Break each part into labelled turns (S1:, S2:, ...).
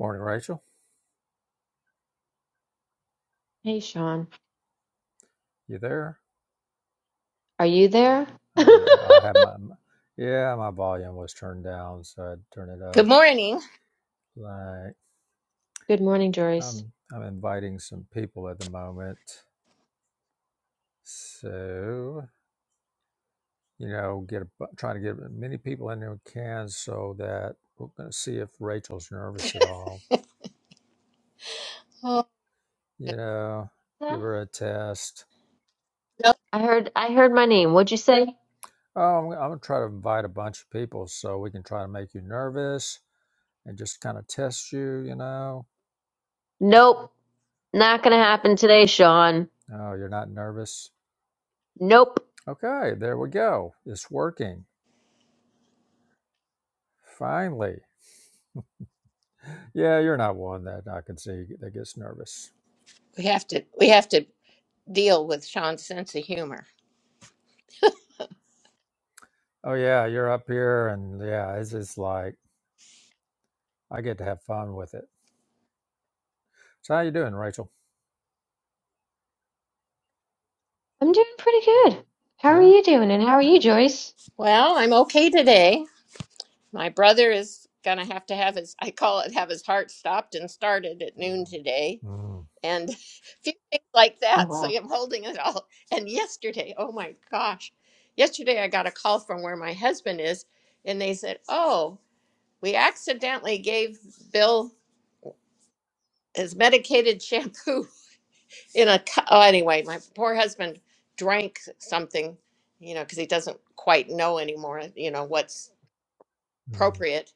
S1: Morning, Rachel.
S2: Hey, Sean,
S1: You there?
S2: are you there?
S1: Oh yeah, I have my my- yeah, my volume was turned down, so I turn it
S3: Good
S1: up.
S3: morning.
S1: Like
S2: Good morning, Joyce.
S1: I'm I'm inviting some people at the moment, so you know, get a, bu- trying to get as many people in there we can, so that we're going to see if Rachel's nervous at all.
S3: Oh,
S1: You know,
S2: Yeah.
S1: give her a test.
S3: no.
S2: I heard I heard my name. What'd you say?
S1: Oh, I'm, I'm gonna try to invite a bunch of people so we can try to make you nervous and just kind of test you. You know,
S2: Nope. Not gonna happen today, Sean.
S1: oh, you're not nervous
S2: Nope.
S1: Okay, there we go. It's working. Finally. Yeah, you're not one that I can see that gets nervous.
S3: We have to we have to deal with Sean's sense of humor.
S1: Oh yeah, you're up here and yeah, it's just like I get to have fun with it. So how you doing, Rachel?
S2: I'm doing pretty good. How are
S1: Yeah.
S2: you doing? And how are you, Joyce?
S3: Well, I'm okay today. My brother is gonna have to have his I call it have his heart stopped and started at noon today.
S1: Mm,
S3: And a few things like
S2: Oh,
S3: that. So
S2: wow.
S3: I'm holding it all. And yesterday, oh my gosh. Yesterday I got a call from where my husband is, and they said, Oh, we accidentally gave Bill his medicated shampoo in a cu- oh, anyway my poor husband drank something you know because he doesn't quite know anymore you know what's
S1: mm,
S3: appropriate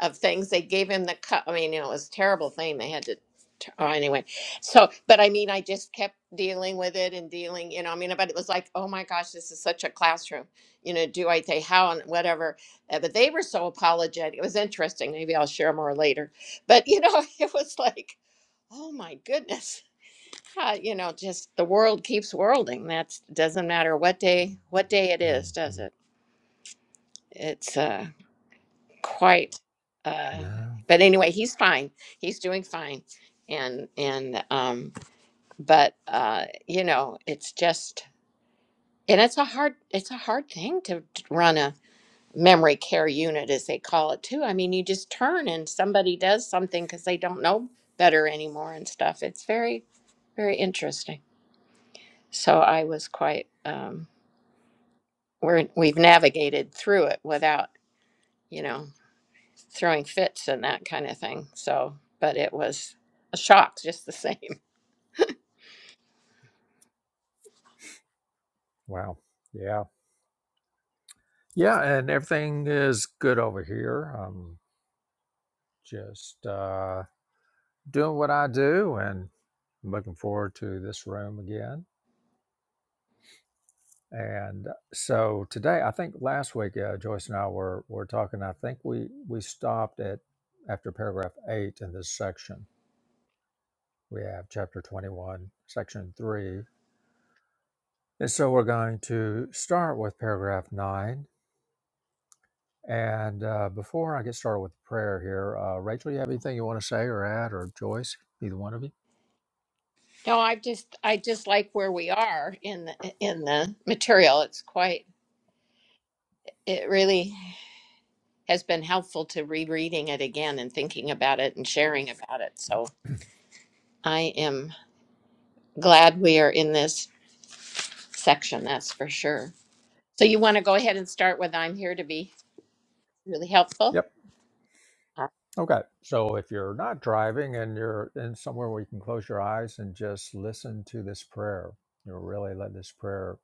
S3: of things they gave him the cup i mean you know it was a terrible thing they had to t- oh, anyway so but i mean i just kept dealing with it and dealing you know i mean but it was like oh my gosh this is such a classroom you know do i say how and whatever Uh, but they were so apologetic it was interesting maybe i'll share more later but you know it was like oh my goodness uh, you know, just the world keeps whirling. That doesn't matter what day what day it
S1: mm,
S3: is, does
S1: mm.
S3: it? It's uh quite uh
S1: No.
S3: but anyway, he's fine. He's doing fine. And and um but uh you know, it's just and it's a hard it's a hard thing to t- run a memory care unit as they call it too. I mean, you just turn and somebody does something cuz they don't know better anymore and stuff. It's very very interesting. So I was quite um we're we've navigated through it without you know throwing fits and that kind of thing so but it was a shock just the same
S1: Wow. Yeah. Yeah, and everything is good over here. I'm just uh doing what I do and looking forward to this room again And so today, I think last week, uh, Joyce and I were were talking. I think we we stopped at after paragraph eight in this section. We have chapter twenty one, section three, and so we're going to start with paragraph nine. And uh, before I get started with the prayer here, uh, Rachel, you have anything you want to say or add, or Joyce, either one of you?
S3: no i just i just like where we are in the in the material it's quite it really has been helpful to rereading it again and thinking about it and sharing about it so i am glad we are in this section that's for sure so you want to go ahead and start with i'm here to be really helpful
S1: Yep.
S3: Uh,
S1: Okay. So if you're not driving and you're in somewhere where you can close your eyes and just listen to this prayer, you know, really let this prayer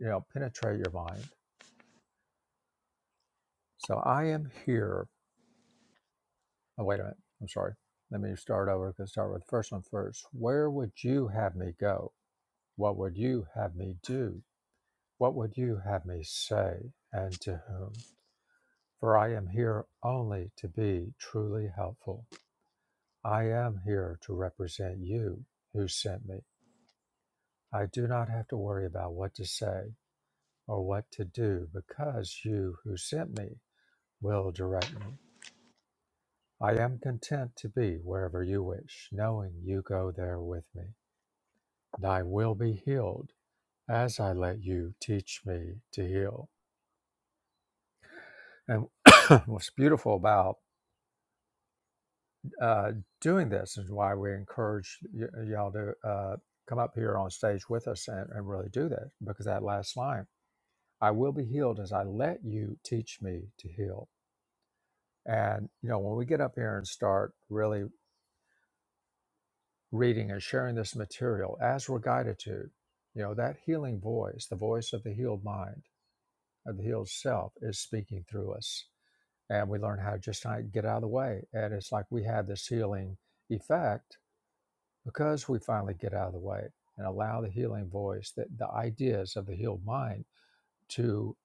S1: you know, penetrate your mind. So I am here. Oh, wait a minute. I'm sorry. Let me start over. Let's start with the first one first. Where would you have me go? What would you have me do? What would you have me say? And to whom? For I am here only to be truly helpful. I am here to represent you who sent me. I do not have to worry about what to say or what to do because you who sent me will direct me. I am content to be wherever you wish, knowing you go there with me. And I will be healed as I let you teach me to heal. And what's beautiful about uh, doing this is why we encourage y- y'all to uh, come up here on stage with us and, and really do this, because that last line, I will be healed as I let you teach me to heal. And, you know, when we get up here and start really reading and sharing this material as we're guided to. You know, that healing voice, the voice of the healed mind, of the healed self, is speaking through us. And we learn how to just kind of get out of the way. And it's like we have this healing effect because we finally get out of the way and allow the healing voice, that the ideas of the healed mind to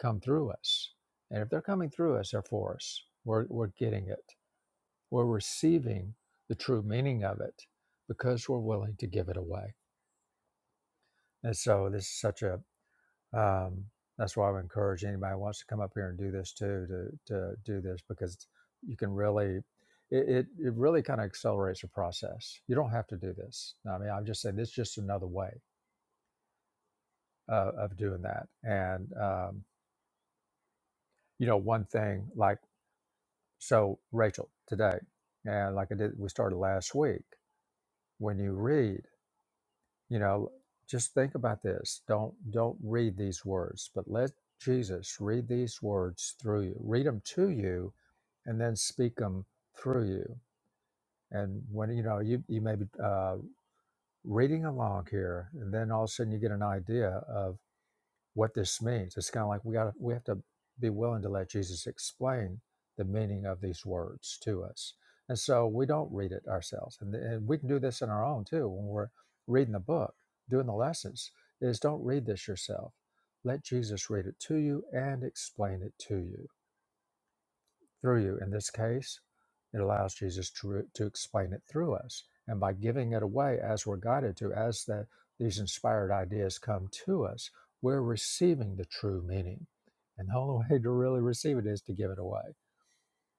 S1: come through us. And if they're coming through us, they're for us. We're, we're getting it. We're receiving the true meaning of it because we're willing to give it away And so this is such a um, that's why I would encourage anybody who wants to come up here and do this too to to do this because you can really it it, it really kind of accelerates the process. You don't have to do this. I mean, I'm just saying this is just another way uh, of doing that. And um, you know, one thing like so Rachel today, and like I did, we started last week. When you read. you know just think about this don't don't read these words but let jesus read these words through you read them to you and then speak them through you and when you know you you may be uh, reading along here and then all of a sudden you get an idea of what this means. It's kind of like we got we have to be willing to let Jesus explain the meaning of these words to us, and so we don't read it ourselves. And, and we can do this in our own too when we're reading the book, doing the lessons. Is don't read this yourself. Let Jesus read it to you and explain it to you through you. In this case, it allows Jesus to, to explain it through us. And by giving it away as we're guided to, as that these inspired ideas come to us, we're receiving the true meaning. And the only way to really receive it is to give it away.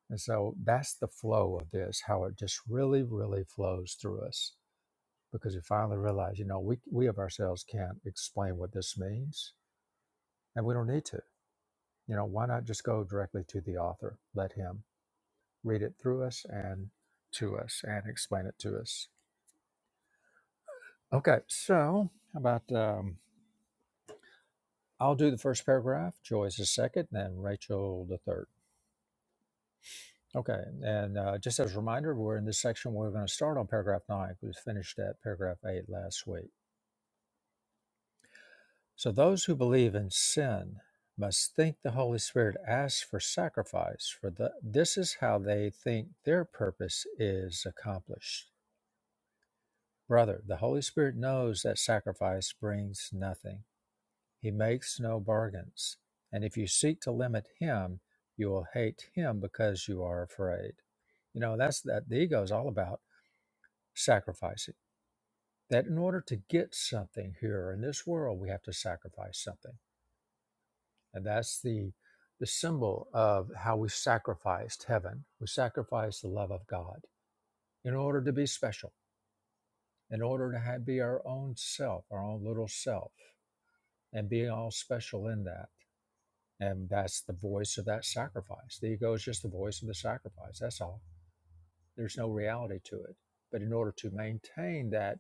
S1: And so that's the flow of this, how it just really, really flows through us. Because you finally realize, you know, we, we of ourselves can't explain what this means, and we don't need to. You know, why not just go directly to the author? Let him read it through us and to us and explain it to us. Okay, so how about um, I'll do the first paragraph, Joyce the second, and then Rachel the third. Okay, and uh, just as a reminder, we're in this section, we're going to start on paragraph nine. We finished at paragraph eight last week. So those who believe in sin must think the Holy Spirit asks for sacrifice, for the, this is how they think their purpose is accomplished. Brother, the Holy Spirit knows that sacrifice brings nothing He makes no bargains, and if you seek to limit him, you will hate him because you are afraid. You know, that's that the ego is all about sacrificing. That in order to get something here in this world, we have to sacrifice something. And that's the the symbol of how we sacrificed heaven. We sacrificed the love of God in order to be special, in order to have, be our own self, our own little self, and be all special in that. and that's the voice of that sacrifice. The ego is just the voice of the sacrifice. That's all. There's no reality to it. But in order to maintain that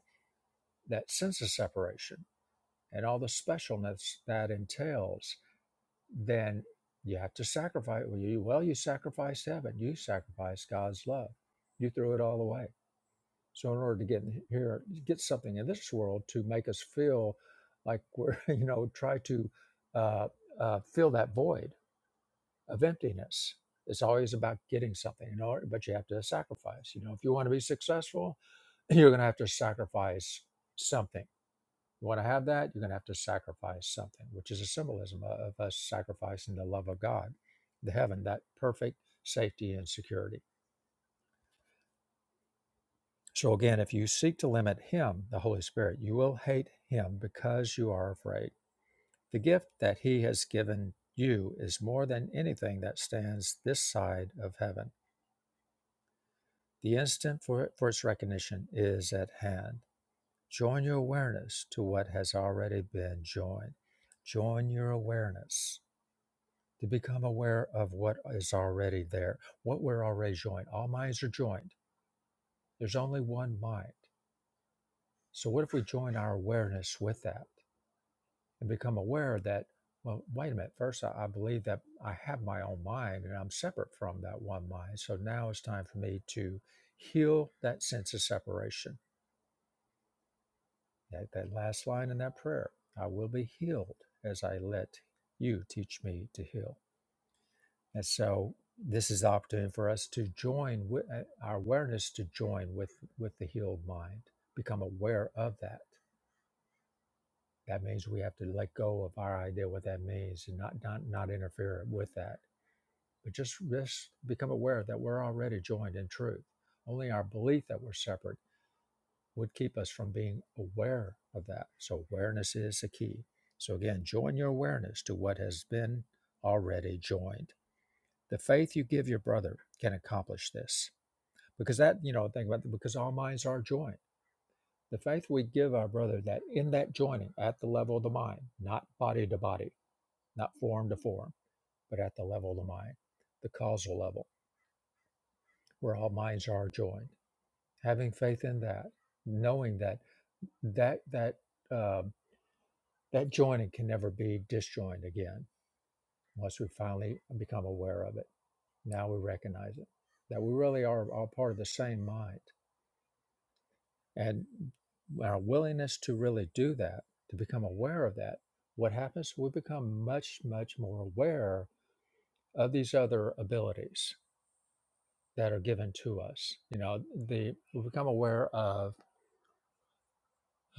S1: that sense of separation and all the specialness that entails, then you have to sacrifice. Well, you, well, you sacrificed heaven. You sacrificed God's love. You threw it all away. So in order to get here, get something in this world to make us feel like we're, you know, try to uh, uh, fill that void of emptiness. It's always about getting something, you know, but you have to sacrifice. You know, if you want to be successful, you're going to have to sacrifice something. You want to have that, you're going to have to sacrifice something, which is a symbolism of of us sacrificing the love of God, the heaven, that perfect safety and security. So, again, if you seek to limit Him, the Holy Spirit, you will hate Him because you are afraid. The gift that He has given you is more than anything that stands this side of heaven The instant for, for its recognition is at hand. Join your awareness to what has already been joined. Join your awareness to become aware of what is already there, what we're already joined. All minds are joined. There's only one mind. So, what if we join our awareness with that and become aware that, well, wait a minute, first I, I believe that I have my own mind and I'm separate from that one mind. So now it's time for me to heal that sense of separation That, that last line in that prayer I will be healed as I let you teach me to heal. And so this is the opportunity for us to join with uh, our awareness to join with with the healed mind, become aware of that. That means we have to let go of our idea what that means and not not, not interfere with that. But just, just become aware that we're already joined in truth. Only our belief that we're separate would keep us from being aware of that. So, awareness is a key. So, again, join your awareness to what has been already joined. The faith you give your brother can accomplish this because that, you know, think about it, because all minds are joined. The faith we give our brother that in that joining at the level of the mind, not body to body, not form to form, but at the level of the mind, the causal level where all minds are joined. Having faith in that, knowing that that that um, that joining can never be disjoined again once we finally become aware of it. Now we recognize it, that we really are all part of the same mind. And our willingness to really do that, to become aware of that, what happens? We become much, much more aware of these other abilities that are given to us. You know, the we become aware of,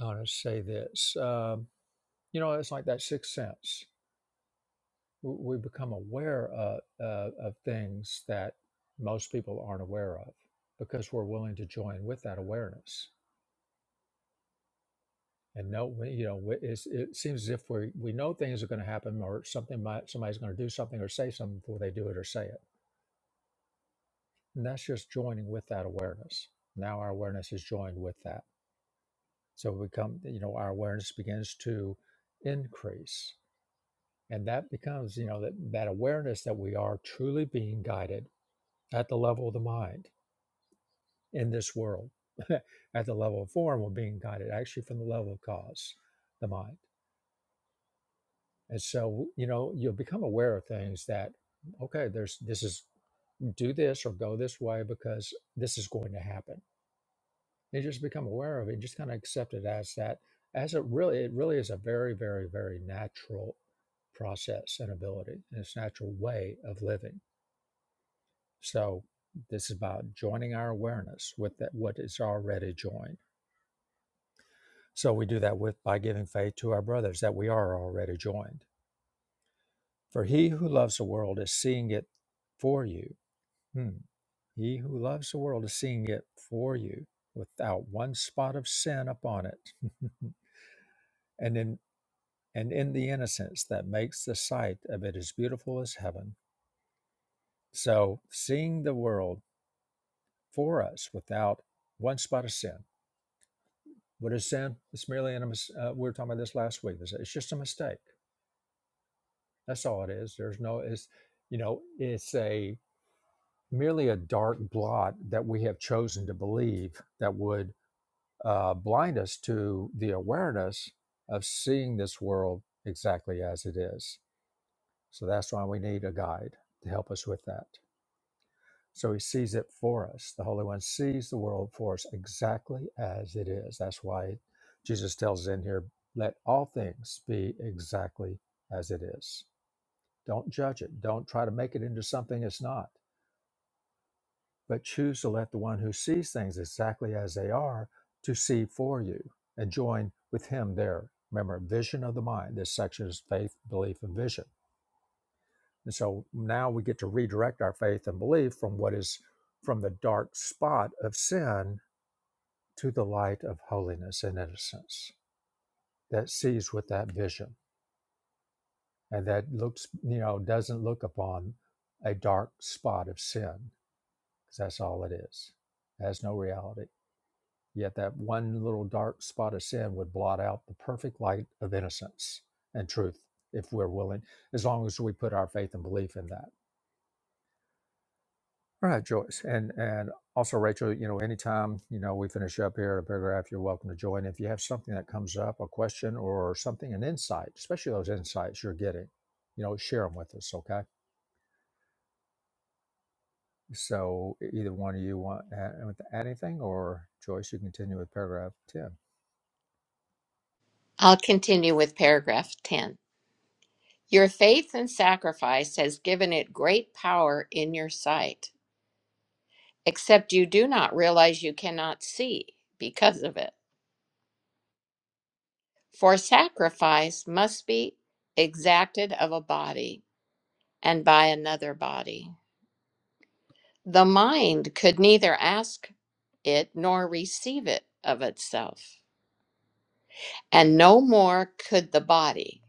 S1: I want to say this, um, you know, it's like that sixth sense we become aware of, uh, of things that most people aren't aware of because we're willing to join with that awareness and no, we- you know we- it's, it seems as if we we know things are going to happen or something might somebody's going to do something or say something before they do it or say it and that's just joining with that awareness now our awareness is joined with that so we come you know our awareness begins to increase and that becomes you know that that awareness that we are truly being guided at the level of the mind in this world at the level of form we're being guided actually from the level of cause the mind and so you know you'll become aware of things that okay there's this is do this or go this way because this is going to happen you just become aware of it just kind of accept it as that as it really it really is a very very very natural process and ability and it's natural way of living so this is about joining our awareness with that what is already joined So we do that with by giving faith to our brothers that we are already joined. For he who loves the world is seeing it for you. Hmm. He who loves the world is seeing it for you without one spot of sin upon it. and in and in the innocence that makes the sight of it as beautiful as heaven. So seeing the world for us without one spot of sin. What is sin? It's merely an, uh, we were talking about this last week. It's it's just a mistake That's all it is. There's no it's you know, it's a merely a dark blot that we have chosen to believe that would uh, blind us to the awareness of seeing this world exactly as it is. So that's why we need a guide to help us with that. So he sees it for us. The Holy One sees the world for us exactly as it is. That's why Jesus tells us in here, let all things be exactly as it is. Don't judge it. Don't try to make it into something it's not, but choose to let the one who sees things exactly as they are to see for you and join with him there. Remember, vision of the mind. This section is faith, belief, and vision. And so now we get to redirect our faith and belief from what is from the dark spot of sin to the light of holiness and innocence that sees with that vision and that looks, you know, doesn't look upon a dark spot of sin because that's all it is. It has no reality. Yet that one little dark spot of sin would blot out the perfect light of innocence and truth if we're willing, as long as we put our faith and belief in that. All right, Joyce. And and also Rachel, you know, anytime, you know, we finish up here at a paragraph, you're welcome to join. If you have something that comes up, a question or something, an insight, especially those insights you're getting, you know, share them with us, okay? So e-, either one of you want to add add anything or Joyce, you continue with paragraph 10.
S3: i'll continue with paragraph 10 Your faith and sacrifice has given it great power in your sight, except you do not realize you cannot see because of it. For sacrifice must be exacted of a body and by another body. The mind could neither ask it nor receive it of itself, and no more could the body.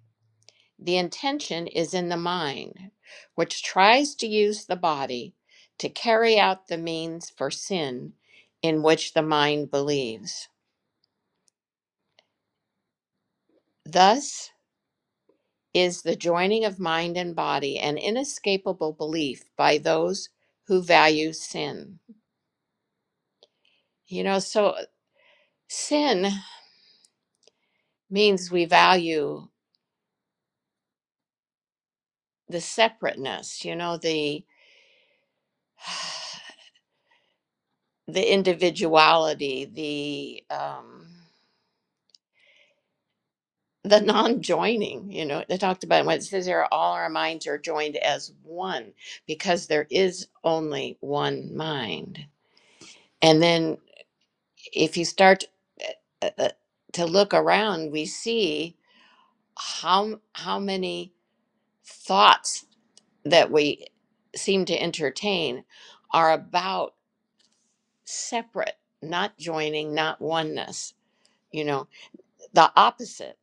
S3: The intention is in the mind, which tries to use the body to carry out the means for sin in which the mind believes. Thus is the joining of mind and body an inescapable belief by those who value sin. You know, so uh, sin means we value the separateness, you know, the the individuality, the um the non-joining you know they talked about when it says here all our minds are joined as one because there is only one mind and then if you start uh, uh, to look around we see how how many thoughts that we seem to entertain are about separate not joining not oneness you know the opposite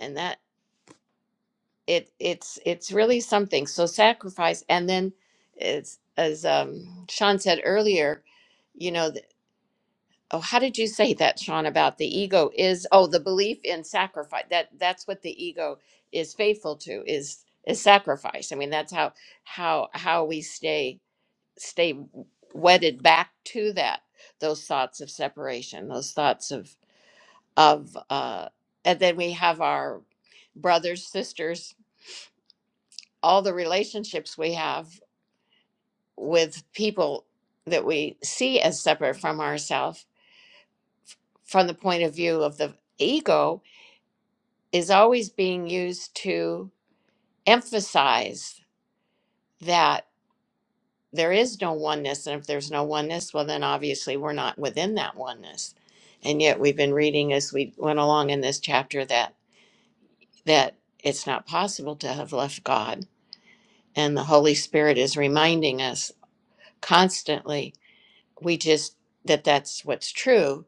S3: and that. it it's it's really something so sacrifice and then it's as um sean said earlier you know th- oh how did you say that sean about the ego is oh the belief in sacrifice that that's what the ego is faithful to is is sacrifice i mean that's how how how we stay stay wedded back to that those thoughts of separation those thoughts of of uh and then we have our brothers sisters all the relationships we have with people that we see as separate from ourselves from the point of view of the ego is always being used to emphasize that there is no oneness and if there's no oneness well then obviously we're not within that oneness and yet we've been reading as we went along in this chapter that that it's not possible to have left god and the holy spirit is reminding us constantly we just that that's what's true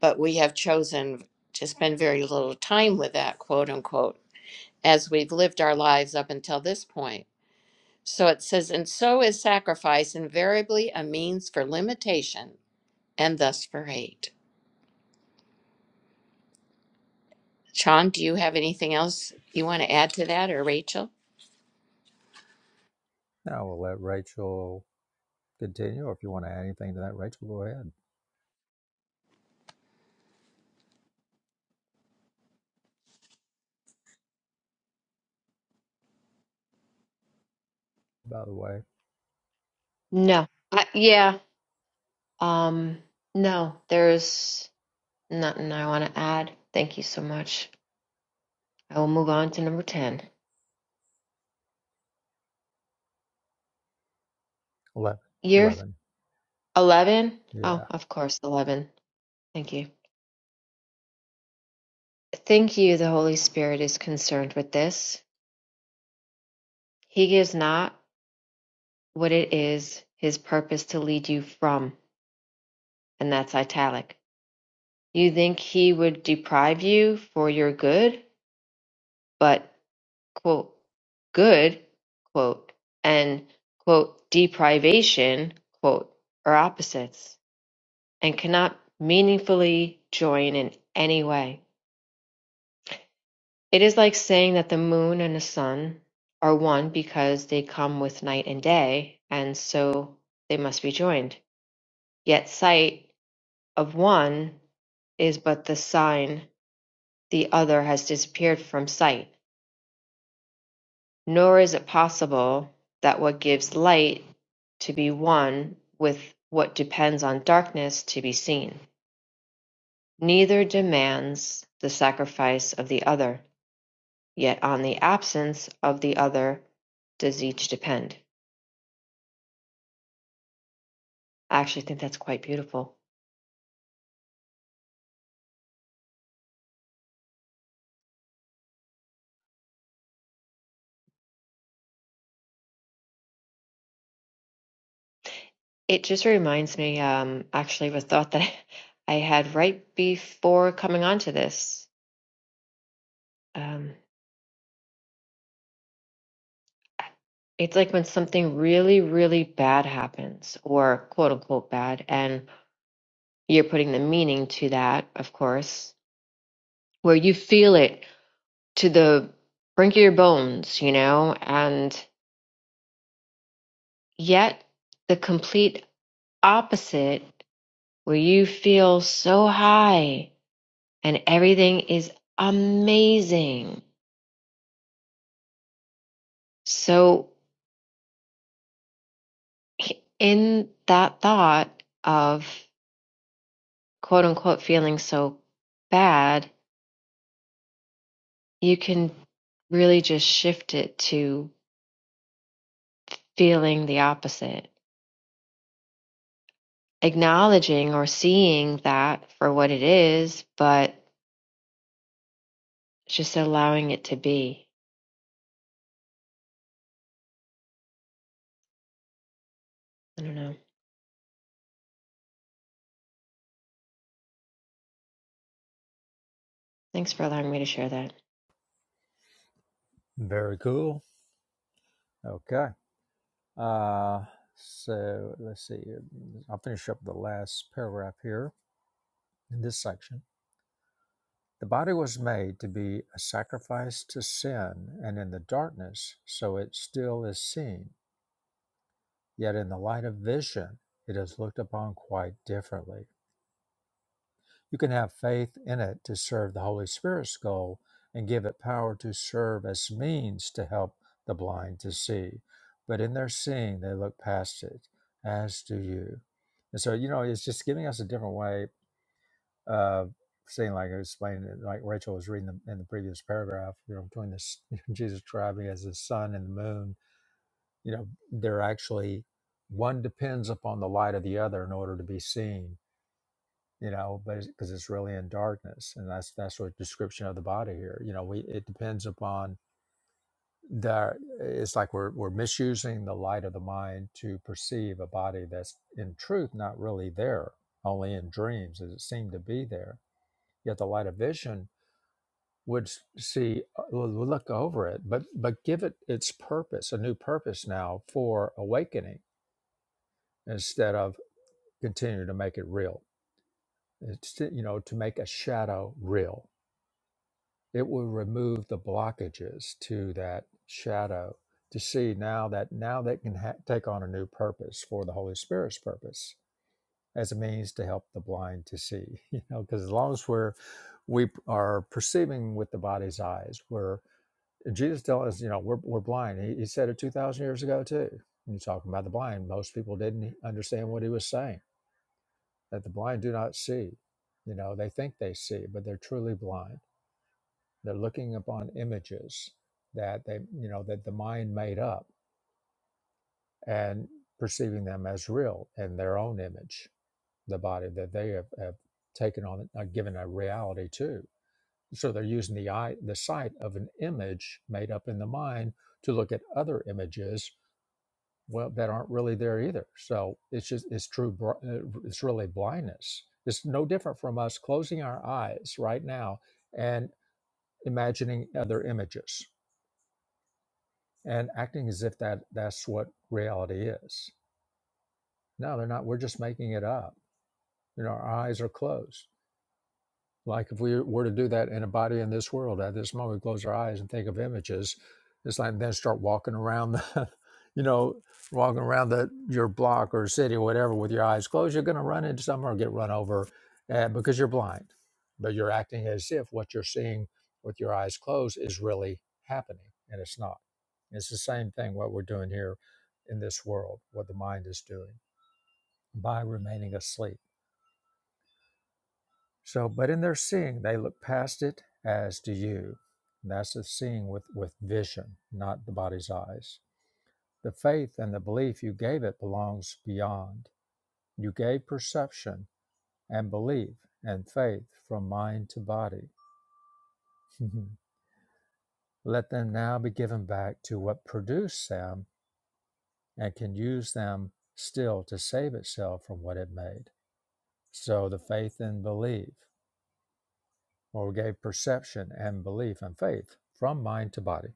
S3: but we have chosen to spend very little time with that quote unquote as we've lived our lives up until this point so it says and so is sacrifice invariably a means for limitation and thus for hate sean do you have anything else you want to add to that or rachel
S1: Now we'll let Rachel continue, or if you want to add anything to that, Rachel, go ahead. By the way,
S2: No. I, yeah. Um, no, there's nothing I want to add. Thank you so much. I will move on to number 10.
S1: eleven,
S2: Year
S1: eleven,
S2: 11? Oh,
S1: Yeah.
S2: of course, 11. Thank you. Thank you, the Holy Spirit is concerned with this. He gives not what it is his purpose to lead you from, and that's italic. You think he would deprive you for your good, but quote, good, quote, and quote, deprivation, quote, are opposites and cannot meaningfully join in any way. It is like saying that the moon and the sun are one because they come with night and day, and so they must be joined. Yet sight Of one is but the sign, the other has disappeared from sight. Nor is it possible that what gives light to be one with what depends on darkness to be seen. Neither demands the sacrifice of the other, yet on the absence of the other does each depend. I actually think that's quite beautiful. It just reminds me, um, actually, of a thought that I had right before coming onto this. Um, It's like when something really, really bad happens, or quote unquote bad, and you're putting the meaning to that, of course, where you feel it to the brink of your bones, you know, and yet the complete opposite, where you feel so high and everything is amazing. So, in that thought of quote unquote feeling so bad, you can really just shift it to feeling the opposite, acknowledging or seeing that for what it is, but just allowing it to be. I don't know. Thanks for allowing me to share that.
S1: Very cool. Okay. Uh, so let's see. I'll finish up the last paragraph here in this section. The body was made to be a sacrifice to sin, and in the darkness, so it still is seen. Yet in the light of vision, it is looked upon quite differently. You can have faith in it to serve the Holy Spirit's goal and give it power to serve as means to help the blind to see. But in their seeing, they look past it, as do you. And so, you know, it's just giving us a different way of seeing, like I explained, like Rachel was reading the, in the previous paragraph, you know, between this Jesus describing as the sun and the moon, you know, they're actually one depends upon the light of the other in order to be seen you know but because it's really in darkness and that's that's what description of the body here you know we it depends upon the it's like we're we're misusing the light of the mind to perceive a body that's in truth not really there only in dreams as it seemed to be there yet the light of vision would s- see uh, would look over it but but give it its purpose a new purpose now for awakening instead of continuing to make it real it's to, you know to make a shadow real it will remove the blockages to that shadow to see now that now that can ha- take on a new purpose for the holy spirit's purpose as a means to help the blind to see you know because as long as we're we are perceiving with the body's eyes we're jesus tells us you know we're, we're blind he, he said it 2000 years ago too when he's talking about the blind most people didn't understand what he was saying that the blind do not see you know they think they see but they're truly blind they're looking upon images that they, you know, that the mind made up and perceiving them as real in their own image, the body that they have, have taken on, uh, given a reality to. So they're using the eye, the sight of an image made up in the mind to look at other images, well, that aren't really there either. So it's just it's true. br- uh, It's really blindness. It's no different from us closing our eyes right now and imagining other images. and acting as if that that's what reality is. No, they're not. We're just making it up. You know, our eyes are closed. Like if we were to do that in a body in this world, at this moment, we close our eyes and think of images. It's like then start walking around the, you know, walking around the your block or city or whatever with your eyes closed. You're going to run into something or get run over, uh, because you're blind, but you're acting as if what you're seeing with your eyes closed is really happening, and it's not. It's the same thing what we're doing here in this world, what the mind is doing by remaining asleep so, but in their seeing, they look past it as do you. And that's the seeing with, with vision, not the body's eyes. The faith and the belief you gave it belongs beyond. You gave perception and belief and faith from mind to body. Let them now be given back to what produced them and can use them still to save itself from what it made. So the faith and belief, or gave perception and belief and faith from mind to body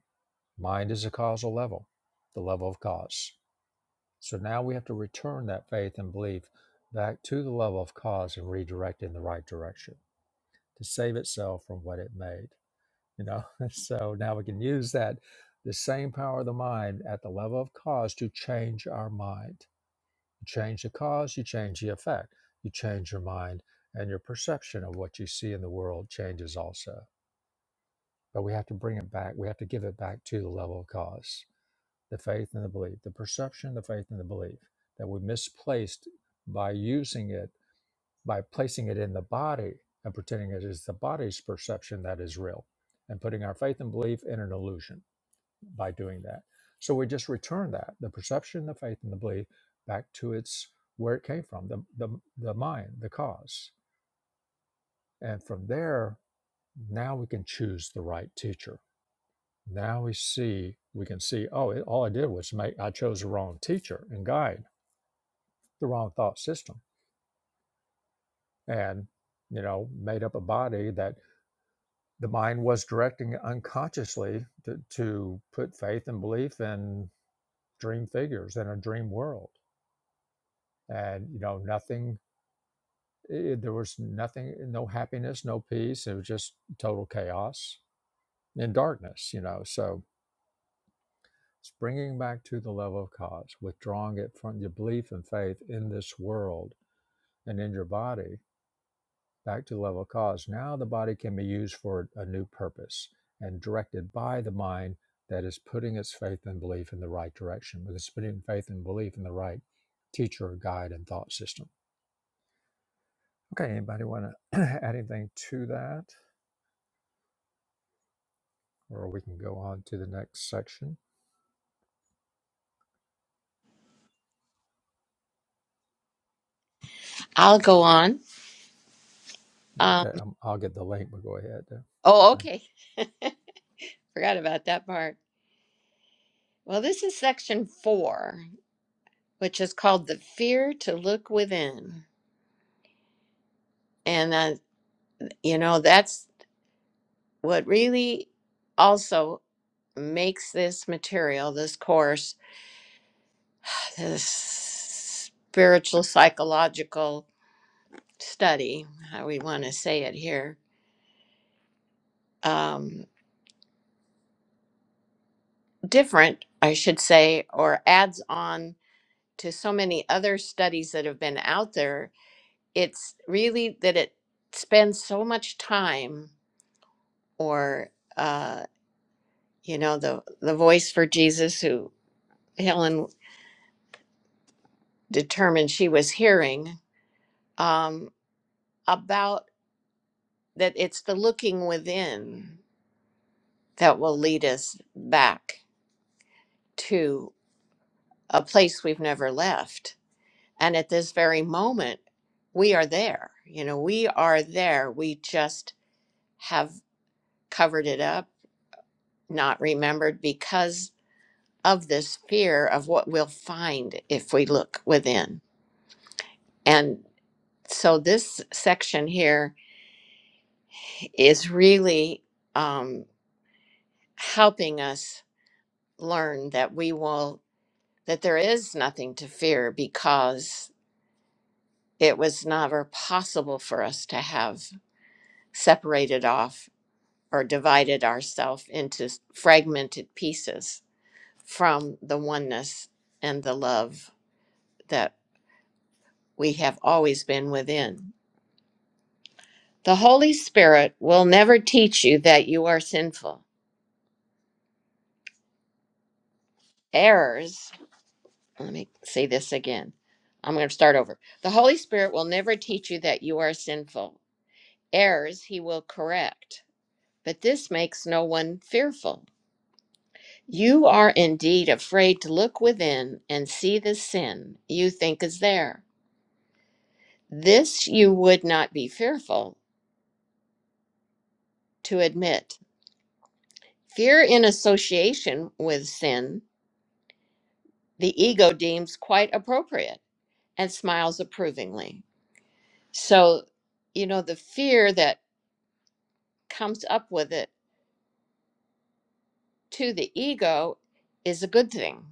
S1: Mind is a causal level, the level of cause. So now we have to return that faith and belief back to the level of cause and redirect it in the right direction to save itself from what it made. You know, so now we can use that the same power of the mind at the level of cause to change our mind. You change the cause, you change the effect. You change your mind, and your perception of what you see in the world changes also. But we have to bring it back. We have to give it back to the level of cause the faith and the belief, the perception, the faith and the belief that we misplaced by using it, by placing it in the body and pretending it is the body's perception that is real and putting our faith and belief in an illusion by doing that. So we just return that, the perception, the faith and the belief back to its where it came from, the, the, the mind, the cause. And from there, now we can choose the right teacher. Now we see, we can see, oh, it, all I did was make, I chose the wrong teacher and guide the wrong thought system and you know made up a body that the mind was directing unconsciously to, to put faith and belief in dream figures in a dream world and you know nothing it, there was nothing no happiness no peace it was just total chaos and darkness you know so it's bringing back to the level of cause withdrawing it from your belief and faith in this world and in your body back to the level of cause. Now the body can be used for a new purpose and directed by the mind that is putting its faith and belief in the right direction, because it's putting faith and belief in the right teacher, or guide, and thought system. Okay, anybody want to add anything to that? Or we can go on to the next section.
S3: i'll go on um,
S1: Okay, um, I'll get the link, but go ahead.
S3: oh
S1: Okay.
S3: okay forgot about that part well this is section four which is called the fear to look within and uh, You know, that's what really also makes this material, this course, this spiritual psychological study, how we want to say it here, um, different, I should say, or adds on to so many other studies that have been out there. It's really that it spends so much time, or uh, you know, the the voice for Jesus, who Helen determined she was hearing um, about that it's the looking within that will lead us back to a place we've never left. And at this very moment, we are there. You know, we are there. We just have covered it up, not remembered because of this fear of what we'll find if we look within. And so this section here is really. um, helping us learn that we will that there is nothing to fear because it was never possible for us to have separated off or divided ourselves into fragmented pieces from the oneness and the love that we have always been within. The Holy Spirit will never teach you that you are sinful. Errors let me say this again. I'm going to start over. The Holy Spirit will never teach you that you are sinful. Errors he will correct, but this makes no one fearful. You are indeed afraid to look within and see the sin you think is there. This you would not be fearful to admit. Fear in association with sin, the ego deems quite appropriate and smiles approvingly. So, you know, the fear that comes up with it to the ego is a good thing.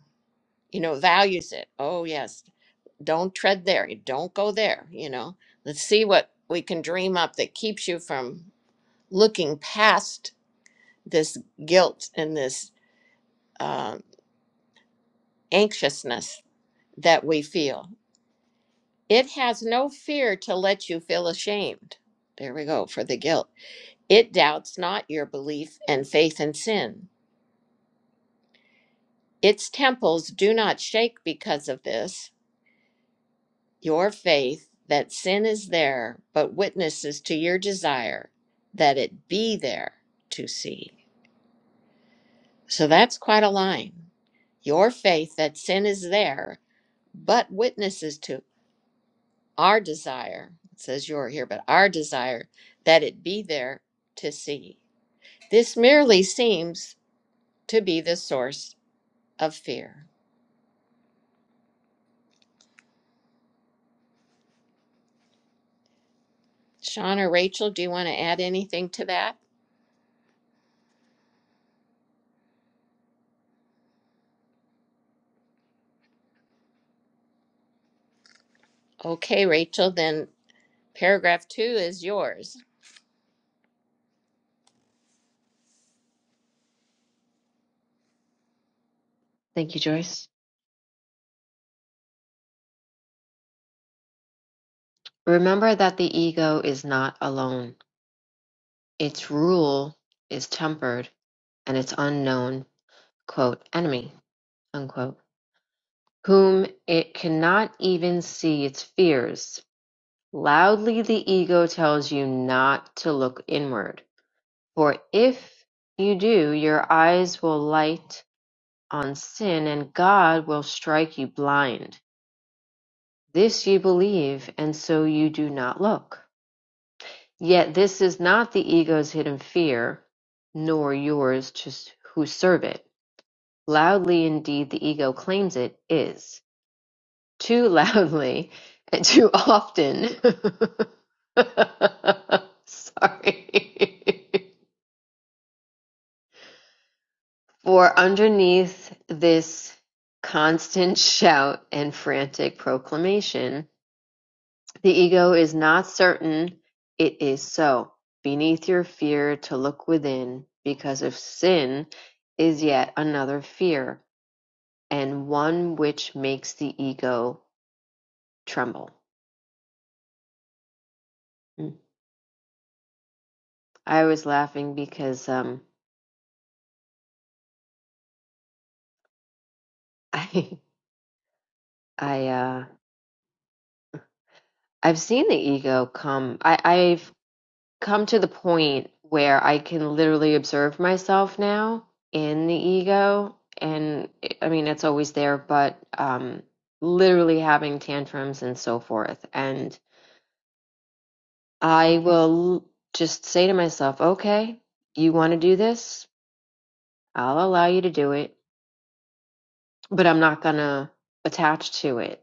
S3: You know, values it. Oh, yes. Don't tread there. Don't go there. You know, let's see what we can dream up that keeps you from looking past this guilt and this um anxiousness that we feel. It has no fear to let you feel ashamed. There we go for the guilt. It doubts not your belief and faith in sin. Its temples do not shake because of this your faith that sin is there, but witnesses to your desire that it be there to see. So that's quite a line. Your faith that sin is there, but witnesses to our desire, it says your here, but our desire that it be there to see. This merely seems to be the source of fear. Sean or Rachel, do you want to add anything to that? Okay, Rachel, then paragraph two is yours.
S2: Thank you, Joyce. Remember that the ego is not alone. Its rule is tempered and its unknown, quote, enemy, unquote, whom it cannot even see its fears Loudly the ego tells you not to look inward, for if you do, your eyes will light on sin and God will strike you blind. This you believe, and so you do not look. Yet this is not the ego's hidden fear, nor yours to who serve it. Loudly indeed the ego claims it is. too loudly and too often. Sorry. For underneath this constant shout and frantic proclamation, the ego is not certain it is so. Beneath your fear to look within, because of sin is yet another fear, and one which makes the ego tremble. Mm. I was laughing because um, I I uh I've seen the ego come. I I've come to the point where I can literally observe myself now in the ego and it- I mean it's always there but um literally having tantrums and so forth and I will l- just say to myself, "Okay, you want to do this? I'll allow you to do it, but I'm not going to attach to it.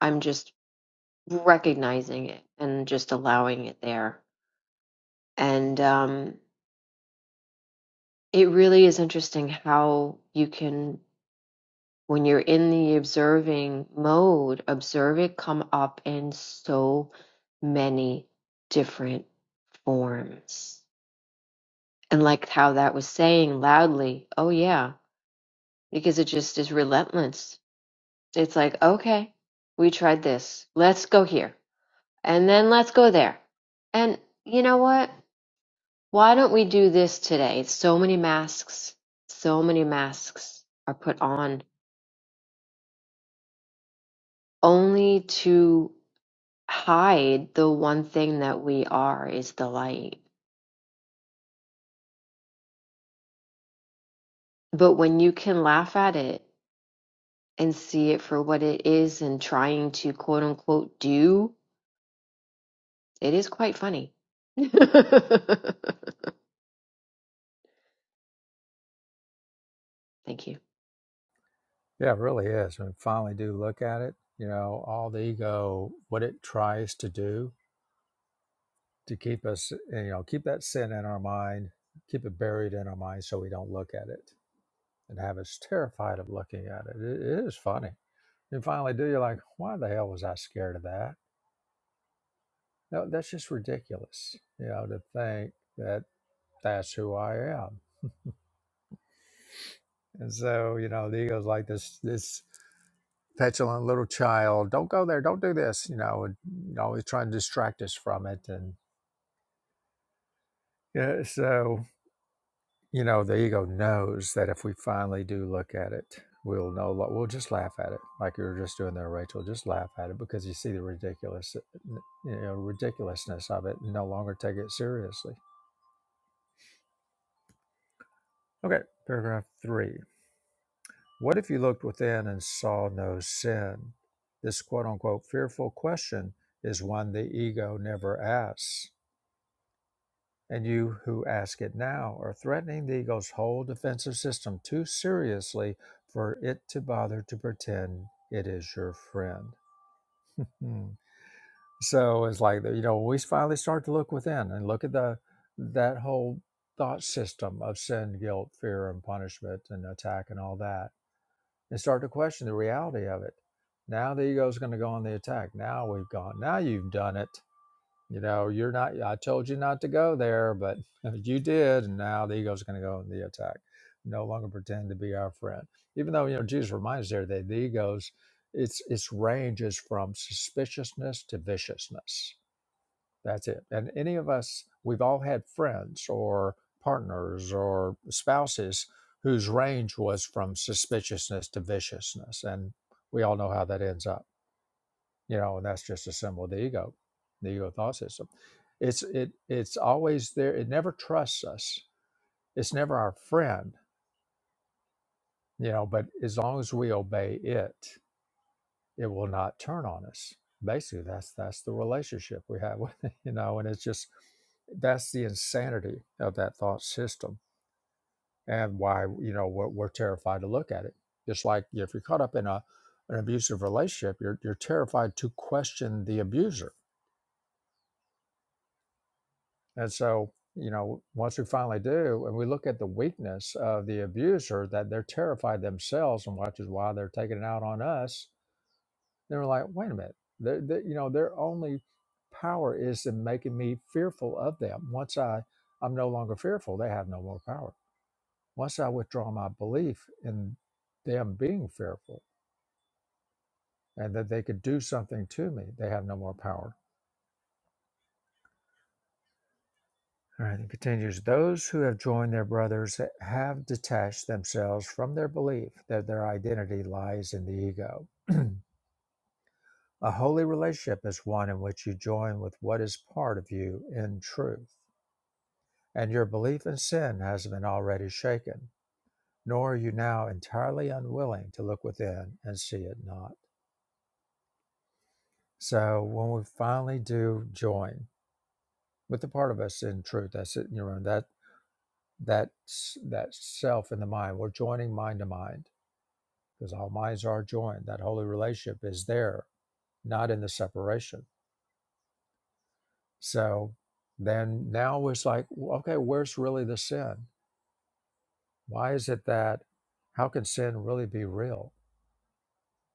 S2: I'm just recognizing it and just allowing it there." And um, it really is interesting how you can, when you're in the observing mode, observe it come up in so many different forms. And like how that was saying loudly, oh yeah, because it just is relentless. It's like, okay, we tried this. Let's go here. And then let's go there. And you know what? Why don't we do this today? So many masks, so many masks are put on only to hide the one thing that we are is the light. But when you can laugh at it and see it for what it is and trying to quote unquote do, it is quite funny. Thank you.
S1: Yeah, it really is. When we finally do look at it, you know, all the ego, what it tries to do to keep us, eh, you know, keep that sin in our mind, keep it buried in our mind so we don't look at it and have us terrified of looking at it. It, it is funny. You finally do, you're like, why the hell was I scared of that? No, that's just ridiculous, you know, to think that that's who I am. And so, you know, the ego's like this, this petulant little child. Don't go there. Don't do this. You know, and you know, always trying to distract us from it. And yeah, so You know, the ego knows that if we finally do look at it, we'll know. lo- We'll just laugh at it, like you were just doing there, Rachel. Just laugh at it because you see the ridiculous, you know, ridiculousness of it. And no longer take it seriously. Okay, paragraph three. What if you looked within and saw no sin? This quote-unquote fearful question is one the ego never asks. and you who ask it now are threatening the ego's whole defensive system too seriously for it to bother to pretend it is your friend. Hmm. So it's like you know we finally start to look within and look at the that whole thought system of sin, guilt, fear, and punishment and attack and all that, and start to question the reality of it. Now the ego is going to go on the attack. Now we've gone. Now you've done it. You know, you're not, I told you not to go there, but you did. And now the ego's going to go in the attack, no longer pretend to be our friend. Even though, you know, Jesus reminds us there that the ego's, its, its range is from suspiciousness to viciousness. That's it. And any of us, we've all had friends or partners or spouses whose range was from suspiciousness to viciousness. And we all know how that ends up you know and that's just a symbol of the ego the ego thought system it's it it's always there it never trusts us it's never our friend you know but as long as we obey it it will not turn on us basically that's that's the relationship we have with it you know and it's just that's the insanity of that thought system and why you know we're, we're terrified to look at it just like if you're caught up in a an abusive relationship you're, you're terrified to question the abuser And so, you know, once we finally do, and we look at the weakness of the abuser that they're terrified themselves, and which is why they're taking it out on us, then we're like, wait a minute, they're, they you know, their only power is in making me fearful of them. Once I, I'm no longer fearful, they have no more power. Once I withdraw my belief in them being fearful and that they could do something to me, they have no more power All right, it continues Those who have joined their brothers have detached themselves from their belief that their identity lies in the ego. A holy relationship is one in which you join with what is part of you in truth, and your belief in sin has been already shaken, nor are you now entirely unwilling to look within and see it not. So when we finally do join with the part of us in truth, that's it, you know, that that that self in the mind, we're joining mind to mind because all minds are joined. That holy relationship is there, not in the separation. So then now it's like, "Well, okay, where's really the sin? Why is it that, how can sin really be real?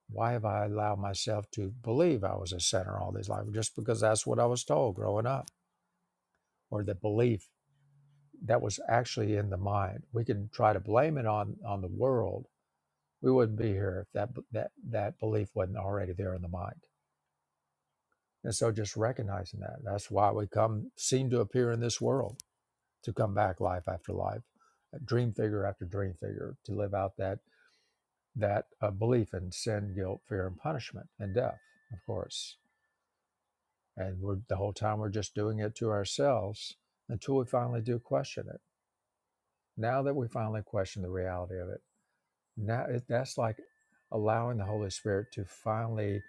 S1: Why have I allowed myself to believe I was a sinner all these life? Just because that's what I was told growing up, or the belief that was actually in the mind. We could try to blame it on on the world. We wouldn't be here if that that that belief wasn't already there in the mind. And so just recognizing that. That's why we come seem to appear in this world to come back life after life, uh, dream figure after dream figure, to live out that that uh, belief in sin, guilt, fear, and punishment and death, of course. And we're the whole time we're just doing it to ourselves until we finally do question it. Now that we finally question the reality of it, now it, that's like allowing the Holy Spirit to finally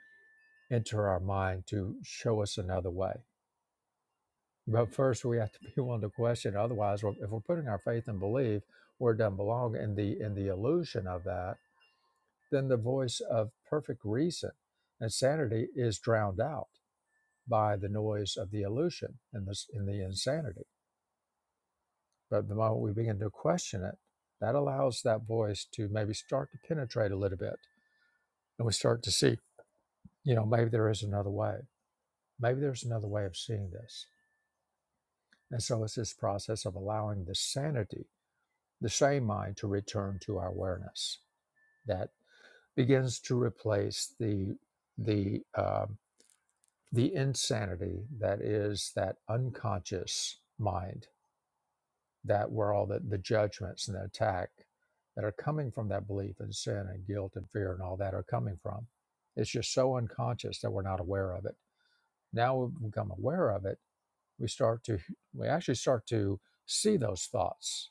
S1: enter our mind to show us another way But first, we have to be willing to question. Otherwise, we're- if we're putting our faith and belief where it doesn't belong in the in the illusion of that, then the voice of perfect reason and sanity is drowned out by the noise of the illusion and this in the insanity. But the moment we begin to question it, that allows that voice to maybe start to penetrate a little bit, and we start to see, you know, maybe there is another way. Maybe there's another way of seeing this. And so it's this process of allowing the sanity the same mind to return to our awareness that begins to replace the the um, the insanity that is that unconscious mind that where all the, the judgments and the attack that are coming from that belief in sin and guilt and fear and all that are coming from it's just so unconscious that we're not aware of it now we become aware of it we start to we actually start to see those thoughts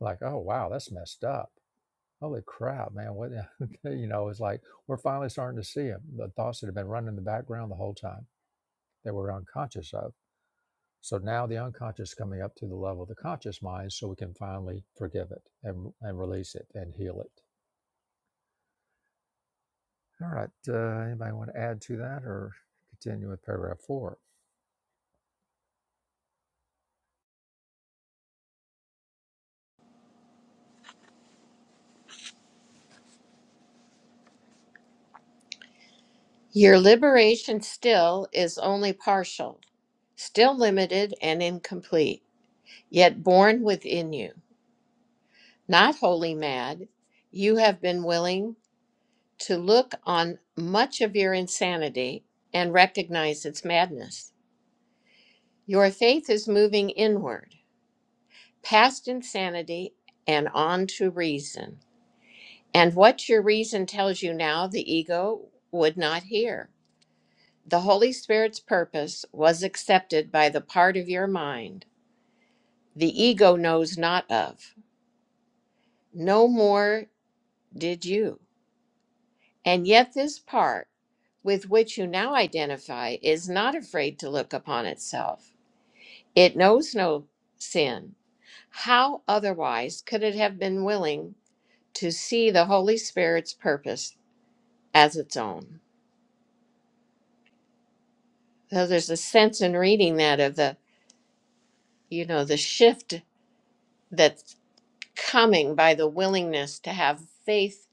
S1: like oh wow that's messed up holy crap, man, what, you know, it's like we're finally starting to see it. The thoughts that have been running in the background the whole time that we're unconscious of. So now the unconscious is coming up to the level of the conscious mind so we can finally forgive it and, and release it and heal it. All right. Uh, anybody want to add to that or continue with paragraph four?
S3: Your liberation still is only partial, still limited and incomplete, yet born within you. Not wholly mad, you have been willing to look on much of your insanity and recognize its madness. Your faith is moving inward, past insanity and on to reason. And what your reason tells you now, the ego would not hear. The Holy Spirit's purpose was accepted by the part of your mind the ego knows not of. No more did you. And yet, this part with which you now identify is not afraid to look upon itself. It knows no sin. How otherwise could it have been willing to see the Holy Spirit's purpose as its own? So there's a sense in reading that of the, you know, the shift that. coming by the willingness to have faith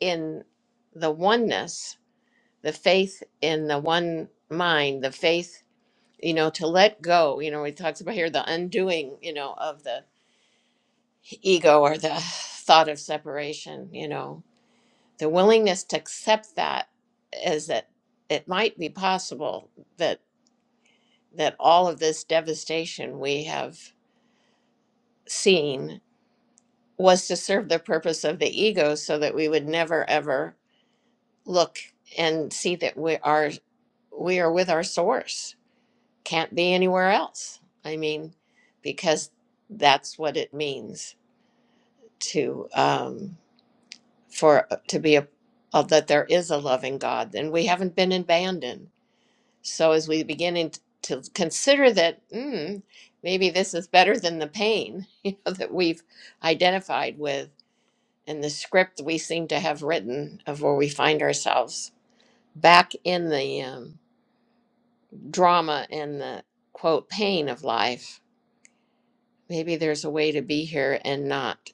S3: in the oneness, the faith in the one mind, the faith, you know, to let go. You know, he talks about here the undoing, you know, of the ego or the thought of separation, you know, the willingness to accept that is that it might be possible that that all of this devastation we have seen was to serve the purpose of the ego so that we would never ever look and see that we are we are with our source can't be anywhere else i mean because that's what it means to um for uh, to be a of that there is a loving god and we haven't been abandoned so as we beginning to consider that mm, maybe this is better than the pain you know that we've identified with and the script we seem to have written of where we find ourselves back in the um, drama and the quote pain of life, maybe there's a way to be here and not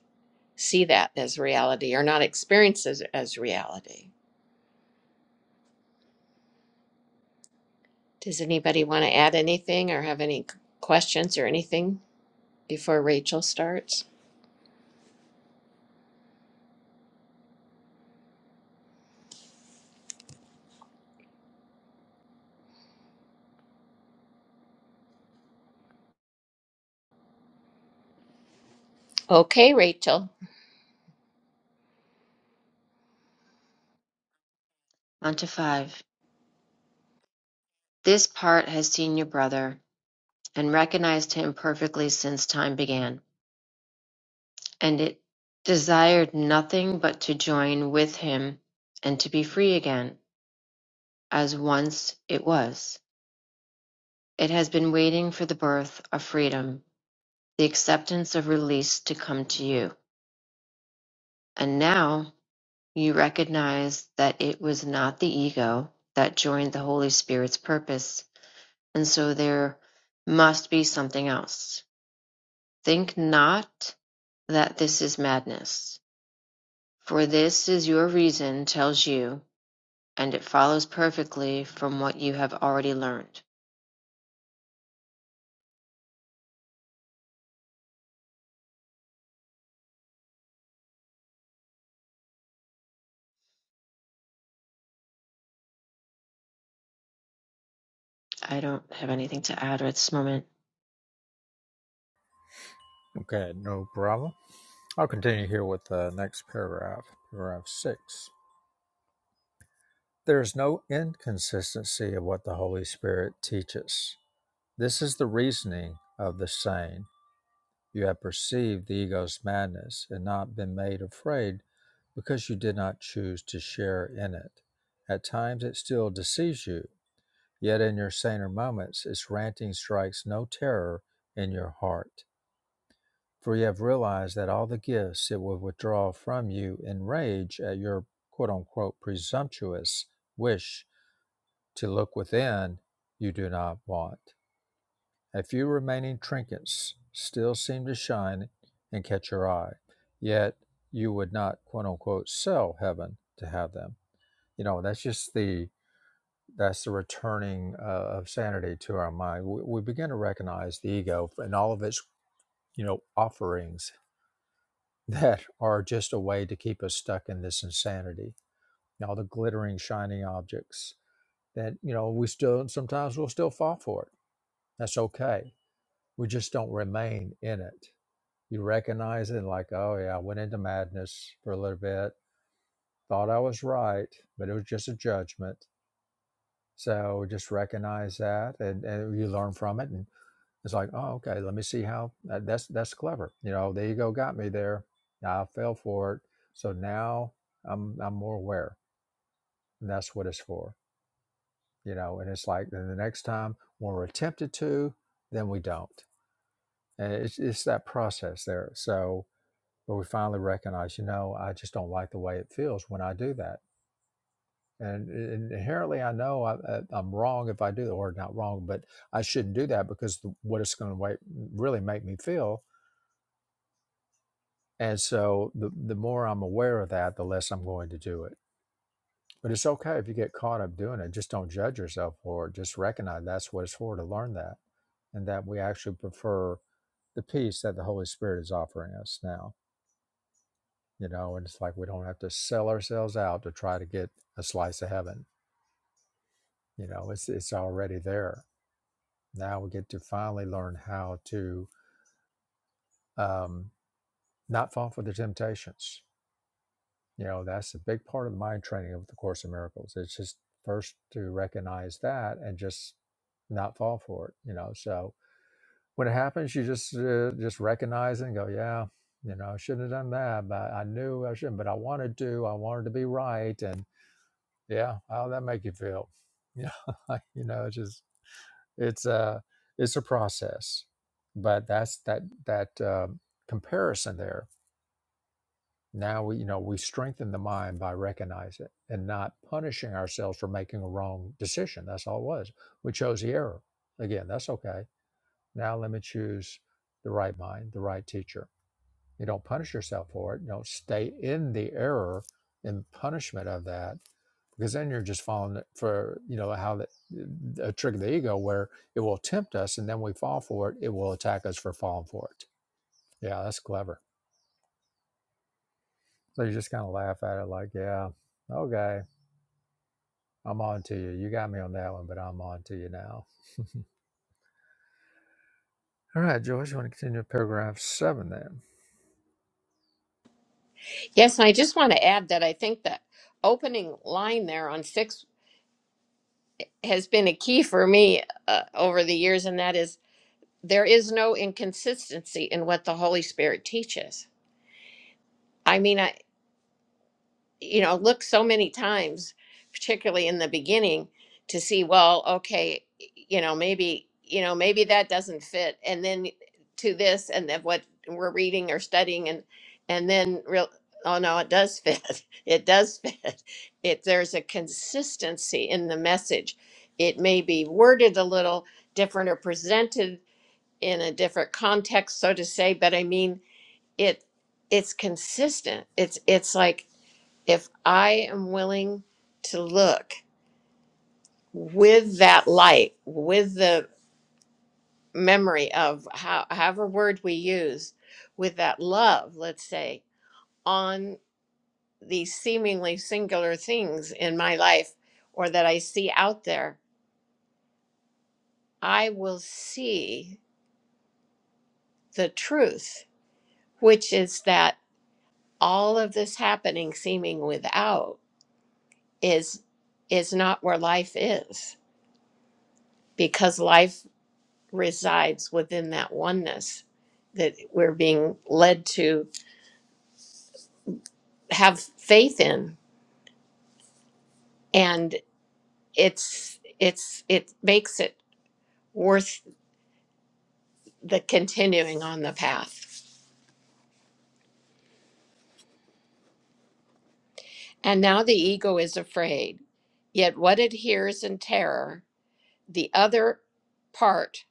S3: see that as reality or not experience it as reality. Does anybody want to add anything or have any c- questions or anything before Rachel starts? Okay, Rachel.
S2: On to five. This part has seen your brother and recognized him perfectly since time began. And it desired nothing but to join with him and to be free again, as once it was. It has been waiting for the birth of freedom, the acceptance of release to come to you. And now you recognize that it was not the ego that joined the Holy Spirit's purpose, and so there must be something else. Think not that this is madness, for this is your reason tells you and it follows perfectly from what you have already learned. I don't have anything to add at this moment.
S1: Okay, no problem. I'll continue here with the next paragraph, paragraph six. There is no inconsistency of what the Holy Spirit teaches This is the reasoning of the sane. You have perceived the ego's madness and not been made afraid because you did not choose to share in it. At times it still deceives you, yet in your saner moments its ranting strikes no terror in your heart. For you have realized that all the gifts it will withdraw from you in rage at your quote unquote presumptuous wish to look within you do not want. A few remaining trinkets still seemed to shine and catch your eye. Yet you would not quote unquote sell heaven to have them. You know, that's just the that's the returning uh, of sanity to our mind. We, we begin to recognize the ego and all of its, you know, offerings that are just a way to keep us stuck in this insanity. And all the glittering, shining objects that, you know, we still sometimes we'll still fall for it. That's okay. We just don't remain in it You recognize it like, oh yeah, I went into madness for a little bit, thought I was right, but it was just a judgment. So just recognize that and, and you learn from it. And it's like, oh, okay, let me see how that, that's that's clever. You know, there you go, got me there. I fell for it. So now I'm I'm more aware. And that's what it's for. You know, and it's like then the next time when we're tempted to, then we don't. And it's it's that process there. So But we finally recognize, you know, I just don't like the way it feels when I do that. And, and inherently, I know I, I- I'm wrong if I do that, or not wrong, but I shouldn't do that because the, what it's going to really make me feel. And so the, the more I'm aware of that, the less I'm going to do it. But it's okay if you get caught up doing it. Just don't judge yourself for it. Just recognize that's what it's for to learn that and that we actually prefer the peace that the Holy Spirit is offering us now you know and it's like we don't have to sell ourselves out to try to get a slice of heaven you know it's it's already there now we get to finally learn how to um, not fall for the temptations you know that's a big part of the mind training of the course in miracles it's just first to recognize that and just not fall for it you know so when it happens you just uh, just recognize it and go yeah you know i shouldn't have done that but i knew i shouldn't but i wanted to i wanted to be right and yeah how'd that make you feel yeah you know it's just it's a it's a process but that's that that uh, comparison there now we you know we strengthen the mind by recognizing it and not punishing ourselves for making a wrong decision that's all it was we chose the error again that's okay now let me choose the right mind the right teacher you don't punish yourself for it. You don't stay in the error and punishment of that because then you're just falling for you know how that a trick of the ego where it will tempt us and then we fall for it. It will attack us for falling for it. Yeah, that's clever. So you just kind of laugh at it like, yeah, okay, I'm on to you. You got me on that one, but I'm on to you now. All right, Joyce, you want to continue with paragraph seven then?
S3: Yes, and I just want to add that I think that opening line there on six has been a key for me uh, over the years, and that is there is no inconsistency in what the Holy Spirit teaches. I mean, I, you know look so many times particularly in the beginning to see well okay you know maybe you know maybe that doesn't fit and then to this and then what we're reading or studying and and then real oh no it does fit it does fit if there's a consistency in the message it may be worded a little different or presented in a different context so to say but i mean it it's consistent it's it's like if I am willing to look with that light, with the memory of how, however word we use, with that love, let's say, on these seemingly singular things in my life or that I see out there, I will see the truth, which is that all of this happening seeming without is is not where life is because life resides within that oneness that we're being led to have faith in and it's it's it makes it worth the continuing on the path and now the ego is afraid yet what it hears in terror the other part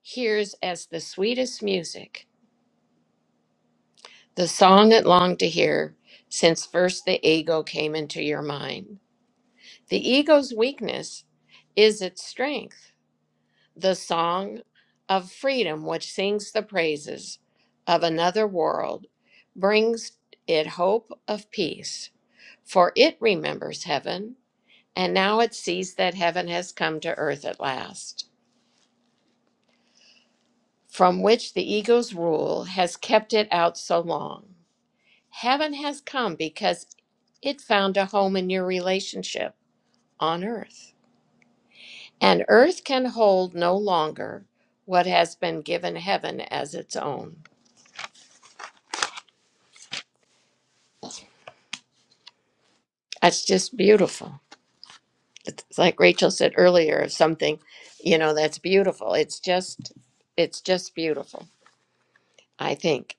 S3: hears as the sweetest music the song it longed to hear since first the ego came into your mind the ego's weakness is its strength the song of freedom, which sings the praises of another world, brings it hope of peace, for it remembers heaven, and now it sees that heaven has come to earth at last, from which the ego's rule has kept it out so long. Heaven has come because it found a home in your relationship on earth, and earth can hold no longer what has been given heaven as its own. That's just beautiful. It's like Rachel said earlier of something, you know, that's beautiful. It's just it's just beautiful, I think,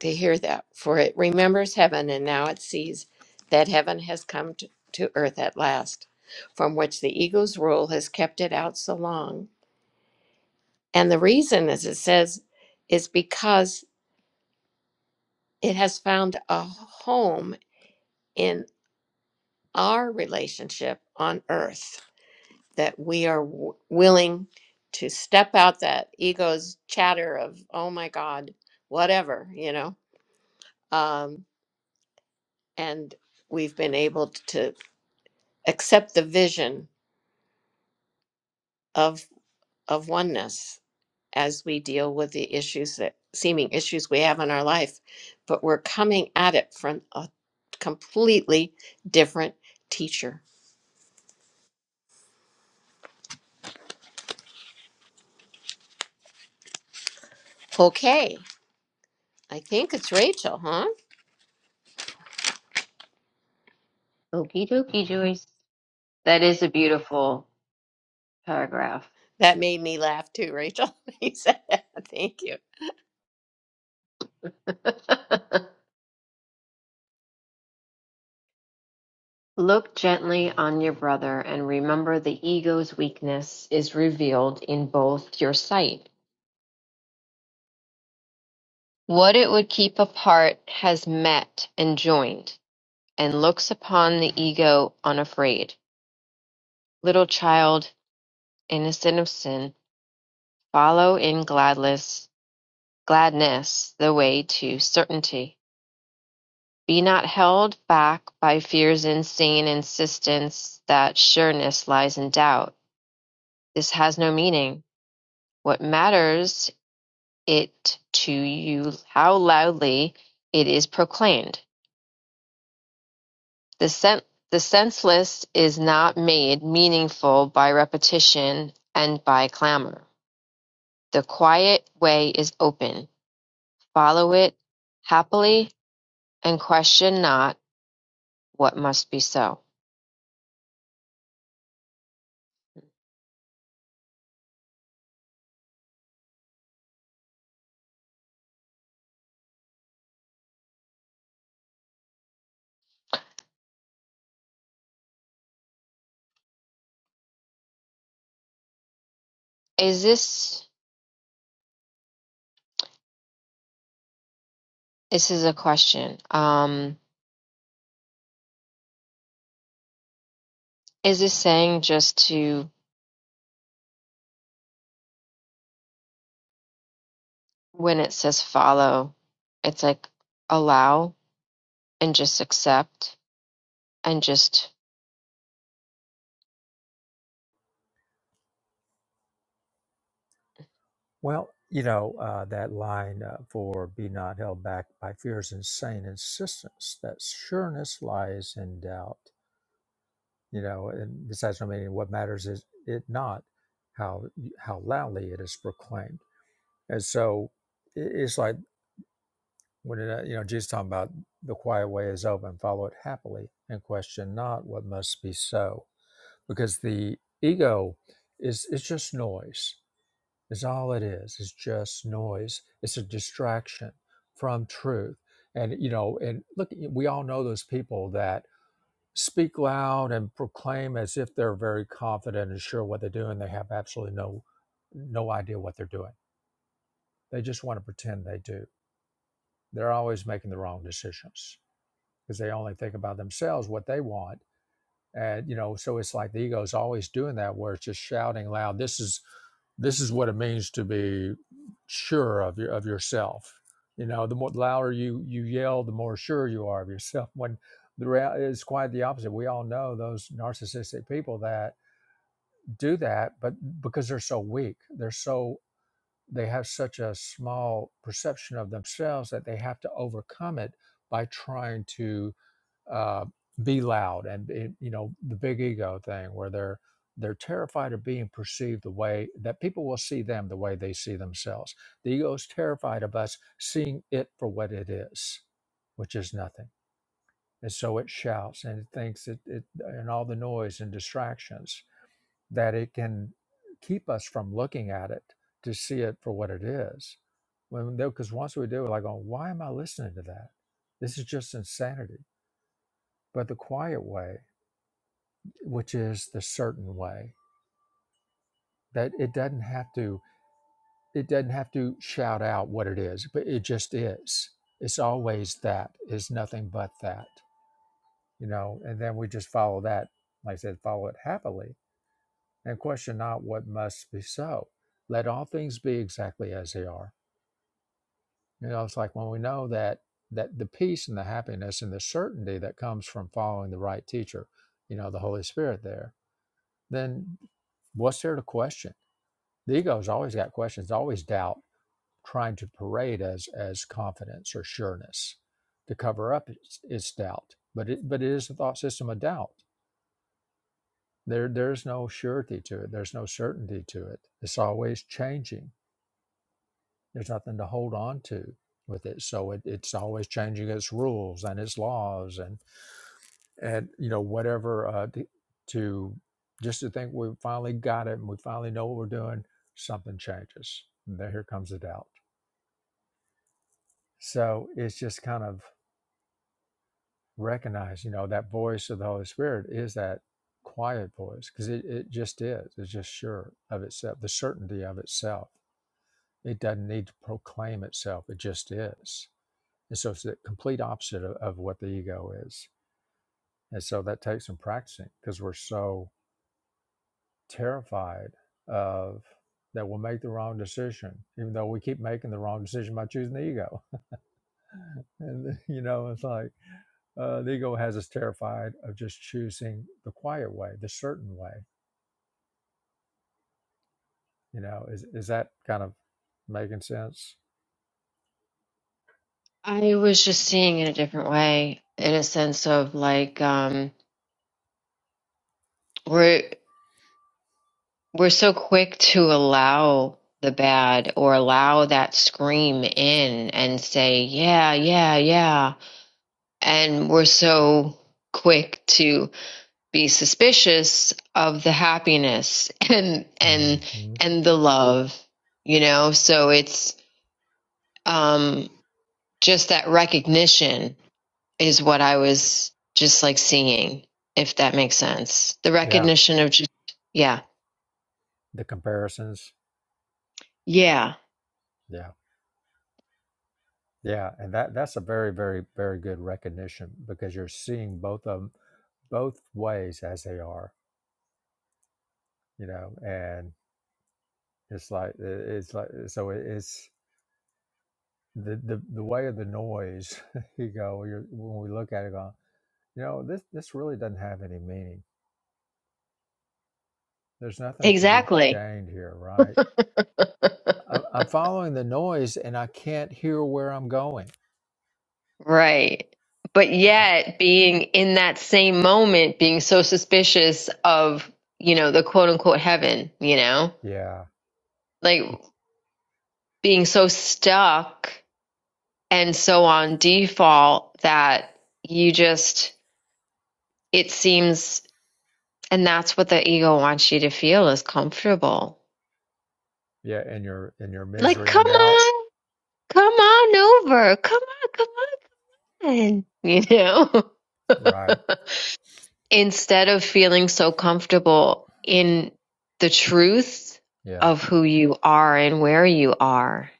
S3: to hear that. For it remembers heaven and now it sees that heaven has come to, to earth at last, from which the ego's rule has kept it out so long. And the reason, as it says, is because it has found a home in our relationship on earth that we are w- willing to step out that ego's chatter of oh my god whatever you know um, and we've been able to accept the vision of of oneness as we deal with the issues that seeming issues we have in our life but we're coming at it from a completely different teacher okay i think it's rachel huh
S2: Okie dokie, Joyce. That is a beautiful paragraph.
S3: that made me laugh too rachel you said that thank you
S2: Look gently on your brother and remember the ego's weakness is revealed in both your sight. What it would keep apart has met and joined, and looks upon the ego unafraid. Little child, innocent of sin, follow in gladness. gladness the way to certainty. Be not held back by fear's insane insistence that sureness lies in doubt. This has no meaning. What matters it to you how loudly it is proclaimed? The, sen- the senseless is not made meaningful by repetition and by clamor. The quiet way is open. Follow it happily and question not what must be so. Is this this is a question. Um, is this saying just to when it says follow, it's like allow and just accept and just
S1: Well, you know, uh, that line uh, for be not held back by fear's insane insistence, that sureness lies in doubt, you know, and besides, I mean, what matters is it not how how loudly it is proclaimed. And so i- it's like when, it, uh, you know, Jesus talking about the quiet way is open, follow it happily and question not what must be so, because the ego is, it's just noise is all it is it's just noise it's a distraction from truth and you know and look we all know those people that speak loud and proclaim as if they're very confident and sure what they're doing they have absolutely no no idea what they're doing they just want to pretend they do they're always making the wrong decisions because they only think about themselves what they want and you know so it's like the ego is always doing that where it's just shouting loud this is this is what it means to be sure of your of yourself you know the more louder you you yell the more sure you are of yourself when the real is quite the opposite we all know those narcissistic people that do that but because they're so weak they're so they have such a small perception of themselves that they have to overcome it by trying to uh, be loud and it, you know the big ego thing where they're they're terrified of being perceived the way that people will see them the way they see themselves the ego is terrified of us seeing it for what it is which is nothing and so it shouts and it thinks it, it and all the noise and distractions that it can keep us from looking at it to see it for what it is when because once we do we're like oh why am i listening to that this is just insanity but the quiet way which is the certain way that it doesn't have to it doesn't have to shout out what it is but it just is it's always that it's nothing but that you know and then we just follow that like i said follow it happily and question not what must be so let all things be exactly as they are you know it's like when we know that that the peace and the happiness and the certainty that comes from following the right teacher you know the holy spirit there then what's there to question The ego's always got questions, always doubt, trying to parade as as confidence or sureness to cover up its, its doubt. But it but it is a thought system of doubt. There there's no surety to it. There's no certainty to it. It's always changing. There's nothing to hold on to with it. So it, it's always changing its rules and its laws and and you know whatever uh, to, to just to think we finally got it and we finally know what we're doing. Something changes. And there here comes the doubt. So it's just kind of recognize, you know, that voice of the Holy Spirit is that quiet voice because it, it just is. It's just sure of itself, the certainty of itself. It doesn't need to proclaim itself, it just is. And so it's the complete opposite of, of what the ego is. And so that takes some practicing because we're so terrified of that we'll make the wrong decision, even though we keep making the wrong decision by choosing the ego. And, you know, it's like, uh, the ego has us terrified of just choosing the quiet way, the certain way. You know, is is that kind of making sense?
S2: I was just seeing it a different way in a sense of like um we're we're so quick to allow the bad or allow that scream in and say yeah yeah yeah and we're so quick to be suspicious of the happiness and and
S1: hmm
S2: and the love you know so it's um just that recognition is what i was just like seeing if that makes sense the
S1: Yeah,
S2: recognition of just yeah
S1: the comparisons.
S2: yeah
S1: Yeah, yeah, and that that's a very, very, very good recognition because you're seeing both of them, both ways as they are. You know, and it's like it's like so it's the the, the way of the noise. you go, you're, when we look at it, going, you know, this this really doesn't have any meaning There's nothing to be
S2: exactly
S1: gained here, right? I- I'm following the noise and I can't hear where I'm going.
S2: right but
S1: Right.
S2: yet being in that same moment being so suspicious of you know the quote unquote heaven you know
S1: Yeah.
S2: like
S1: The-
S2: being so stuck And so on default, that you just, it seems, and that's what the ego wants you to feel is comfortable.
S1: Yeah. In your in your
S2: Like,
S1: misery
S2: come
S1: and doubt.
S2: on, come on over, come on, come on, you know?
S1: Right.
S2: Instead of feeling so comfortable in the truth
S1: Yeah.
S2: of who you are and where you are.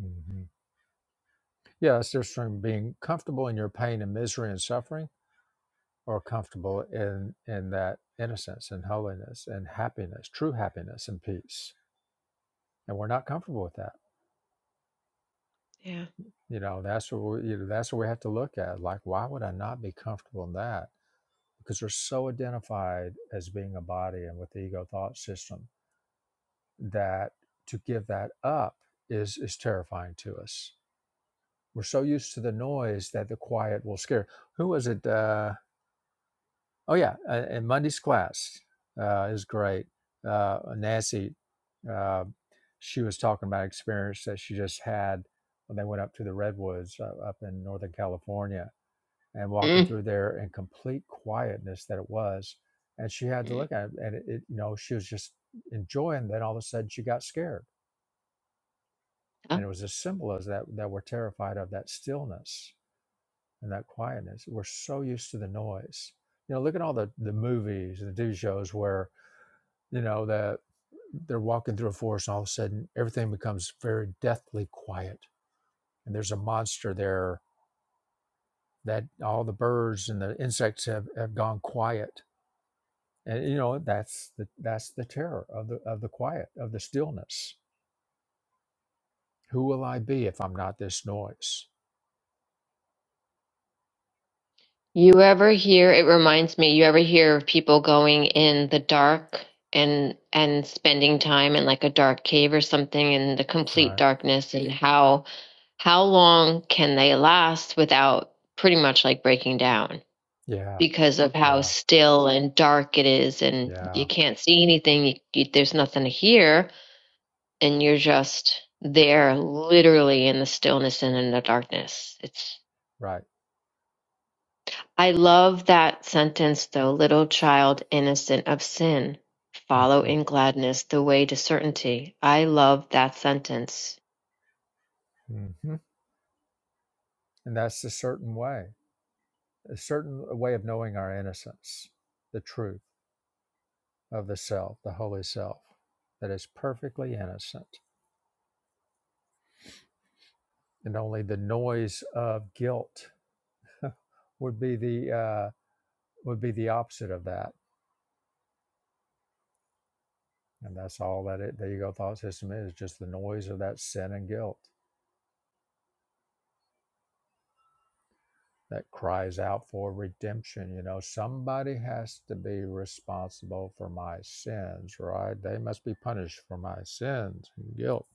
S1: hmm Yeah. It's just from being comfortable in your pain and misery and suffering, or comfortable in in that innocence and holiness and happiness, true happiness and peace. And we're not comfortable with that.
S2: Yeah.
S1: You know, that's what we, you know, that's what we have to look at. Like, why would I not be comfortable in that? because we're so identified as being a body and with the ego thought system that to give that up is is terrifying to us. We're so used to the noise that the quiet will scare. Who was it? Uh, oh yeah, uh, in Monday's class uh, is great. Uh, Nancy, uh, she was talking about experience that she just had when they went up to the redwoods uh, up in Northern California, and walking through there in complete quietness that it was. And she had to
S2: Mhm.
S1: look at it, and it, it you know, she was just enjoying. Then all of a sudden, she got scared, and it was as simple as that. That we're terrified of that stillness and that quietness. We're so used to the noise. You know, look at all the the movies and the TV shows where you know that they're walking through a forest, and all of a sudden, everything becomes very deathly quiet, and there's a monster there. That all the birds and the insects have, have gone quiet And you know, that's the that's the terror of the of the quiet, of the stillness. Who will I be if I'm not this noise?
S2: You ever hear, it reminds me, you ever hear of people going in the dark and and spending time in like a dark cave or something in the complete
S1: Right?
S2: darkness and how how long can they last without pretty much like breaking down
S1: Yeah,
S2: because of how
S1: yeah,
S2: still and dark it is and you
S1: yeah,
S2: can't see anything, you, you, there's nothing to hear and you're just there literally in the stillness and in the darkness. It's
S1: right.
S2: I love that sentence though, little child innocent of sin. Follow
S1: Mhm,
S2: in gladness the way to certainty. I love that sentence.
S1: mhm. And that's a certain way, a certain way of knowing our innocence, the truth of the self, the holy self, that is perfectly innocent. And only the noise of guilt would be the uh, would be the opposite of that And that's all that it, the ego thought system is just the noise of that sin and guilt that cries out for redemption. You know, somebody has to be responsible for my sins, right? They must be punished for my sins and guilt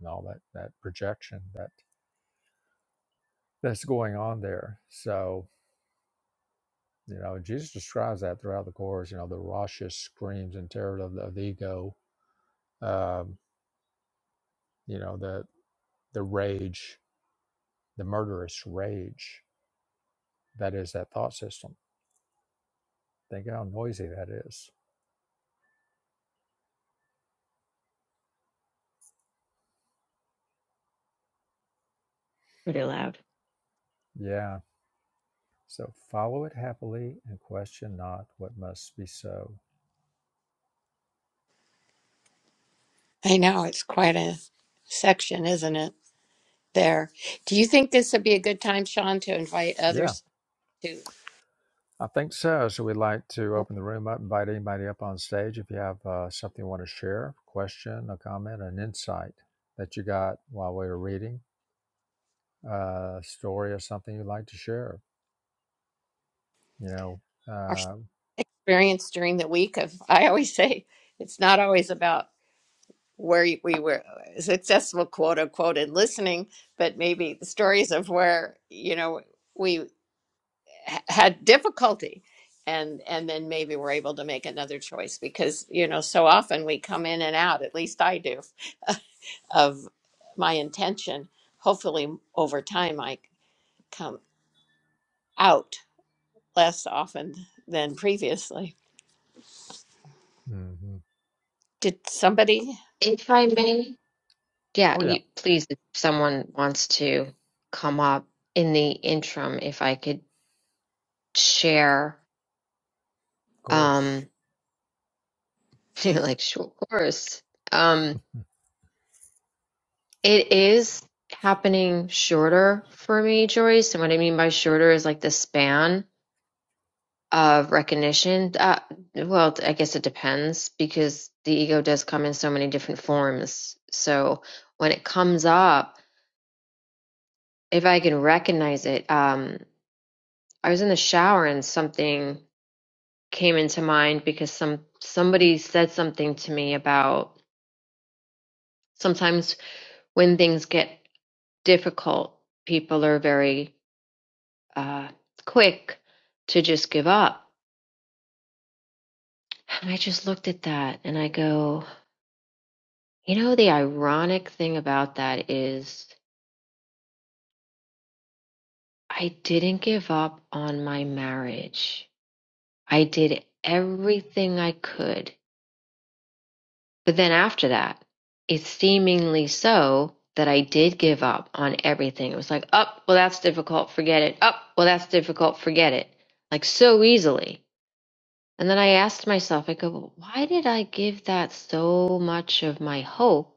S1: and all that, that projection that that's going on there. So, you know, Jesus describes that throughout the Course, you know, the raucous screams and terror of the, of the ego, um, you know, the, the rage, the murderous rage that is that thought system Think how noisy that is.
S2: Pretty loud.
S1: Yeah. So follow it happily and question not what must be so.
S3: I know it's quite a section, isn't it? There. Do you think this would be a good time, Sean, to invite
S1: Yeah,
S3: others to
S1: I think so. So we'd like to open the room up, invite anybody up on stage. If you have uh, something you want to share, question, a comment, an insight that you got while we were reading, uh, a story or something you'd like to share, you know.
S3: our
S1: Uh,
S3: experience during the week? Of I always say it's not always about where you- we were successful, quote unquote, in listening, but maybe the stories of where you know we ha- had difficulty, and and then maybe we're able to make another choice because you know so often we come in and out. At least I do of my intention. Hopefully, over time, I come out less often than previously.
S1: mhm.
S3: Did somebody?
S2: If I may, Yeah,
S1: Oh, yeah,
S2: you,
S1: of
S2: please, if someone wants to come up in the interim, if I could share,
S1: course.
S2: um, you're like, sure, of course. Um,
S1: Hmm.
S2: it is happening shorter for me, Joyce. And what I mean by shorter is like the span. of recognition uh, well i guess it depends because the ego does come in so many different forms so when it comes up if i can recognize it um i was in the shower and something came into mind because some somebody said something to me about sometimes when things get difficult people are very uh quick to just give up and i just looked at that and i go You know, the ironic thing about that is I didn't give up on my marriage. I did everything I could. But then after that, it's seemingly so that I did give up on everything. It was like, oh, well, that's difficult. Forget it. Oh, well, that's difficult. Forget it. Like so easily. And then I asked myself, I go, well, why did I give that so much of my hope?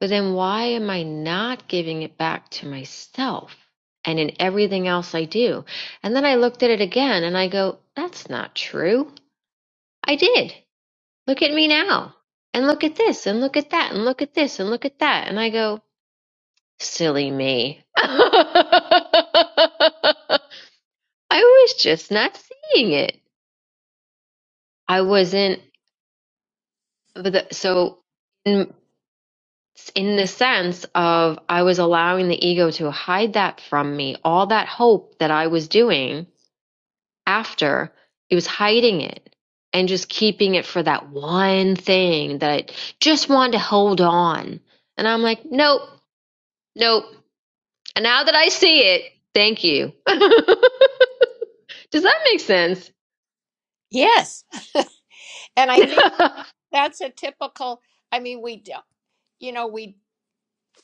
S2: But then why am I not giving it back to myself and in everything else I do? And then I looked at it again and I go, that's not true. I did. Look at me now. And look at this and look at that and look at this and look at that. And I go, silly me. I was just not seeing it. I wasn't, but the, so in in the sense of I was allowing the ego to hide that from me, all that hope that I was doing after, it was hiding it and just keeping it for that one thing that I just wanted to hold on. And I'm like, nope, nope. And now that I see it, thank you. Does that make sense?
S3: Yes. And I think that's a typical, I mean, we don't, you know, we,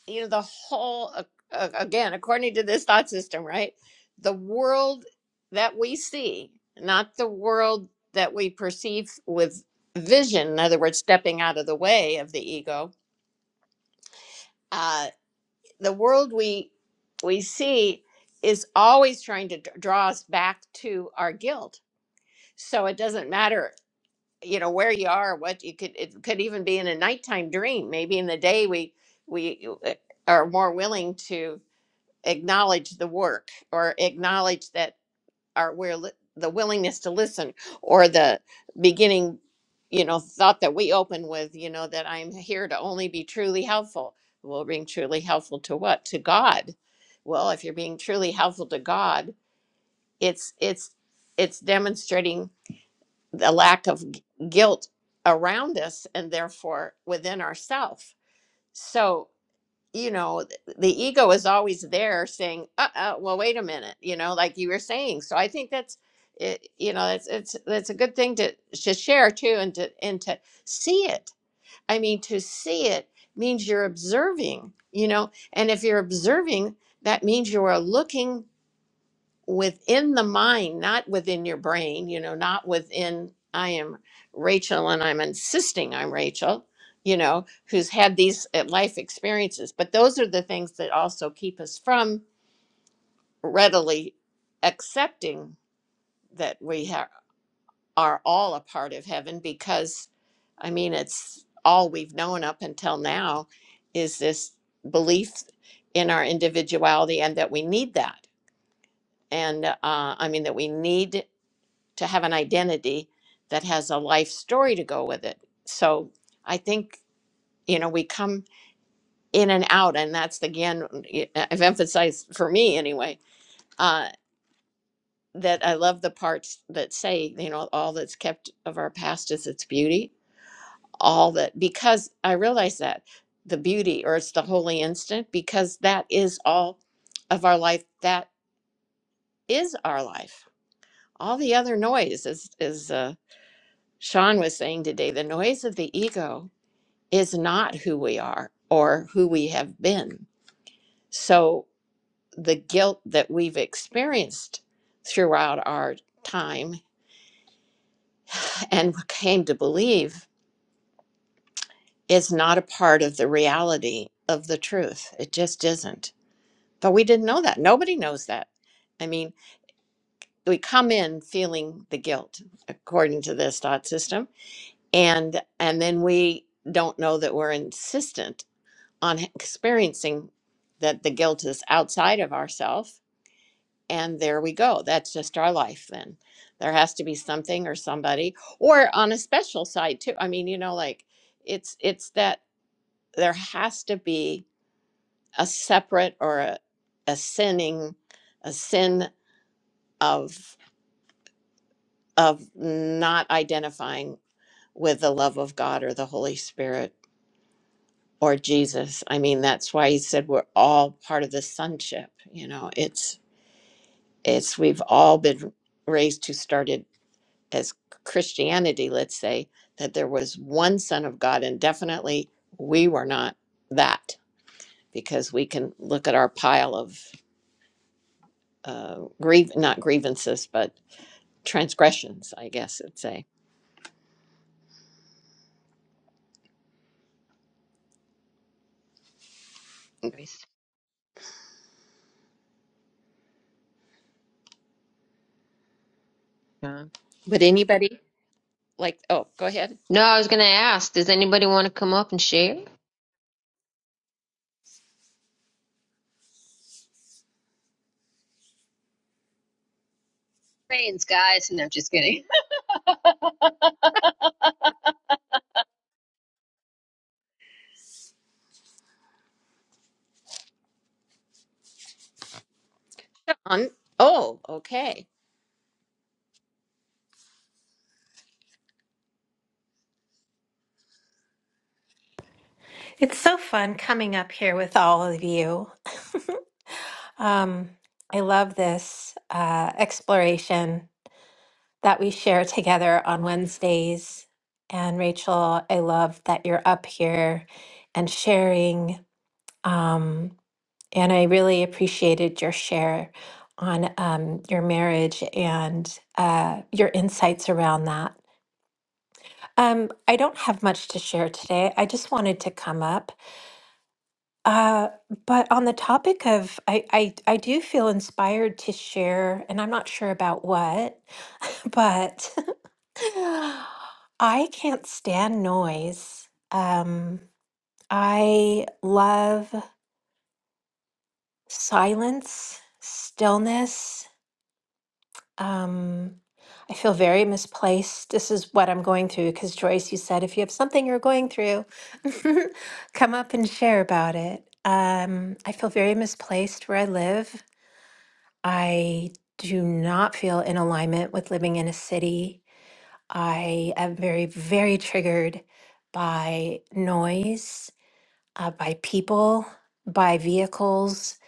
S3: you know, the whole, uh, uh, again, according to this thought system, right? The world that we see, not the world that we perceive with vision, in other words, stepping out of the way of the ego, uh, the world we we see is always trying to d- draw us back to our guilt so it doesn't matter you know where you are what you could it could even be in a nighttime dream maybe in the day we we uh, are more willing to acknowledge the work or acknowledge that or where li- the willingness to listen or the beginning you know thought that we open with you know that i'm here to only be truly helpful well being truly helpful to what to god well if you're being truly helpful to god it's it's it's demonstrating the lack of g- guilt around us and therefore within ourselves you know, th- the ego is always there saying, uh, uh well, wait a minute, you know, like you were saying. So I think that's, it, you know, that's, it's, that's a good thing to, to share too and to, and to see it. I mean, to see it means you're observing, you know, and if you're observing, that means you are looking within the mind, not within your brain, you know, not within, I am Rachel and I'm insisting I'm Rachel, you know, who's had these uh, life experiences. But those are the things that also keep us from readily accepting that we ha- are all a part of heaven because, I mean, it's all we've known up until now is this belief in our individuality and that we need that. And uh, I mean, that we need to have an identity that has a life story to go with it. So I think, you know, we come in and out, and that's again, i I've emphasized for me anyway, uh, that I love the parts that say, you know, all that's kept of our past is its beauty, all that, because I realize that the beauty or it's the holy instant, because that is all of our life. That is our life. All the other noise is, is, uh, Sean was saying today, the noise of the ego is not who we are or who we have been. So the guilt that we've experienced throughout our time and came to believe is not a part of the reality of the truth. It just isn't. But we didn't know that. Nobody knows that. I mean, we come in feeling the guilt according to this thought system and and then we don't know that we're insistent on experiencing that the guilt is outside of ourself and there we go. That's just our life then. There has to be something or somebody or on a special side too. I mean, you know, like it's it's that there has to be a separate or a, a sinning a sin of of not identifying with the love of God or the Holy Spirit or Jesus. I mean, that's why he said we're all part of the sonship, you know. It's it's we've all been raised to started as Christianity, let's say, that there was one Son of God, and definitely we were not that because we can look at our pile of uh, grieve, not grievances, but transgressions, I guess it'd say.
S2: Nice,
S3: But anybody like, oh, go ahead.
S2: no, I was going to ask, does anybody want to come up and share? Brains, guys. No, just kidding.
S3: On, oh, okay.
S4: It's so fun coming up here with all of you. Um, I love this uh, exploration that we share together on Wednesdays. And Rachel, I love that you're up here and sharing. Um, and I really appreciated your share on um, your marriage and uh, your insights around that. Um, I don't have much to share today. I just wanted to come up Uh, but on the topic of, I, I, I do feel inspired to share, and I'm not sure about what, but I can't stand noise. Um, I love silence, stillness. Um, I feel very misplaced. This is what I'm going through because Joyce, you said if you have something you're going through, come up and share about it. Um, I feel very misplaced where I live. I do not feel in alignment with living in a city. I am very, very triggered by noise, uh, by people, by vehicles,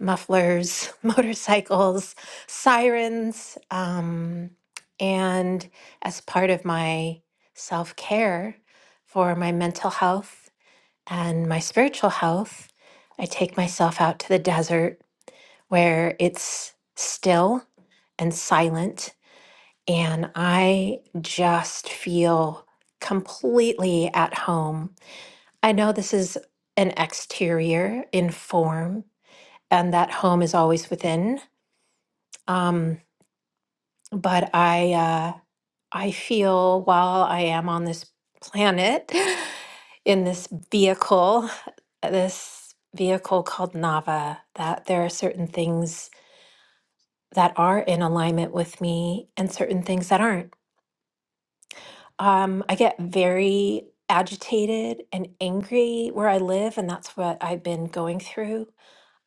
S4: mufflers, motorcycles, sirens. Um, and as part of my self care for my mental health and my spiritual health, I take myself out to the desert where it's still and silent. And I just feel completely at home. I know this is an exterior in form, and that home is always within. Um, but I, uh, I feel while I am on this planet, in this vehicle, this vehicle called Nava, that there are certain things that are in alignment with me and certain things that aren't. Um, I get very agitated and angry where I live, and that's what I've been going through.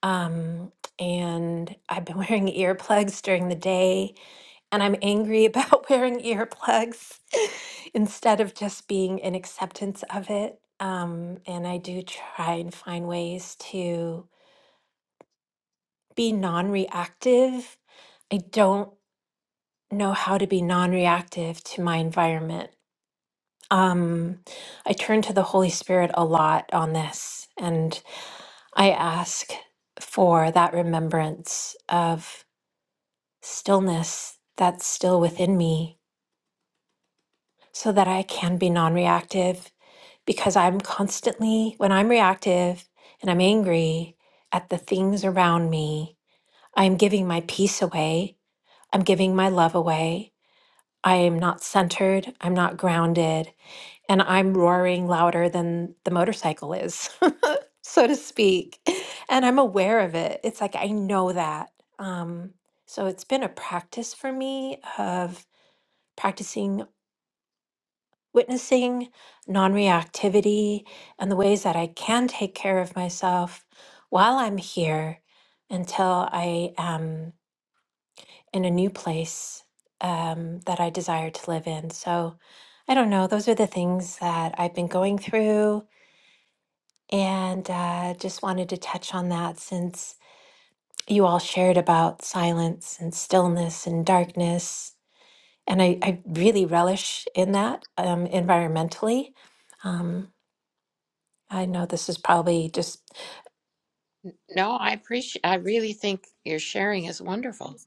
S4: Um, and I've been wearing earplugs during the day, and I'm angry about wearing earplugs instead of just being in acceptance of it. Um, and I do try and find ways to be non reactive I don't. know how to be non reactive to my environment. Um, I turn to the Holy Spirit a lot on this, and I ask for that remembrance of stillness that's still within me so that I can be non reactive because I'm constantly, when I'm reactive and I'm angry at the things around me, I'm giving my peace away, I'm giving my love away. I am not centered, I'm not grounded, and I'm roaring louder than the motorcycle is, so to speak. And I'm aware of it. It's like I know that. Um, so it's been a practice for me of practicing witnessing, non reactivity, and the ways that I can take care of myself while I'm here until I am in a new place um, that I desire to live in. So I don't know. Those are the things that I've been going through And uh, just wanted to touch on that since you all shared about silence and stillness and darkness. And I, I really relish in that um, environmentally. Um, I know this is probably just
S3: No, I appreciate. I really think your sharing is wonderful.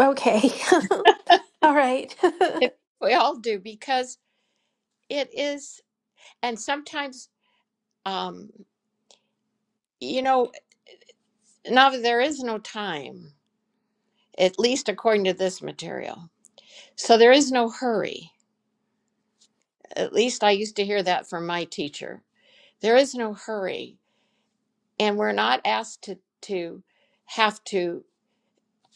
S4: okay. All right.
S3: we all do because it is, and sometimes, um, you know, now there is no time at least according to this material. So there is no hurry. At least I used to hear that from my teacher. There is no hurry. And we're not asked to, to have to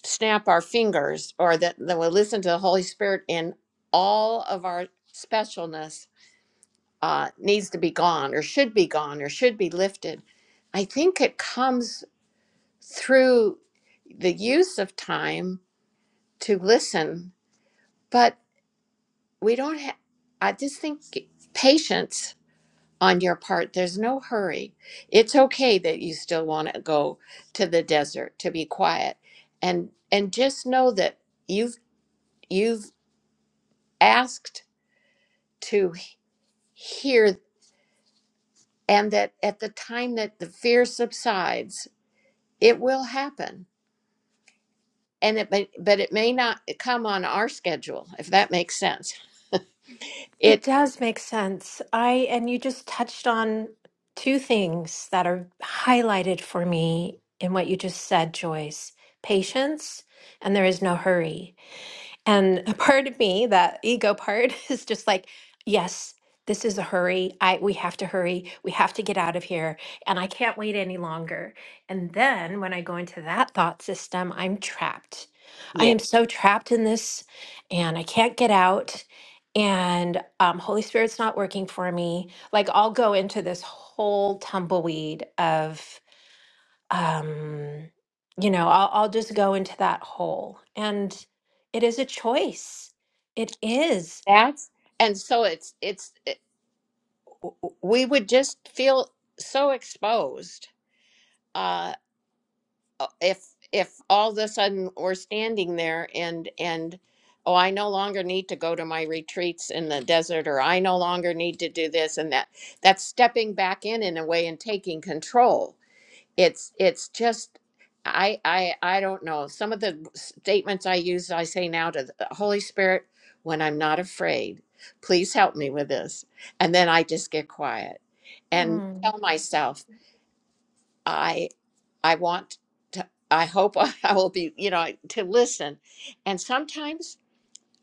S3: snap our fingers or that, that we listen to the Holy Spirit in all of our specialness uh, needs to be gone or should be gone or should be lifted. I think it comes through the use of time to listen. but. we don't have i just think patience on your part there's no hurry it's okay that you still want to go to the desert to be quiet and and just know that you've you've asked to hear and that at the time that the fear subsides it will happen and it may, but it may not come on our schedule if that makes sense
S4: It
S3: it
S4: does make sense. I and you just touched on two things that are highlighted for me in what you just said, Joyce. Patience and there is no hurry. And a part of me, that ego part, is just like, yes, this is a hurry. I we have to hurry. We have to get out of here. And I can't wait any longer. And then when I go into that thought system, I'm trapped. I
S3: Yeah.
S4: am so trapped in this and I can't get out. And um, Holy Spirit's not working for me. Like I'll go into this whole tumbleweed of um, you know, I'll, I'll just go into that hole. And it is a choice. It is.
S3: that's and so it's it's we would just feel so exposed uh, if if all of a sudden we're standing there and and oh i no longer need to go to my retreats in the desert or i no longer need to do this and that that's stepping back in in a way and taking control it's it's just i i i don't know some of the statements i use i say now to the holy spirit when i'm not afraid please help me with this and then i just get quiet and
S4: Mm,
S3: tell myself i i want to i hope i will be you know to listen and sometimes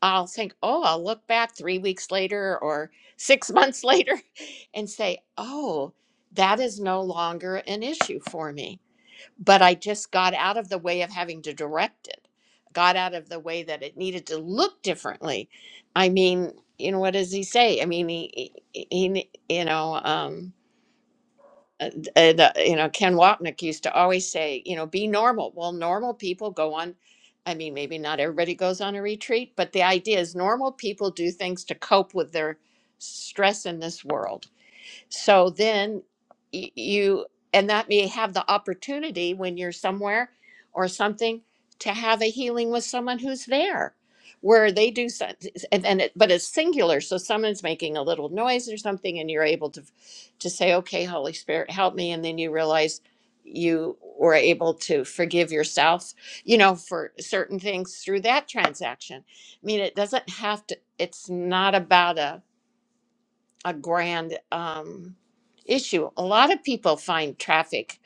S3: i'll think oh i'll look back three weeks later or six months later and say oh that is no longer an issue for me but i just got out of the way of having to direct it got out of the way that it needed to look differently i mean you know what does he say i mean he, he, he you know um, uh, uh, the, you know, Ken Wapnick used to always say, you know, be normal. Well, normal people go on. I mean, maybe not everybody goes on a retreat, but the idea is normal people do things to cope with their stress in this world. So then y- you, and that may have the opportunity when you're somewhere or something to have a healing with someone who's there where they do some- and then it, but it's singular so someone's making a little noise or something and you're able to to say okay holy spirit help me and then you realize you were able to forgive yourself you know for certain things through that transaction i mean it doesn't have to it's not about a a grand um, issue. A lot of people find traffic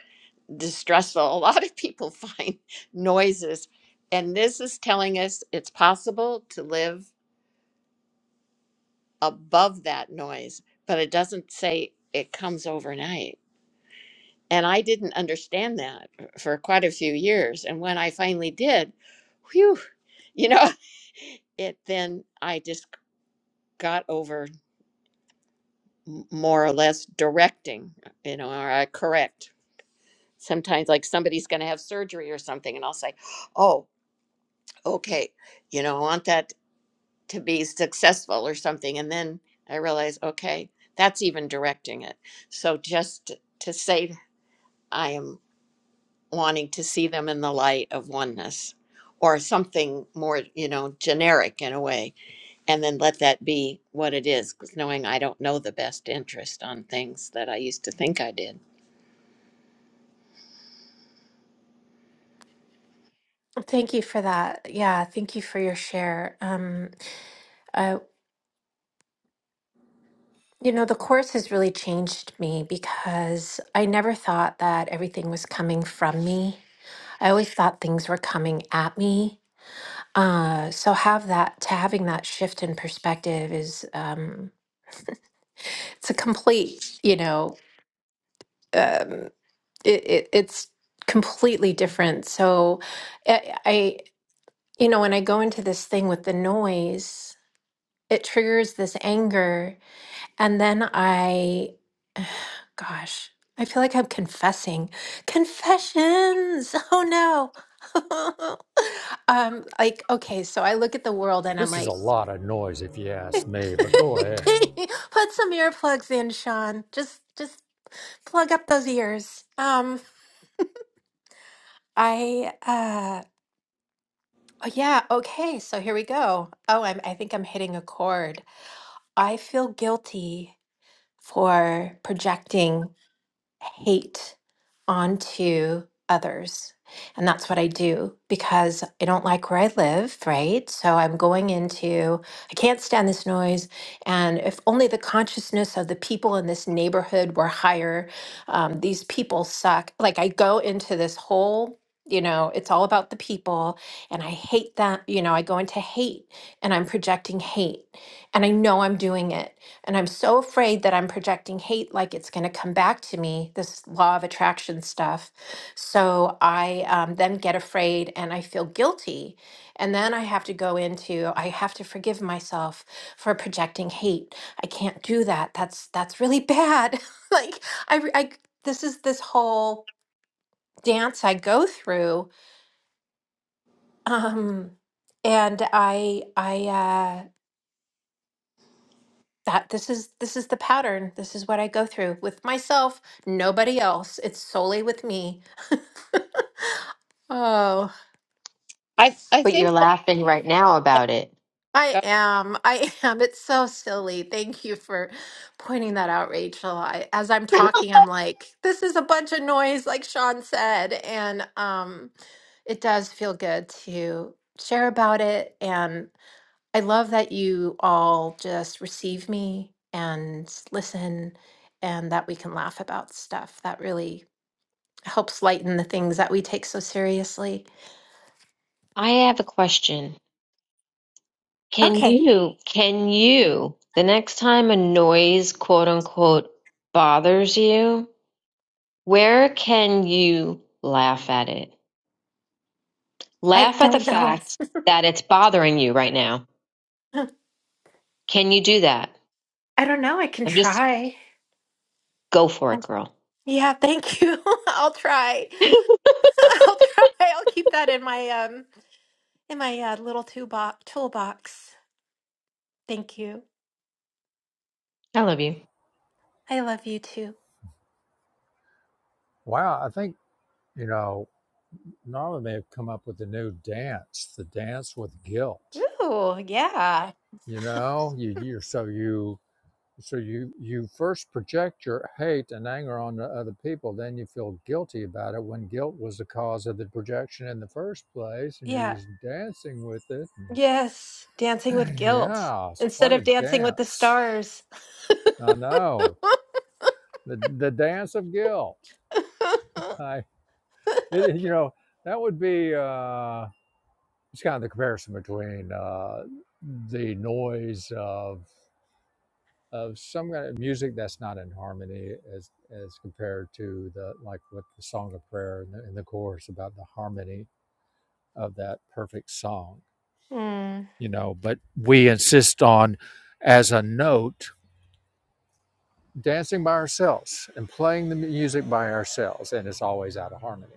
S3: distressful. A lot of people find noises. And this is telling us it's possible to live above that noise, but it doesn't say it comes overnight. And I didn't understand that for quite a few years. And when I finally did, whew, you know, it then I just got over m- more or less directing, you know, or I correct sometimes like somebody's going to have surgery or something and i'll say oh okay you know i want that to be successful or something and then i realize okay that's even directing it so just to say i am wanting to see them in the light of oneness or something more you know generic in a way and then let that be what it is because knowing i don't know the best interest on things that i used to think i did
S4: Thank you for that. Yeah, thank you for your share. Um, uh, you know, the course has really changed me because I never thought that everything was coming from me. I always thought things were coming at me. Uh, so have that to having that shift in perspective is um, it's a complete, you know. um, it, it it's completely different. So I, I you know when I go into this thing with the noise, it triggers this anger and then I gosh, I feel like I'm confessing. Confessions. Oh no. um like okay, so I look at the world and I'm
S1: This is a
S4: like
S1: lot of noise if you ask me, but go ahead.
S4: put some earplugs in, Sean. Just just plug up those ears. Um I uh, Oh, yeah. Okay. So here we go. Oh, I'm, I think I'm hitting a chord. I feel guilty for projecting hate onto others. And that's what I do because I don't like where I live, right? So I'm going into, I can't stand this noise. And if only the consciousness of the people in this neighborhood were higher, um, these people suck. Like I go into this whole, you know, it's all about the people. And I hate that, you know, I go into hate and I'm projecting hate. And I know I'm doing it and I'm so afraid that I'm projecting hate like it's going to come back to me, this law of attraction stuff. So I um, then get afraid and I feel guilty. And then I have to go into, I have to forgive myself for projecting hate. I can't do that. That's, that's really bad. like I, re- I, this is this whole dance I go through. Um, and I, I, uh, that this is this is the pattern this is what i go through with myself nobody else it's solely with me oh
S3: i i
S2: But you're
S3: think
S2: laughing right now
S3: that
S2: about it.
S4: i am i am it's so silly thank you for pointing that out rachel I, as i'm talking i'm like this is a bunch of noise like sean said and um it does feel good to share about it and I love that you all just receive me and listen and that we can laugh about stuff. That really helps lighten the things that we take so seriously.
S2: I have a question. Can
S4: Okay.
S2: you, can you, the next time a noise, quote unquote, bothers you, where can you laugh at it?
S4: I
S2: Laugh at the
S4: don't know.
S2: fact that it's bothering you right now. Can you do that?
S4: I don't know. I can
S2: I'm just
S4: try.
S2: go for
S4: I-
S2: it, girl.
S4: Yeah, thank you. I'll try.
S2: I
S4: I'll try. I'll keep that in my um in my uh, little toolbox toolbox. Thank you.
S2: love you.
S4: I love you too.
S1: Wow, I think, you know, Norma may have come up with a new dance, the dance with guilt.
S4: Ooh, yeah.
S1: You know, you, you're so you so you you first project your hate and anger on the other people, then you feel guilty about it when guilt was the cause of the projection in the first place, and you're
S4: Yeah.
S1: just dancing with it.
S4: Yes, Dancing with
S1: and
S4: Guilt
S1: yeah, it's
S4: instead
S1: quite a
S4: of Dancing with the
S1: dance.
S4: Stars.
S1: I know the the dance of guilt. I it, you know that would be. Uh, it's kind of the comparison between uh, the noise of of some kind of music that's not in harmony as as compared to the like with the song of prayer and the, and the chorus about the harmony of that perfect song
S4: Hmm.
S1: you know but we insist on as a note dancing by ourselves and playing the music by ourselves and it's always out of harmony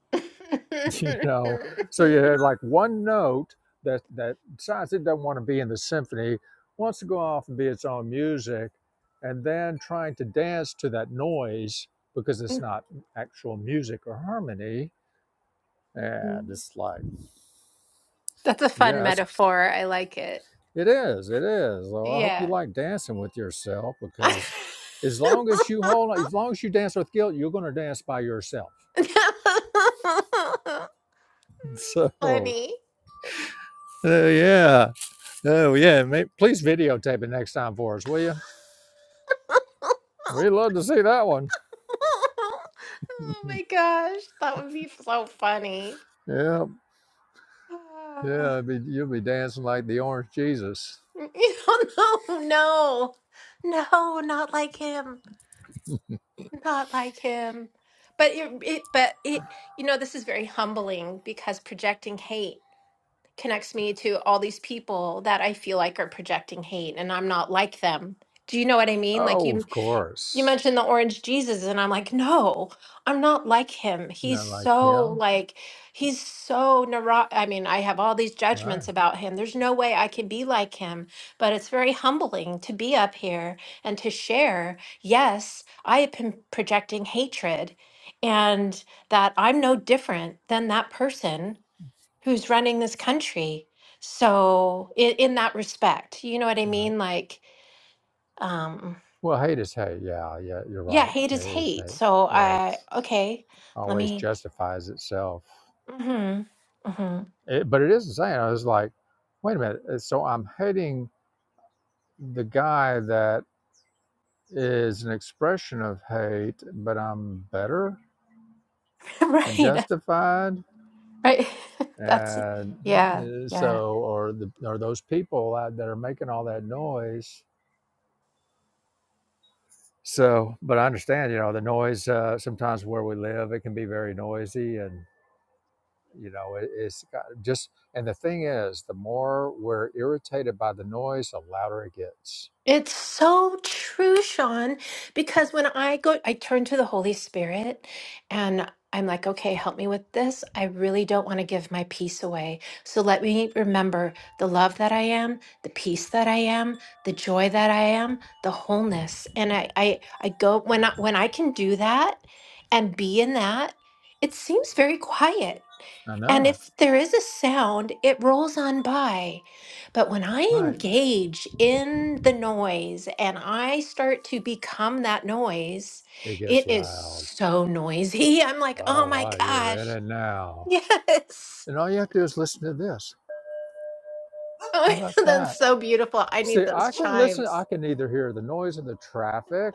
S1: you know so you had like one note that that decides it doesn't want to be in the symphony wants to go off and be its own music and then trying to dance to that noise because it's not actual music or harmony and it's like
S4: That's a fun
S1: yes
S4: metaphor. I like it.
S1: it is it is so i hope you
S4: Yeah.
S1: like dancing with yourself because as long as you hold as long as you dance with guilt you're going to dance by yourself so
S4: Funny.
S1: uh, yeah Oh yeah, ma- please videotape it next time for us, will you? We'd love to see that one.
S4: Oh my gosh, that would be so funny.
S1: yeah, yeah, be, you'll be dancing like the orange Jesus.
S4: no, no, no, not like him, not like him. But it, it, but it, you know, this is very humbling because projecting hate connects me to all these people that I feel like are projecting hate and I'm not like them. Do you know what I mean? Like
S1: Oh,
S4: you
S1: of
S4: you
S1: course,
S4: mentioned the orange Jesus and I'm like, "No, I'm not like him. He's
S1: not like
S4: so
S1: him,
S4: like he's so neuro- I mean, I have all these
S1: right?
S4: judgments about him. There's no way I can be like him." But it's very humbling to be up here and to share, "Yes, I have been projecting hatred and that I'm no different than that person." who's running this country. So in, in that respect, you know what I
S1: Right.
S4: mean? Like, um,
S1: Well, hate is hate. Yeah, yeah, you're
S4: yeah,
S1: right.
S4: hate
S1: It
S4: is
S1: is
S4: hate.
S1: hate.
S4: So
S1: Yeah, it
S4: I okay, let
S1: always
S4: me.
S1: justifies itself.
S4: Mm-hmm, mm-hmm.
S1: It, but it is the same. I was like, wait a minute. uh, So I'm hating the guy that is an expression of hate, but I'm better and
S4: right,
S1: justified
S4: right. That's
S1: and
S4: yeah,
S1: uh,
S4: yeah.
S1: so or the or those people out that are making all that noise so but i understand you know the noise uh, sometimes where we live it can be very noisy and you know it, it's got just and the thing is the more we're irritated by the noise the louder it gets
S4: It's so true, Sean, because when I go, I turn to the Holy Spirit and I'm like, okay, help me with this. I really don't want to give my peace away. So let me remember the love that I am, the peace that I am, the joy that I am, the wholeness. And I, I, I go when I, when I can do that and be in that, it seems very quiet.
S1: i
S4: And
S1: know
S4: if there is a sound, it rolls on by. But when I
S1: right
S4: engage in the noise and I start to become that noise,
S1: it gets
S4: it is
S1: loud
S4: so noisy. I'm like,
S1: oh
S4: oh my
S1: wow you're in
S4: gosh,
S1: it now
S4: yes.
S1: and all you have to do is listen to this how
S4: Oh,
S1: about
S4: that's
S1: that
S4: so beautiful. I need
S1: See,
S4: those
S1: I can listen. I
S4: chimes.
S1: can either hear the noise of the traffic,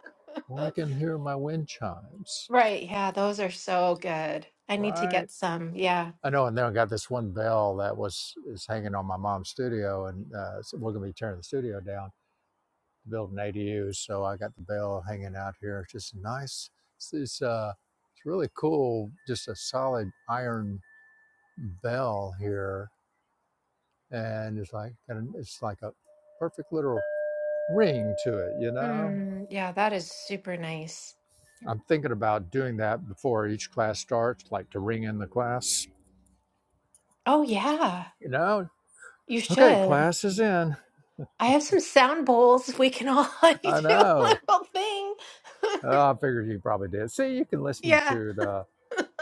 S1: or I can hear my wind chimes.
S4: Right. Yeah, those are so good. I need to
S1: Right.
S4: get some. Yeah.
S1: I know. And then I got this one bell that was is hanging on my mom's studio, and uh, so we're gonna be tearing the studio down to build an ADU. So I got the bell hanging out here. It's just nice. It's, it's uh, it's really cool. Just a solid iron bell here, and it's like got an- it's like a perfect little ring to it. You know.
S4: Hmm, yeah, that is super nice.
S1: I'm thinking about doing that before each class starts, like to ring in the class.
S4: Oh, yeah,
S1: You know,
S4: you
S1: okay,
S4: should.
S1: class is in.
S4: I have some sound bowls. We can all like
S1: I
S4: do a
S1: know.
S4: little thing.
S1: Oh, I figured you probably did. See, you can listen
S4: Yeah.
S1: to the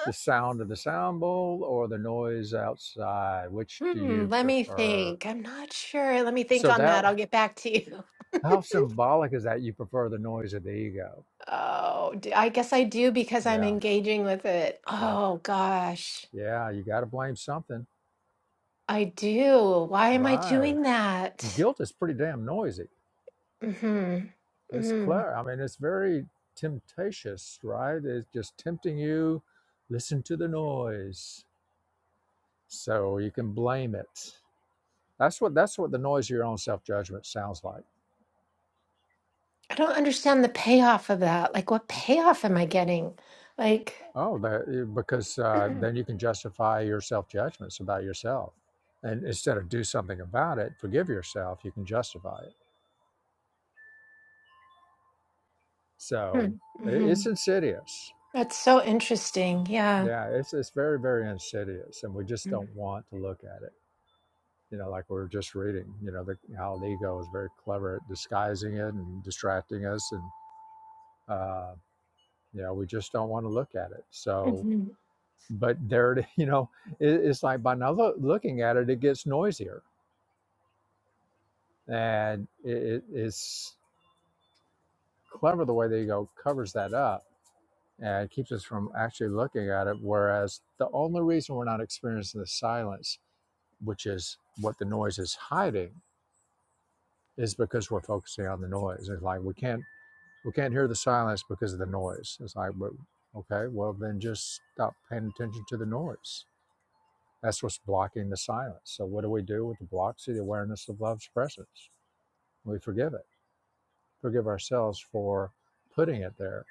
S1: the sound of the sound bowl or the noise outside. Which do
S4: Hmm,
S1: you
S4: let me
S1: prefer?
S4: think. I'm not sure. Let me think
S1: So
S4: on
S1: that
S4: that. I'll get back to you.
S1: how symbolic is that? You prefer the noise of the ego?
S4: Oh, d- I guess I do because I'm
S1: Yeah.
S4: engaging with it.
S1: Yep.
S4: Oh gosh,
S1: Yeah. You got to blame something,
S4: I do. Why am I
S1: right?
S4: doing that?
S1: Guilt is pretty damn noisy.
S4: hmm
S1: It's
S4: hmm
S1: clear. I mean, it's very temptatious, right? It's just tempting you. Listen to the noise, so you can blame it. That's what that's what the noise of your own self judgment sounds like.
S4: I don't understand the payoff of that. Like, what payoff am I getting? Like,
S1: Oh, that, eh, because uh,
S4: hmm
S1: then you can justify your self judgments about yourself, and instead of do something about it, forgive yourself. You can justify it. So i-
S4: mm-hmm.
S1: it's insidious.
S4: That's so interesting. Yeah.
S1: Yeah, it's it's very very insidious, and we just
S4: Mm-hmm.
S1: don't want to look at it. you know, like we were just reading, you know, the, how the ego is very clever at disguising it and distracting us. And, uh, you know, we just don't want to look at it. So,
S4: Mm-hmm.
S1: but there, it, you know, it, it's like by not loo- looking at it, it gets noisier. And it, it, it's clever the way the ego covers that up and keeps us from actually looking at it. Whereas the only reason we're not experiencing the silence, which is what the noise is hiding, is because we're focusing on the noise. It's like we can't we can't hear the silence because of the noise. It's like, but okay, well then just stop paying attention to the noise. That's what's blocking the silence. So what do we do with the block? See the awareness of love's presence. We forgive it. Forgive ourselves for putting it there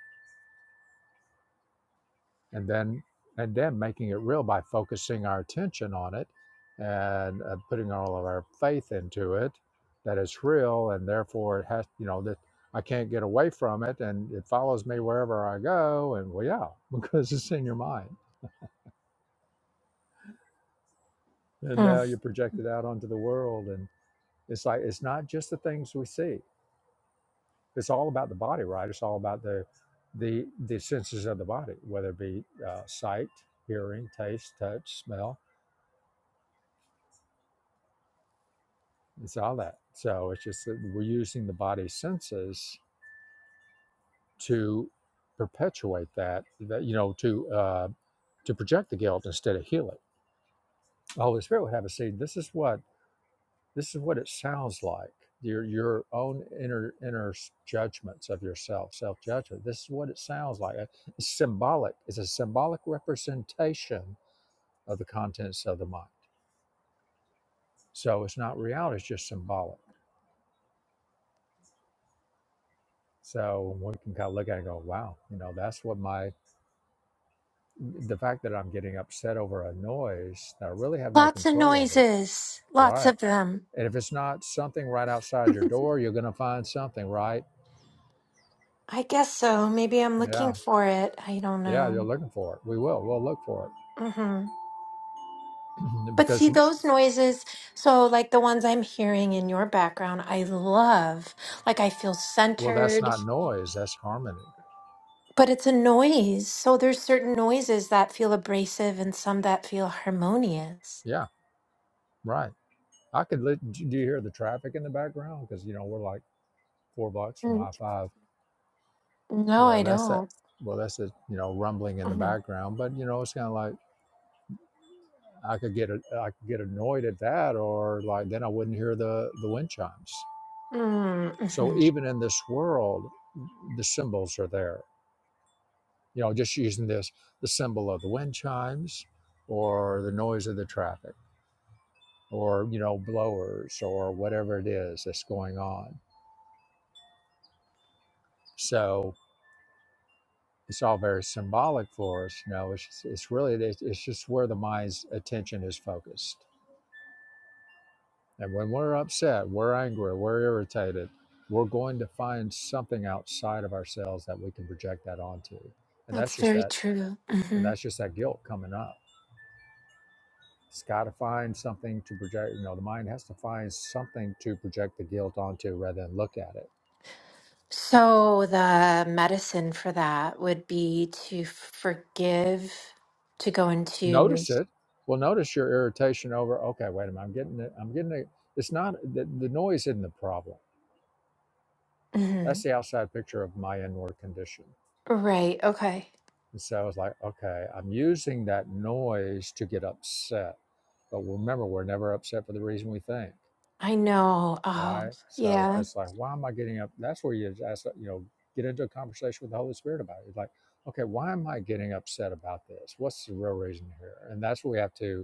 S1: and then and then making it real by focusing our attention on it and uh, putting all of our faith into it that it's real and therefore it has you know that i can't get away from it and it follows me wherever i go and well yeah because it's in your mind and
S4: hmm
S1: now you project it out onto the world and it's like it's not just the things we see it's all about the body right it's all about the the the senses of the body whether it be uh, sight hearing taste touch smell It's all that. So it's just that we're using the body senses to perpetuate that, that you know, to uh, to project the guilt instead of heal it. The Holy Spirit would have us see this is what this is what it sounds like. Your your own inner inner judgments of yourself, self judgment. This is what it sounds like. Uh, It's symbolic. It's a symbolic representation of the contents of the mind. So it's not reality. It's just symbolic. So we can kind of look at it and go, wow, you know, that's what my the fact that I'm getting upset over a noise that I really have no
S4: Lots of
S1: control over,
S4: noises, lots
S1: right?
S4: of them.
S1: And if it's not something right outside your door, you're going to find something, right?
S4: I guess so. Maybe I'm looking
S1: Yeah,
S4: for it. I don't
S1: yeah, you're
S4: know.
S1: looking for it. We will. We'll look for
S4: hmm
S1: it
S4: But
S1: because,
S4: see, those noises, so like the ones I'm hearing in your background, I love. Like I feel
S1: well, that's
S4: centered,
S1: not noise. That's harmony.
S4: but it's a noise. So there's certain noises that feel abrasive and some that feel harmonious.
S1: Yeah, right. I could. Li- do you hear the traffic in the background? Because you know we're like four blocks from
S4: Mm,
S1: I five.
S4: No,
S1: Yeah,
S4: I
S1: that's that.
S4: don't.
S1: Well, that's the you know rumbling in the
S4: hmm
S1: background, but you know it's kind of like I could get a, I could get annoyed at that, or like then I wouldn't hear the the wind chimes. So
S4: Mm-hmm.
S1: even in this world, the symbols are there. You know, just using this the symbol of the wind chimes, or the noise of the traffic, or you know blowers, or whatever it is that's going on. So it's all very symbolic for us. You know, it's it's really it's, it's just where the mind's attention is focused. And when we're upset, we're angry, we're irritated, we're going to find something outside of ourselves that we can project that onto. And that's
S4: That's
S1: just
S4: very
S1: that,
S4: true.
S1: and
S4: hmm
S1: that's just that guilt coming up. It's got to find something to project. You know, the mind has to find something to project the guilt onto rather than look at it.
S4: So the medicine for that would be to forgive, to go into.
S1: Notice it. Well, notice your irritation over. Okay, wait a minute. I'm getting it. I'm getting it. It's not the, the noise isn't the problem.
S4: hmm
S1: That's the outside picture of my inward condition
S4: Right. Okay.
S1: And so I was like, okay, I'm using that noise to get upset. But remember, we're never upset for the reason we think,
S4: I know. Oh,
S1: right? So if
S4: yeah.
S1: it's like, why am I getting up? That's where you ask, you know, get into a conversation with the Holy Spirit about it. It's like, okay, why am I getting upset about this? What's the real reason here? And that's what we have to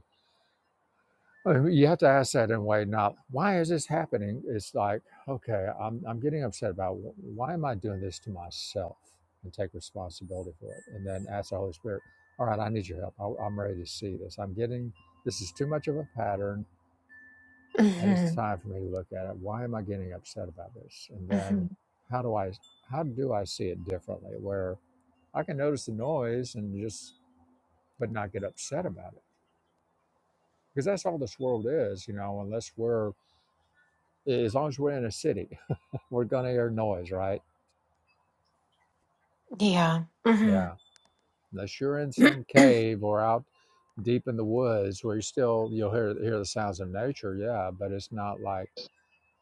S1: uh, You have to ask that in a way, not why is this happening? It's like, okay, I'm, I'm getting upset about wh- why am I doing this to myself and take responsibility for it. And then ask the Holy Spirit, all right, I need your help. I, I'm ready to see this. I'm getting, this is too much of a pattern and
S4: hmm
S1: it's time for me to look at it. Why am I getting upset about this? And
S4: hmm
S1: then how do I, how do I see it differently where I can notice the noise and just, but not get upset about it? Because that's all this world is, you know, unless we're as long as we're in a city, we're going to hear noise, right?
S4: Yeah. hmm
S1: Yeah. Unless you're in some cave or out deep in the woods where you still you'll hear hear the sounds of nature, yeah, but it's not like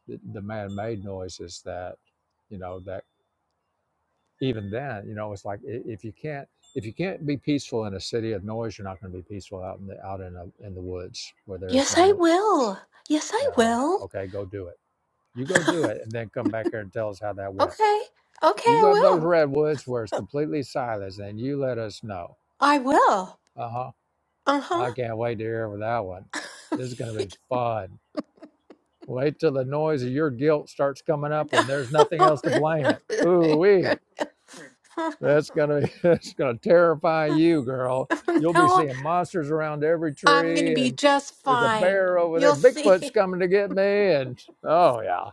S1: the, the man-made noises that you know that even then, you know, it's like i- if you can't if you can't be peaceful in a city of noise, you're not going to be peaceful out in the out in a, in the woods where there is
S4: yes,
S1: no
S4: I
S1: noise.
S4: will. Yes, I
S1: Yeah.
S4: will.
S1: Okay, go do it. You go do it, and then come back here and tell us how that went
S4: Okay. Okay,
S1: You go up
S4: I
S1: those
S4: will.
S1: redwoods where it's completely silence and you let us know.
S4: I will.
S1: Uh huh.
S4: Uh-huh.
S1: I can't wait to hear for that one. This is going to be fun. Wait till the noise of your guilt starts coming up when there's nothing else to blame it. Ooh wee. That's going to that's going to terrify you, girl. You'll be
S4: no,
S1: seeing monsters around every
S4: I'm going to
S1: tree
S4: be
S1: and
S4: just
S1: there's a
S4: fine.
S1: bear over there.
S4: You'll
S1: Bigfoot's
S4: see.
S1: coming to get me and oh yeah.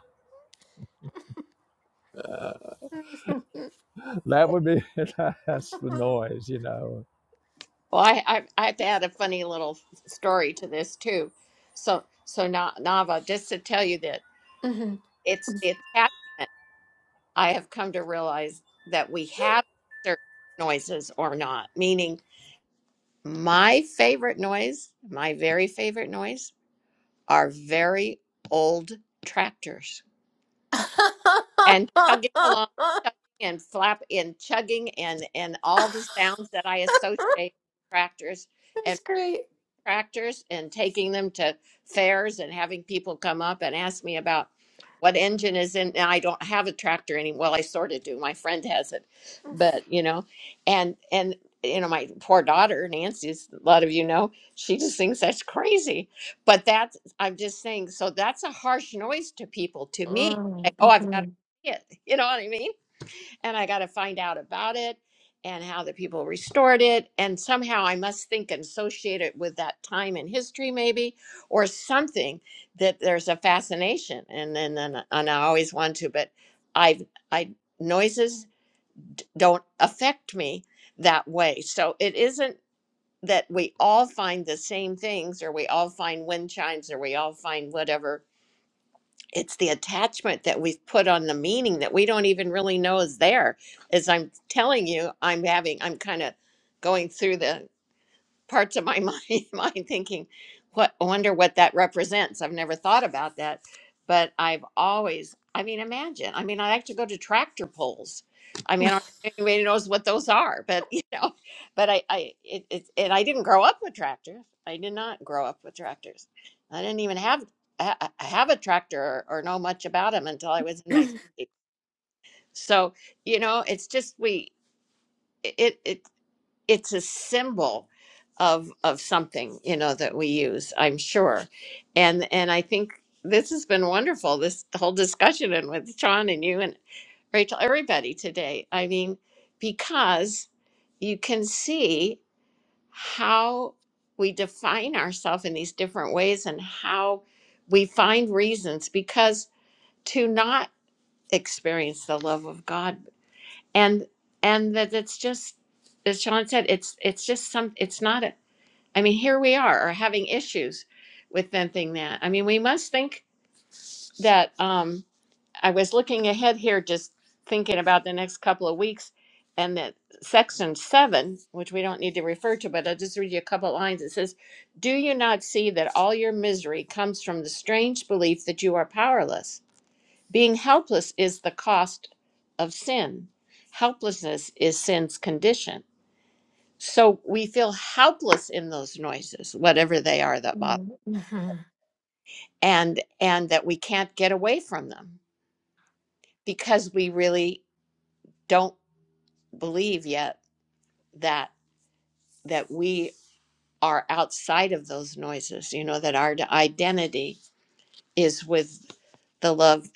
S1: Uh, that would be that's the noise, you know.
S3: Well, I, I I have to add a funny little story to this too. So so Na- Nava, just to tell you that it's the attachment I have come to realize that we have certain noises or not. Meaning, my favorite noise, my very favorite noise, are very old tractors
S4: That's
S3: and chugging along, chugging and flap and chugging and and all the sounds that I associate with tractors.
S4: great.
S3: tractors and taking them to fairs and having people come up and ask me about what engine is in. Now I don't have a tractor anymore. Well, I sort of do. My friend has it, but you know, and and you know, my poor daughter Nancy, as a lot of you know, she just thinks that's crazy. But that's I'm just saying. So that's a harsh noise to people. To me, like,
S4: Mm,
S3: oh, I've got to
S4: mhm.
S3: see it. You know what I mean? and I got to find out about it and how the people restored it. And somehow I must think and associate it with that time in history, maybe, or something that there's a fascination. And then, and, and I always want to, but I, I, noises d- don't affect me that way. So it isn't that we all find the same things or we all find wind chimes or we all find whatever it's the attachment that we've put on the meaning that we don't even really know is there. As I'm telling you, I'm having, I'm kind of going through the parts of my mind, mind thinking, what I wonder what that represents. I've never thought about that, but I've always, I mean, imagine. I mean, I like to go to tractor pulls. I mean, I don't know anybody knows what those are, but you know, but I, I, it, it, and I didn't grow up with tractors. I did not grow up with tractors. I didn't even have ha- have a tractor or, or know much about them until I was in my 50s. So you know, it's just we. It, it it's a symbol of of something you know that we use i'm sure and and i think this has been wonderful this whole discussion and with sean and you and rachel everybody today i mean because you can see how we define ourselves in these different ways and how we find reasons because to not experience the love of god and and that it's just as sean said it's it's just some it's not a i mean here we are are having issues with them that i mean we must think that um i was looking ahead here just thinking about the next couple of weeks and that section seven which we don't need to refer to but i'll just read you a couple lines it says do you not see that all your misery comes from the strange belief that you are powerless being helpless is the cost of sin. Helplessness is sin's condition. So we feel helpless in those noises, whatever they are that bother,
S4: Mhm.
S3: and and that we can't get away from them because we really don't believe yet that that we are outside of those noises, you know, that our identity is with the love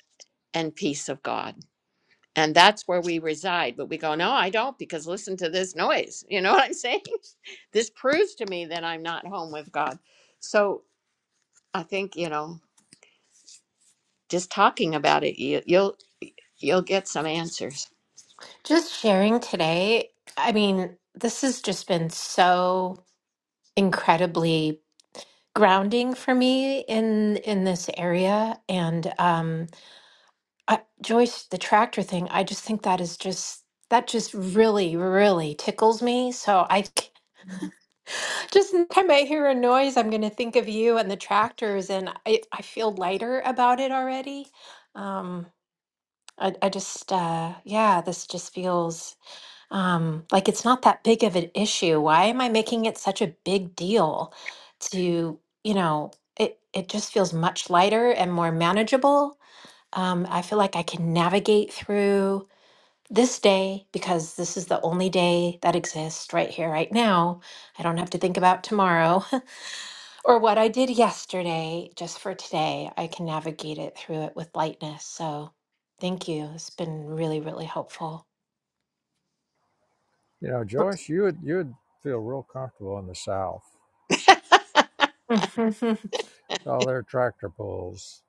S3: and peace of God. And that's where we reside. But we go, no, I don't, because listen to this noise. You know what I'm saying? this proves to me that I'm not home with God. So I think you know, just talking about it, you, you'll you'll get some answers.
S4: Just sharing today. I mean, this has just been so incredibly grounding for me in in this area and um I, Joyce the tractor thing I just think that is just that just really really tickles me so I Just anytime I hear a noise, I'm going to think of you and the tractors, and I, I feel lighter about it already. Um, I, I just, uh, yeah, this just feels um, like it's not that big of an issue. Why am I making it such a big deal to, you know, it, it just feels much lighter and more manageable. Um, I feel like I can navigate through this day because this is the only day that exists right here, right now. I don't have to think about tomorrow. Or what I did yesterday, just for today, I can navigate it through it with lightness. So thank you. It's been really, really helpful.
S1: You know, Joyce, you would you would feel real comfortable in the South.
S4: um,
S1: All their tractor pulls.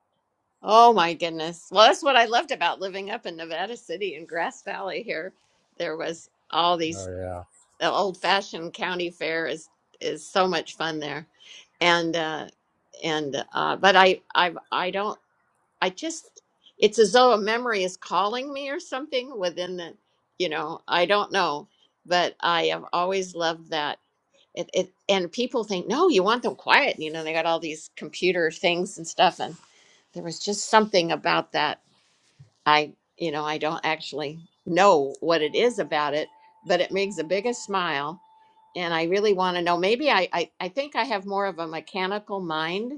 S3: Oh my goodness! Well, that's what I loved about living up in Nevada City and Grass Valley. Here, there was all
S1: Oh
S3: these
S1: yeah,
S3: the old-fashioned county fair is is so much fun there, and uh, and uh, but I I I don't. I just, it's as though a memory is calling me or something within the, you know, I don't know, but I have always loved that. It, it, and people think, no, you want them quiet. You know, they got all these computer things and stuff. And there was just something about that. I, you know, I don't actually know what it is about it, but it makes the biggest smile. And I really want to know. Maybe I, I, I think I have more of a mechanical mind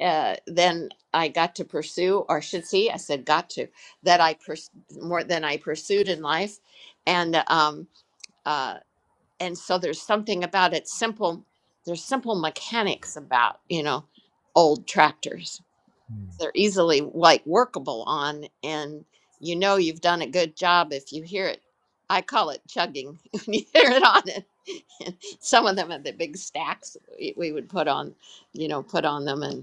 S3: uh, than I got to pursue, or should see, I said got to, that I pers- more than I pursued in life, and um, uh, and so there's something about it simple. There's simple mechanics about you know old tractors. They're easily like workable on, and you know you've done a good job if you hear it. I call it chugging when you hear it on it. some of them have the big stacks we, we would put on, you know, put on them, and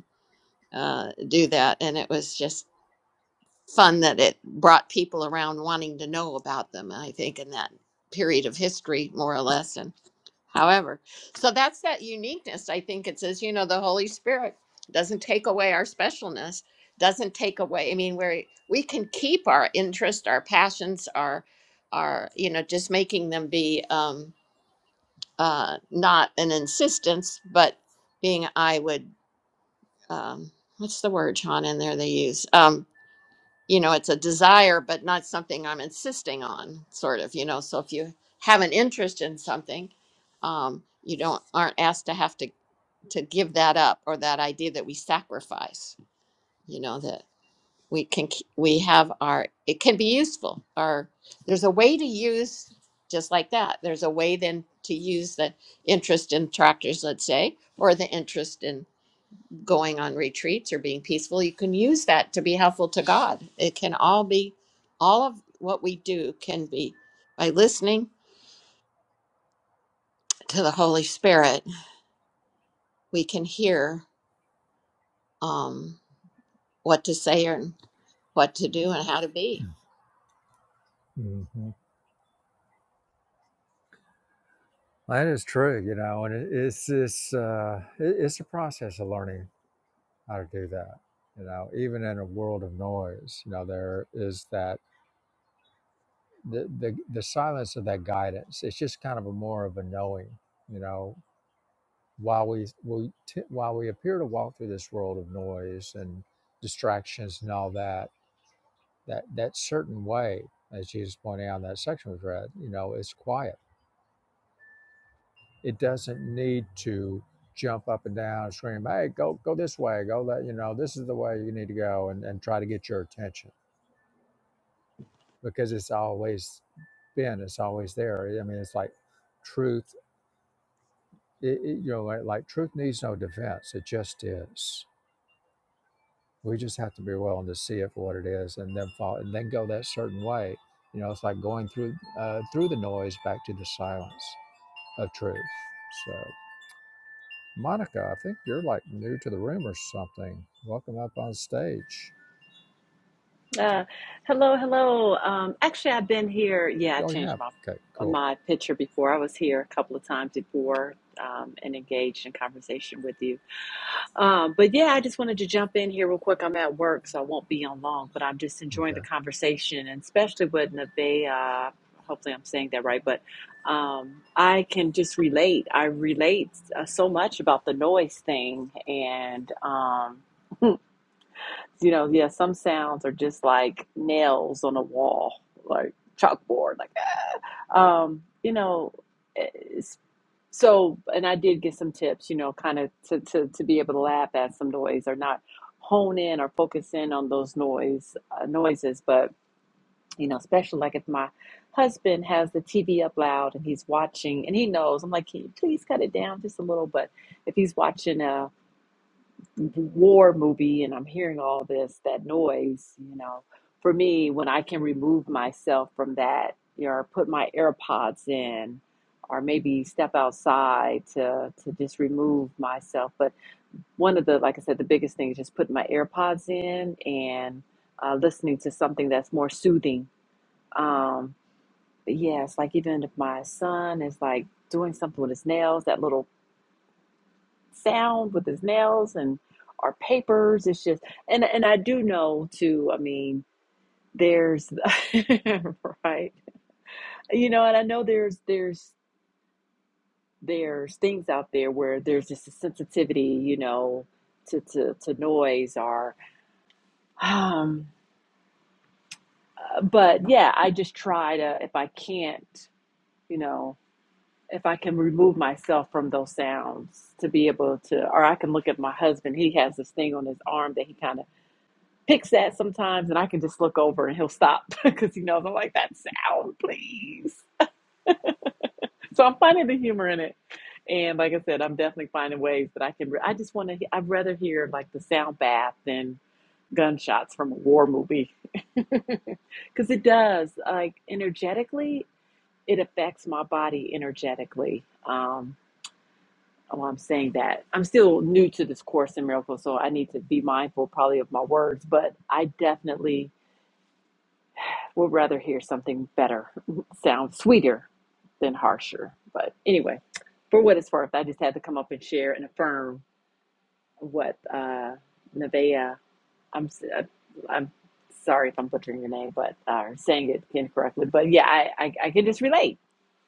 S3: uh, do that. And it was just fun that it brought people around wanting to know about them, I think, in that period of history, more or less. And however, so that's that uniqueness. I think it says, you know, the Holy Spirit doesn't take away our specialness, doesn't take away. I mean, we we can keep our interest, our passions, our, our, you know, just making them be um, uh, not an insistence, but being, I would, um, what's the word, Sean, in there they use? Um, you know it's a desire but not something i'm insisting on sort of you know so if you have an interest in something um, you don't aren't asked to have to to give that up or that idea that we sacrifice you know that we can k- we have our it can be useful or there's a way to use just like that there's a way then to use the interest in tractors let's say or the interest in going on retreats or being peaceful, you can use that to be helpful to God. It can all be, all of what we do can be by listening to the Holy Spirit, we can hear um, what to say and what to do and how to be.
S1: mm-hmm. that is true. You know, and it, it's this uh, it, it's a process of learning how to do that. You know, even in a world of noise, you know, there is that the the, the silence of that guidance. It's just kind of a more of a knowing. You know, while we we t- while we appear to walk through this world of noise and distractions and all that that that certain way, as Jesus pointed out in that section we've read, you know, it's quiet. It doesn't need to jump up and down and scream, hey, go go this way, go that you know, this is the way you need to go and, and try to get your attention because it's always been, it's always there. I mean it's like truth it, it- you know, like, like truth needs no defense. It just is. We just have to be willing to see it for what it is, and then follow, and then go that certain way. You know, it's like going through uh, through the noise back to the silence of truth. So, Monica, I think you're like new to the room or something. Welcome up on stage.
S5: Uh, hello, hello. Um, actually, I've been here. Yeah, I
S1: Oh, yeah.
S5: changed my
S1: Okay, cool.
S5: my picture before. I was here a couple of times before um, and engaged in conversation with you. Um, but yeah, I just wanted to jump in here real quick. I'm at work, so I won't be on long. But I'm just enjoying the
S1: Okay.
S5: conversation, and especially with Nevaeh. Hopefully, I'm saying that right. But um, I can just relate. I relate uh, so much about the noise thing, and. Um, you know, yeah, some sounds are just like nails on a wall, like chalkboard, like ah. um, you know, it's- so and I did get some tips, you know, kind of to, to to be able to laugh at some noise or not hone in or focus in on those noise uh, noises, but you know, especially like if my husband has the TV up loud and he's watching and he knows, I'm like, can you please cut it down just a little? But if he's watching a war movie and I'm hearing all this, that noise, you know, for me, when I can remove myself from that, you know, or put my AirPods in, or maybe step outside to, to just remove myself. But one of the, like I said, the biggest thing is just putting my AirPods in and uh, listening to something that's more soothing. Um, but yeah, it's like even if my son is like doing something with his nails, that little sound with his nails and our papers. It's just and and I do know too. I mean, there's right, you know, and I know there's there's there's things out there where there's just a sensitivity, you know, to to to noise or um. But yeah, I just try to if I can't, you know. If I can remove myself from those sounds to be able to, or I can look at my husband. He has this thing on his arm that he kind of picks that sometimes, and I can just look over and he'll stop because he knows I'm like, that sound, please. So I'm finding the humor in it. And like I said, I'm definitely finding ways that I can. Re- I just want to, I'd rather hear like the sound bath than gunshots from a war movie because it does like energetically it affects my body energetically um oh i'm saying that i'm still new to this course in miracles so i need to be mindful probably of my words but i definitely We'll rather hear something better, sound sweeter than harsher. But anyway, for what it's worth, I just had to come up and share and affirm what uh, Nevaeh. I'm uh, I'm sorry if I'm butchering your name, but uh, saying it incorrectly. But yeah, I, I I can just relate.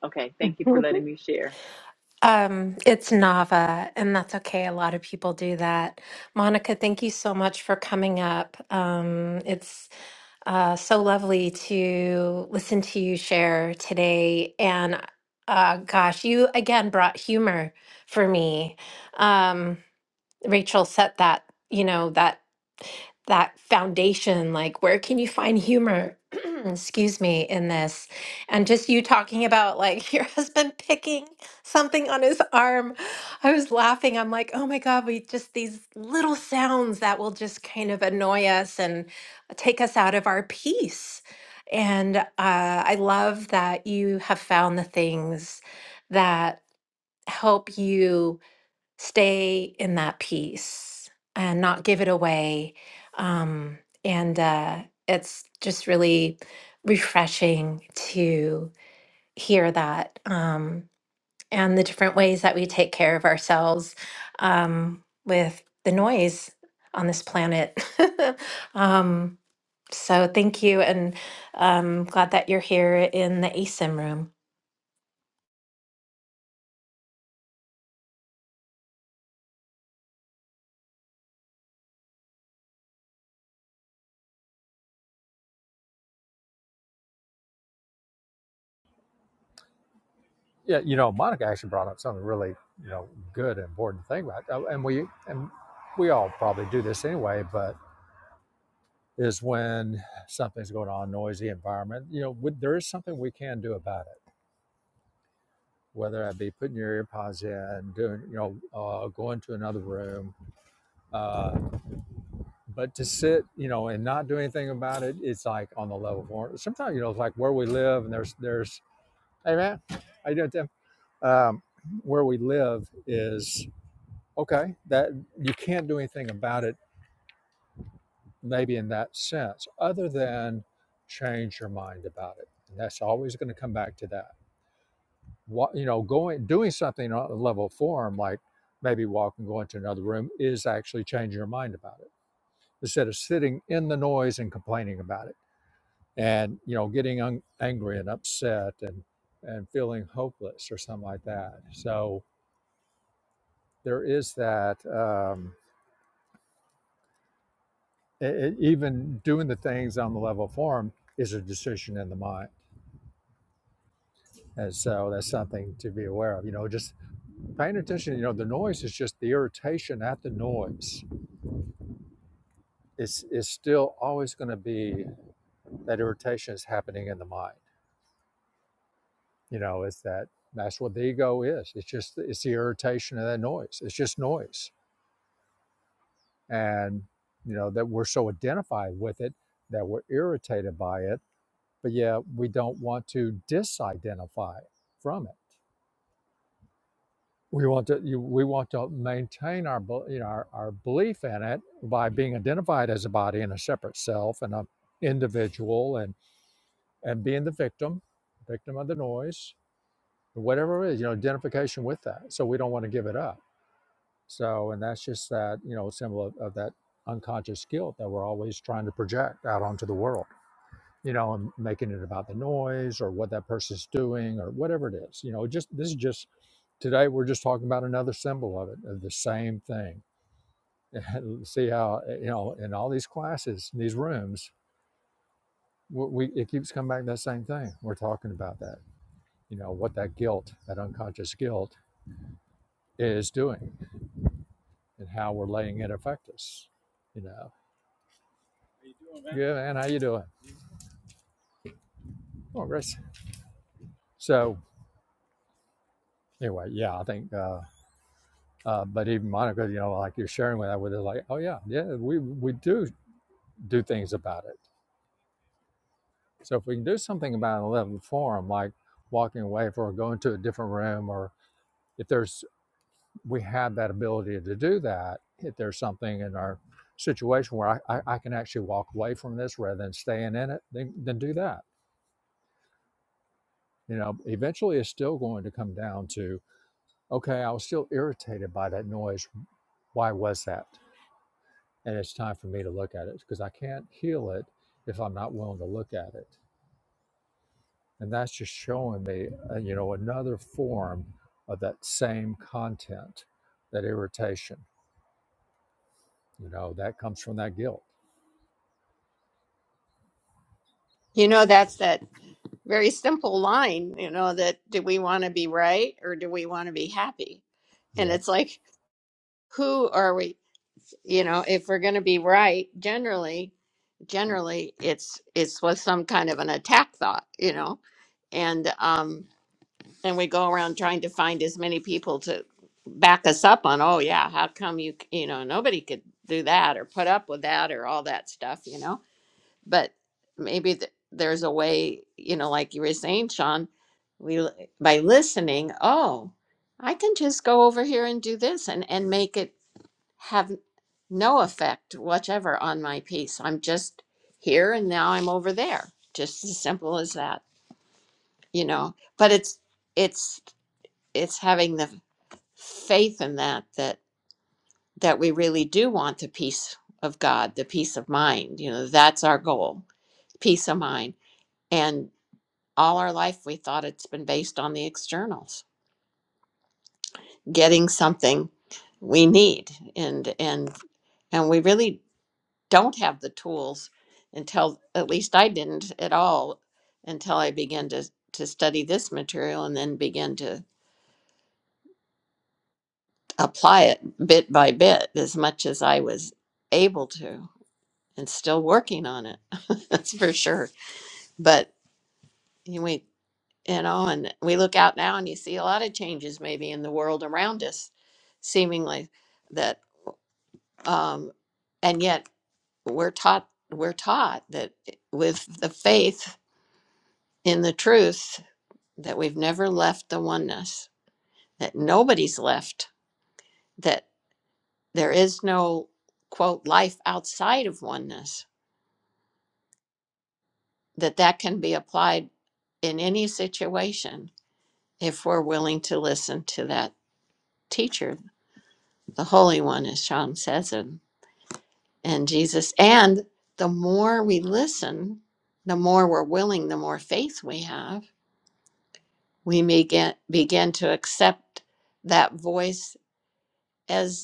S5: Okay, thank you for letting me share.
S4: it's Nava, and that's okay. A lot of people do that. Monica, thank you so much for coming up. Um, it's uh, so lovely to listen to you share today. And uh, gosh, you again brought humor for me. Um, Rachel set that, you know, that that foundation like where can you find humor excuse me in this and just you talking about like your husband picking something on his arm i was laughing i'm like oh my god we just these little sounds that will just kind of annoy us and take us out of our peace and uh, i love that you have found the things that help you stay in that peace and not give it away. Um, and uh, it's just really refreshing to hear that um, and the different ways that we take care of ourselves um, with the noise on this planet. um, so thank you, and um, glad that you're here in the ASIM room.
S1: Yeah, you know, Monica actually brought up something really, you know, good and important thing about, oh, and we and we all probably do this anyway, but is when something's going on, noisy environment. You know, would- there is something we can do about it. Whether that be putting your earpods in, doing, you know, uh, going to another room, uh, But to sit, you know, and not do anything about it, it's like on the level for sometimes, you know, it's like where we live and there's there's hey man, how you doing, Tim? Um, where we live is okay, that you can't do anything about it, maybe in that sense, other than change your mind about it. And that's always going to come back to that. What you know, going doing something on a level form, like maybe walking, going to another room, is actually changing your mind about it instead of sitting in the noise and complaining about it and you know getting un- angry and upset and and feeling hopeless or something like that so there is that um, e- e- even doing the things on the level of form is a decision in the mind and so that's something to be aware of you know just paying attention you know the noise is just the irritation at the noise it's is still always going to be that irritation is happening in the mind you know it's that that's what the ego is it's just it's the irritation of that noise it's just noise and you know that we're so identified with it that we're irritated by it but yeah we don't want to disidentify from it we want to you, we want to maintain our bel- you know our, our belief in it by being identified as a body and a separate self and an individual and and being the victim victim of the noise whatever it is you know identification with that so we don't want to give it up so and that's just that you know symbol of, of that unconscious guilt that we're always trying to project out onto the world you know, and making it about the noise or what that person's doing or whatever it is. You know, just this is just today we're just talking about another symbol of it, of the same thing. See how eh, you know in all these classes, in these rooms, we we- it keeps coming back to that same thing. We're talking about that. You know what that guilt, that unconscious guilt, is doing, and how we're letting it affect us. You know, yeah, man, how you doing? Oh, Grace. So anyway, yeah, I think. Uh, Uh, but even Monica, you know, like you're sharing with that with us, like, oh yeah, yeah, we we do do things about it. So if we can do something about it in a level form, like walking away for or going to a different room, or if there's we have that ability to do that, if there's something in our situation where I, I, I can actually walk away from this rather than staying in it, then then do that. You know, eventually it's still going to come down to, okay, I was still irritated by that noise. Why was that? and it's time for me to look at it because I can't heal it if I'm not willing to look at it. And that's just showing me, uh, you know, another form of that same content, that irritation. You know, that comes from that guilt.
S3: You know, that's that very simple line, you know, that do we want to be right or do we want to be happy? And
S1: Yep.
S3: it's like, who are we? You know, if we're going to be right, generally, generally it's it's with some kind of an attack thought you know and um and we go around trying to find as many people to back us up on oh yeah how come you c- you know nobody could do that or put up with that or all that stuff you know but maybe th- there's a way you know like you were saying sean we l- by listening oh i can just go over here and do this and and make it have no effect whatever on my peace. I'm just here and now I'm over there. Just as simple as that, you know. But it's it's it's having the faith in that that that we really do want the peace of God, the peace of mind. You know, that's our goal, peace of mind. And all our life we thought it's been based on the externals, getting something we need and and and we really don't have the tools until at least I didn't at all until I began to to study this material and then began to apply it bit by bit as much as I was able to and still working on it that's for sure but we you know and we look out now and you see a lot of changes maybe in the world around us seemingly that um and yet we're taught we're taught that eh, with the faith in the truth that we've never left the oneness, that nobody's left, that there is no quote life outside of oneness, that that can be applied in any situation if we're willing to listen to that teacher, the Holy One, as Sean says, and, and Jesus. And the more we listen, the more we're willing, the more faith we have, we may get, begin to accept that voice as.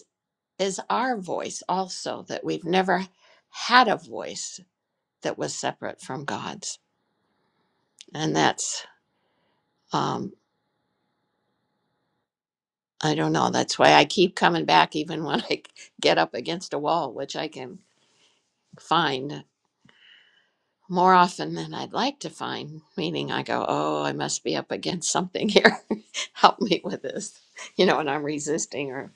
S3: is our voice also, that we've never had a voice that was separate from God's. And that's, um, I don't know, that's why I keep coming back even when I get up against a wall, which I can find more often than I'd like to find, meaning I go, oh, I must be up against something here. Help me with this. You know, and I'm resisting or,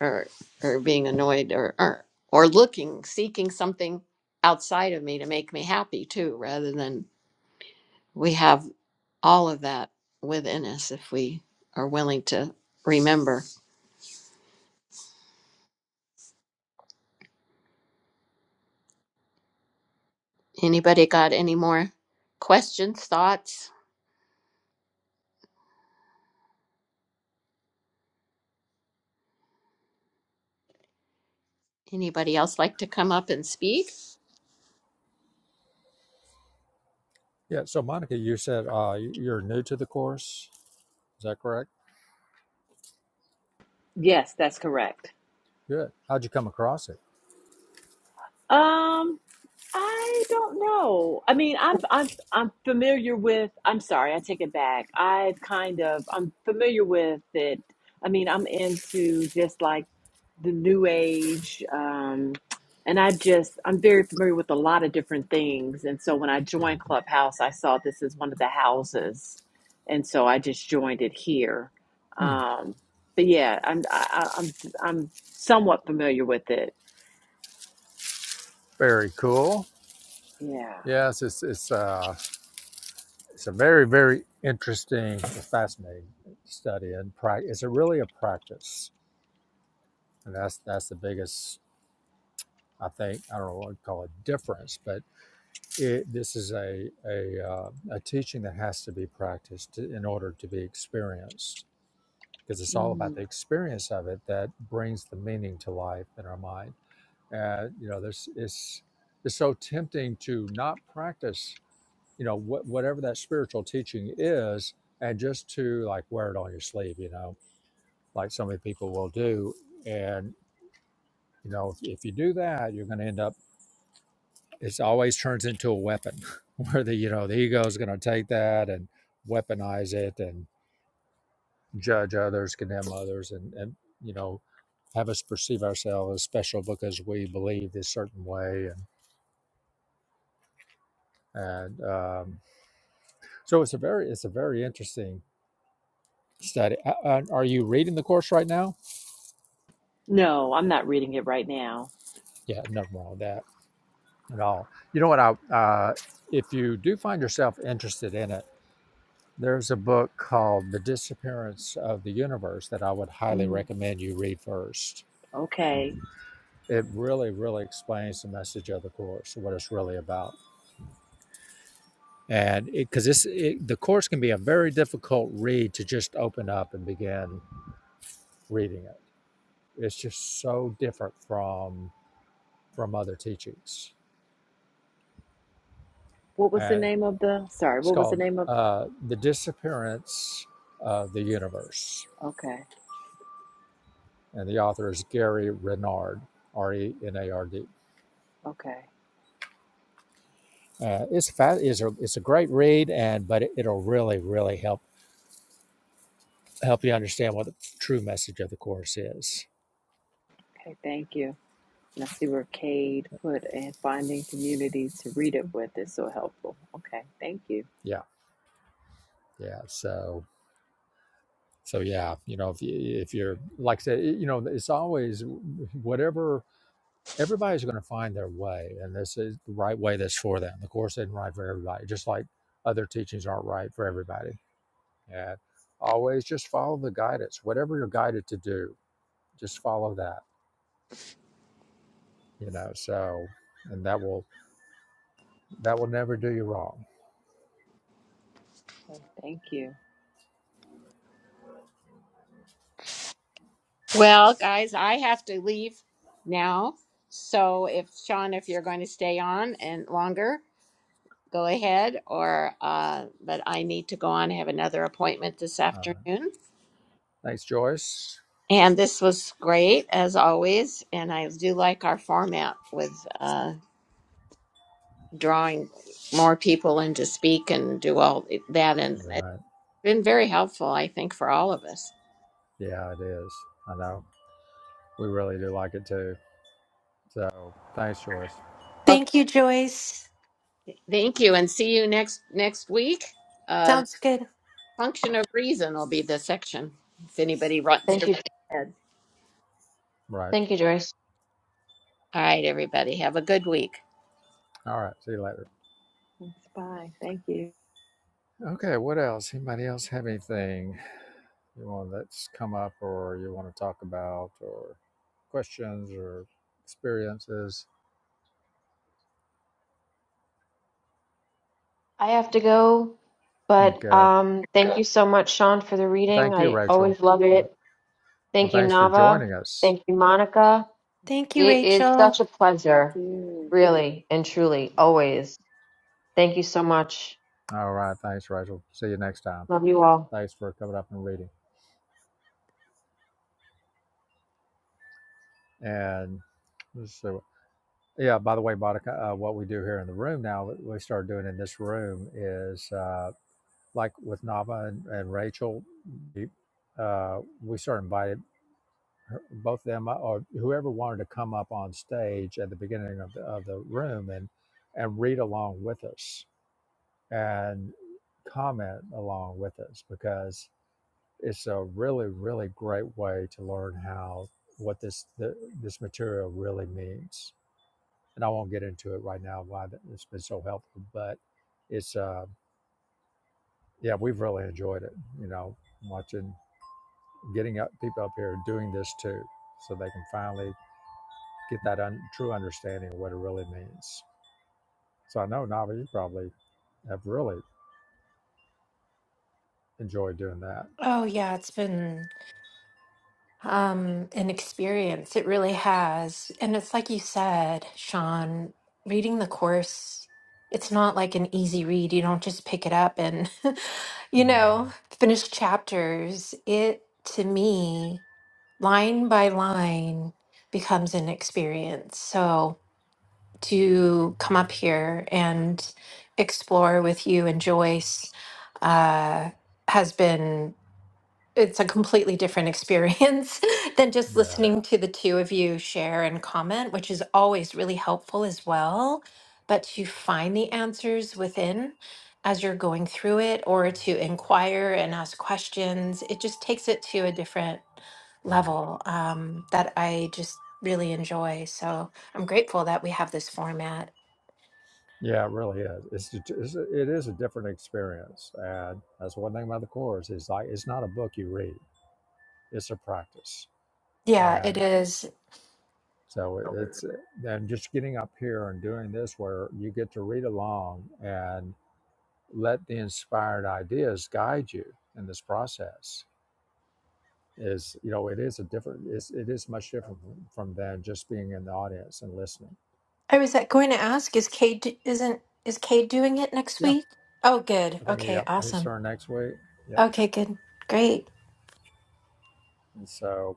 S3: or, or being annoyed or, or, or looking, seeking something outside of me to make me happy too, rather than We have all of that within us if we are willing to remember. Anybody got any more questions, thoughts? Anybody else like to come up and speak?
S1: Yeah. So, Monica, you said uh, you're new to the course. Is that correct?
S5: Yes, that's correct.
S1: Good. How'd you come across it?
S5: Um. I don't know. I mean, I'm I'm I'm familiar with. I'm sorry, I take it back. I've kind of I'm familiar with it. I mean, I'm into just like the new age, um, and I just I'm very familiar with a lot of different things. And so when I joined Clubhouse, I saw this as one of the houses, and so I just joined it here.
S1: Hmm.
S5: Um, but yeah, I'm I, I- I'm I'm somewhat familiar with it.
S1: Very cool.
S5: Yeah.
S1: Yes, it's it's uh, it's a very very interesting, fascinating study and practice. It's a, really a practice and that's that's the biggest i think i don't know what to call it difference but it, this is a a, uh, a teaching that has to be practiced to, in order to be experienced because it's all
S5: Mm.
S1: about the experience of it that brings the meaning to life in our mind and you know there's it's it's so tempting to not practice you know what whatever that spiritual teaching is and just to like wear it on your sleeve you know like so many people will do and you know if, if you do that you're going to end up it's always turns into a weapon where the you know the ego is going to take that and weaponize it and judge others condemn others and and you know have us perceive ourselves as special because we believe this certain way and and um, so it's a very it's a very interesting study uh, uh, are you reading the course right now
S5: No, I'm not reading it right now.
S1: yeah nothing wrong with that at all you know what i uh, if you do find yourself interested in it There's a book called The Disappearance of the Universe that I would highly
S5: Mm,
S1: recommend you read first.
S5: okay.
S1: It really, really explains the message of the course, what it's really about. And because it's it, the course can be a very difficult read to just open up and begin reading it. It's just so different from from other teachings.
S5: What was the
S1: And
S5: name of the? Sorry,
S1: it's
S5: what was the
S1: called
S5: name of?
S1: uh, The Disappearance of the Universe.
S5: Okay,
S1: And the author is Gary Renard, R E N A R D
S5: okay,
S1: Uh, it's fa- it's a it's a great read, and but it, it'll really really help help you understand what the true message of the course is.
S5: okay. Thank you. And I see where Cade put and finding community to read it with is so helpful. Okay, thank you.
S1: Yeah, yeah. So so yeah, you know if you, if you're like I said, you know it's always whatever everybody's going to find their way, and this is the right way that's for them. The course isn't right for everybody, just like other teachings aren't right for everybody. And always just follow the guidance, whatever you're guided to do, just follow that. You know, so and that will That will never do you wrong.
S5: Okay, thank you.
S3: Well, guys, I have to leave now. So if Sean, if you're going to stay on and longer, go ahead or uh but I need to go on I have another appointment this
S1: All right.
S3: afternoon.
S1: Thanks, Joyce.
S3: And this was great as always, and I do like our format with uh drawing more people in to speak and do all that. And it's
S1: Right.
S3: been very helpful, I think, for all of us.
S1: Yeah, it is. I know. We really do like it too. So thanks, Joyce.
S3: Okay,
S4: Thank you, Joyce.
S3: thank you, and see you next next week. Uh,
S4: Sounds good.
S3: function of reason will be the section if anybody wants to.
S2: Thank
S3: read
S2: you.
S3: ahead.
S1: Right.
S2: Thank you, Joyce.
S3: All right, everybody, have a good week.
S1: All right. See you later.
S5: Thanks. Bye. Thank you.
S1: Okay. What else? Anybody else have anything you want that's come up or you want to talk about or questions or experiences?
S2: I have to go, but
S1: Okay.
S2: um, thank you so much, Sean, for the reading.
S1: Thank you,
S2: I
S1: Rachel.
S2: always love it.
S1: Well,
S2: Thank you,
S1: thanks for
S2: Nava.
S1: joining us.
S2: Thank you, Monica.
S4: Thank you,
S2: It is
S4: Rachel.
S2: such a
S5: Thank
S2: pleasure,
S5: you.
S2: really and truly, always. Thank you so much.
S1: All right. Thanks, Rachel. See you next time.
S2: Love you all.
S1: Thanks for coming up and reading. And let's see. what- Yeah, by the way, Monica, uh, what we do here in the room now, what we started doing in this room is uh, like with Nava and, and Rachel, we, uh, we sort of invited her- both them up, or whoever wanted to come up on stage at the beginning of the, of the room and, and read along with us and comment along with us because it's a really really great way to learn how what this the, this material really means and i won't get into it right now why it's been so helpful but it's uh yeah we've really enjoyed it you know watching getting up people up here doing this too so they can finally get that un, true understanding of what it really means so i know nava you probably have really enjoyed doing that
S4: Oh yeah, it's been um, an experience. It really has. And it's like you said, Sean, reading the course, it's not like an easy read. You don't just pick it up and, you
S1: Mhm.
S4: know, finish chapters. It, to me, line by line becomes an experience. So to come up here and explore with you and Joyce uh, has been it's a completely different experience than just
S1: yeah
S4: listening to the two of you share and comment, which is always really helpful as well. But to find the answers within as you're going through it or to inquire and ask questions, it just takes it to a different
S1: yeah
S4: level um, that I just really enjoy. So I'm grateful that we have this format.
S1: Yeah, it really is. It's, a- it's a- it is a different experience, and that's one thing about the course. It's like it's not a book you read; it's a practice,
S4: Yeah, it
S1: and
S4: is.
S1: so it's and just getting up here and doing this, where you get to read along and let the inspired ideas guide you in this process. Is you know, it is a different. It's, it is much different from from than just being in the audience and listening.
S4: I was uh, going to ask, is Kate, d- isn't, is Kate doing it next
S1: Yeah,
S4: week? Oh, good.
S1: I think.
S4: Okay,
S1: Yep, his
S4: awesome.
S1: turn next week. Yep,
S4: Okay, good. Great.
S1: and so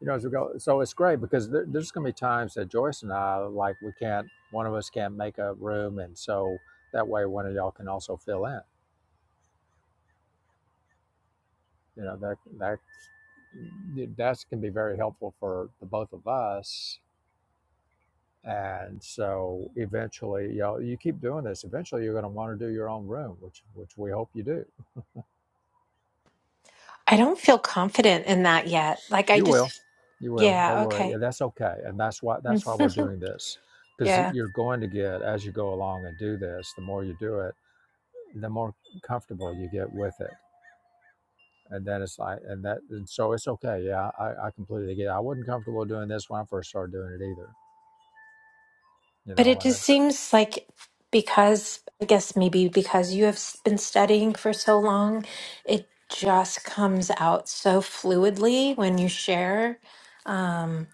S1: you know, as we go. So it's great because there, there's going to be times that Joyce and I, like, we can't, one of us can't make a room. And so that way one of y'all can also fill in. You know, that, that, that can be very helpful for the both of us. And so eventually, you know, you keep doing this. Eventually, you're going to want to do your own room, which, which we hope you do.
S4: I don't feel confident in that yet. Like, I
S1: You will,
S4: just,
S1: you will. Don't
S4: yeah,
S1: worry. Yeah,
S4: okay.
S1: that's okay. And that's why, that's why we're doing this because
S4: Yeah.
S1: you're going to get, as you go along and do this, the more you do it the more comfortable you get with it. And then it's like, and that, and so it's okay. Yeah, I, I completely get. It. I wasn't comfortable doing this when I first started doing it either, you
S4: But
S1: know.
S4: it
S1: And then,
S4: just seems like because, I guess maybe because you have s- been studying for so long, it just comes out so fluidly when you share. Um,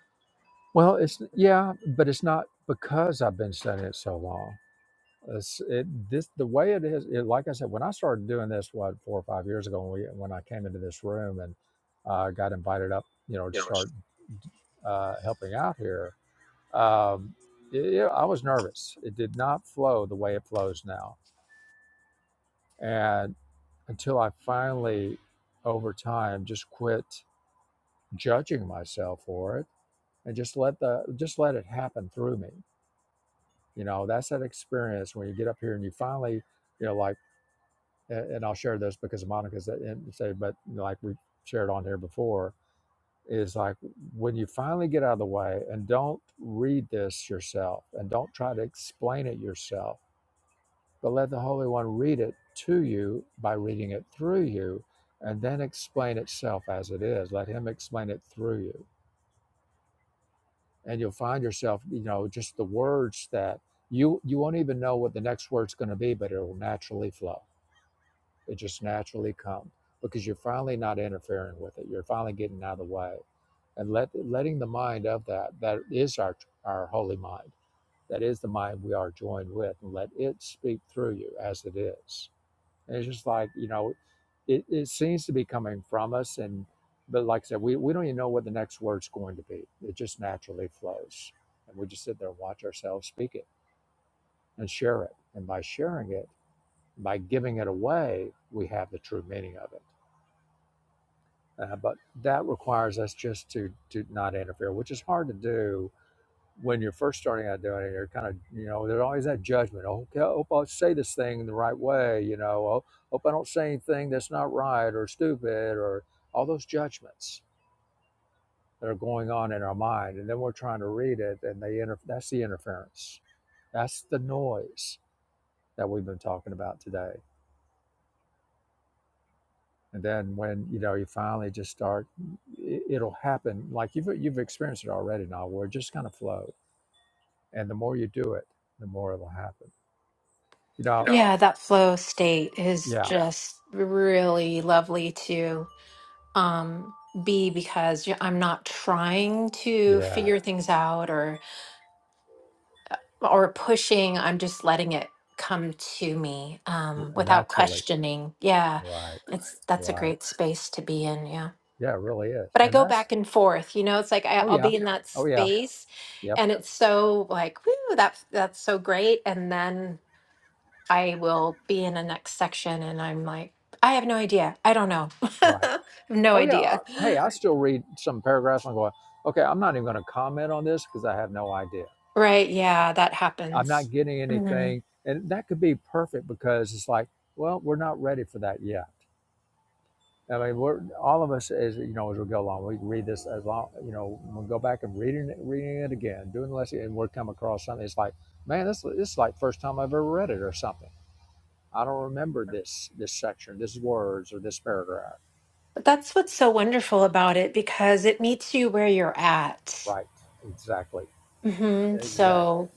S1: well, it's yeah, but it's not because I've been studying it so long. It's, it this the way it is. It, like I said, when I started doing this, what four or five years ago, when we when I came into this room and uh, got invited up, you know, to
S4: You know, it's,
S1: start uh, helping out here. Um, yeah, I was nervous. It did not flow the way it flows now and. until I finally, over time, just quit judging myself for it and just let the just let it happen through me. You know, that's that experience when you get up here and you finally, you know, like, a- and I'll share this because Monica's at- and say, but like we shared on here before, is like when you finally get out of the way and don't read this yourself and don't try to explain it yourself but let the Holy One read it to you by reading it through you and then explain itself as it is. Let Him explain it through you. And you'll find yourself, you know, just the words that you you won't even know what the next word's going to be, but it will naturally flow. It just naturally comes because you're finally not interfering with it. You're finally getting out of the way and let letting the mind of that that is our our holy mind. That is the mind we are joined with, and let it speak through you as it is it's just like, you know, it, it seems to be coming from us. And, but like I said, we, we don't even know what the next word's going to be. It just naturally flows. And we just sit there and watch ourselves speak it and share it. And by sharing it, by giving it away, we have the true meaning of it. Uh, but that requires us just to, to not interfere, which is hard to do when you're first starting out doing it, you're kind of, you know, there's always that judgment. Oh, okay, I hope I say this thing the right way. You know, oh, hope I don't say anything that's not right or stupid or all those judgments that are going on in our mind. And then we're trying to read it, and they inter- that's the interference. That's the noise that we've been talking about today. And then when you know you finally just start, it- it'll happen. Like you've you've experienced it already now, where it just kind of flow. And the more you do it, the more it'll happen. You
S4: you
S1: know,
S4: know, yeah, that flow state is
S1: yeah.
S4: yeah, just really lovely to um, be because you- I'm not trying to yeah,
S1: Yeah,
S4: figure Yeah. things out or or pushing i'm just letting it come to me
S1: w-
S4: um without
S1: naturally.
S4: questioning yeah
S1: Right,
S4: it's that's a
S1: right.
S4: great space to be in yeah
S1: Yeah, it really is.
S4: but i
S1: And
S4: go
S1: that's,
S4: back and forth you know it's like I,
S1: oh,
S4: i'll
S1: yeah,
S4: be in that
S1: oh, yeah,
S4: space
S1: yep,
S4: and it's so like whoo that that's so great and then i will be in the next section and i'm like i have no idea i don't know I
S1: right.
S4: have no
S1: Oh, yeah. uh,
S4: idea
S1: Hey, I still read some paragraphs and I'm going, okay, I'm not even going to comment on this because I have no idea.
S4: right yeah that
S1: I'm not
S4: happens
S1: getting
S4: Mhm.
S1: anything. And that could be perfect because it's like, well, we're not ready for that yet. I mean, we're all of us as you know as we go along. We read this as long, you know, we go back and reading it, reading it again, doing the lesson, and we'll come across something. It's like, man, this this is like first time I've ever read it or something I don't remember this this section, this words or this paragraph.
S4: But that's what's so wonderful about it because it meets you where you're at.
S1: Right. Exactly.
S4: hmm
S1: Exactly.
S4: So,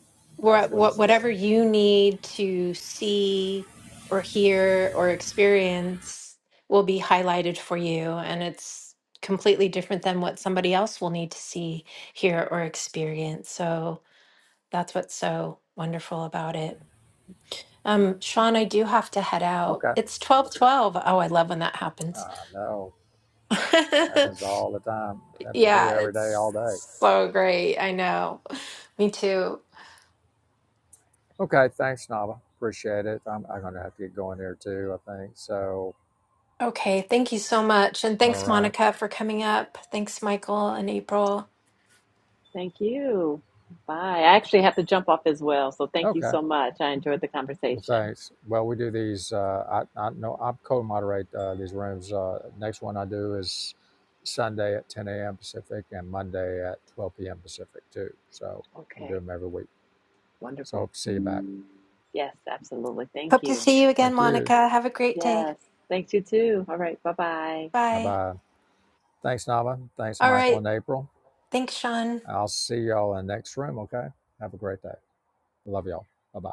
S1: That's
S4: wha-
S1: what
S4: wha-
S1: it's
S4: whatever
S1: for.
S4: you need to see or hear or experience will be highlighted for you. And it's completely different than what somebody else will need to see, hear, or experience. So, that's what's so wonderful about it. Um, Sean, I do have to head out.
S1: Okay.
S4: It's twelve twelve. Oh, I love when that
S1: I
S4: happens.
S1: know. Happens all the time. Happens to me
S4: yeah,
S1: every day,
S4: it's
S1: all day.
S4: so great. I know. Me too.
S1: Okay. Thanks, Nava. Appreciate it. I'm, I'm going to have to get going here too, I think. So,
S4: Okay, thank you so much. And
S1: all
S4: thanks,
S1: right.
S4: Monica, for coming up. Thanks, Michael and April.
S5: Thank you. Bye. I actually have to jump off as well, so thank you
S1: Okay.
S5: so much. I enjoyed the
S1: Well,
S5: conversation.
S1: thanks. Well, we do these. Uh, I, I know I co-moderate uh, these rooms. Uh, next one I do is Sunday at 10 a.m. Pacific and Monday at 12 p.m. Pacific too. So we do
S5: Okay,
S1: them every week. So
S5: wonderful.
S1: hope to see you back.
S5: Yes, absolutely. Thank
S4: Hope to
S5: you.
S4: see you again,
S1: Thank you.
S4: Monica. Have a great day.
S5: Yes. Thanks, you too. All right. Bye bye.
S1: Bye
S4: Bye.
S1: bye. Thanks, Nava. Thanks,
S4: All
S1: Michael
S4: right.
S1: and April.
S4: Thanks, Sean.
S1: I'll see y'all in the next room. Okay. Have a great day. Love y'all. Bye bye.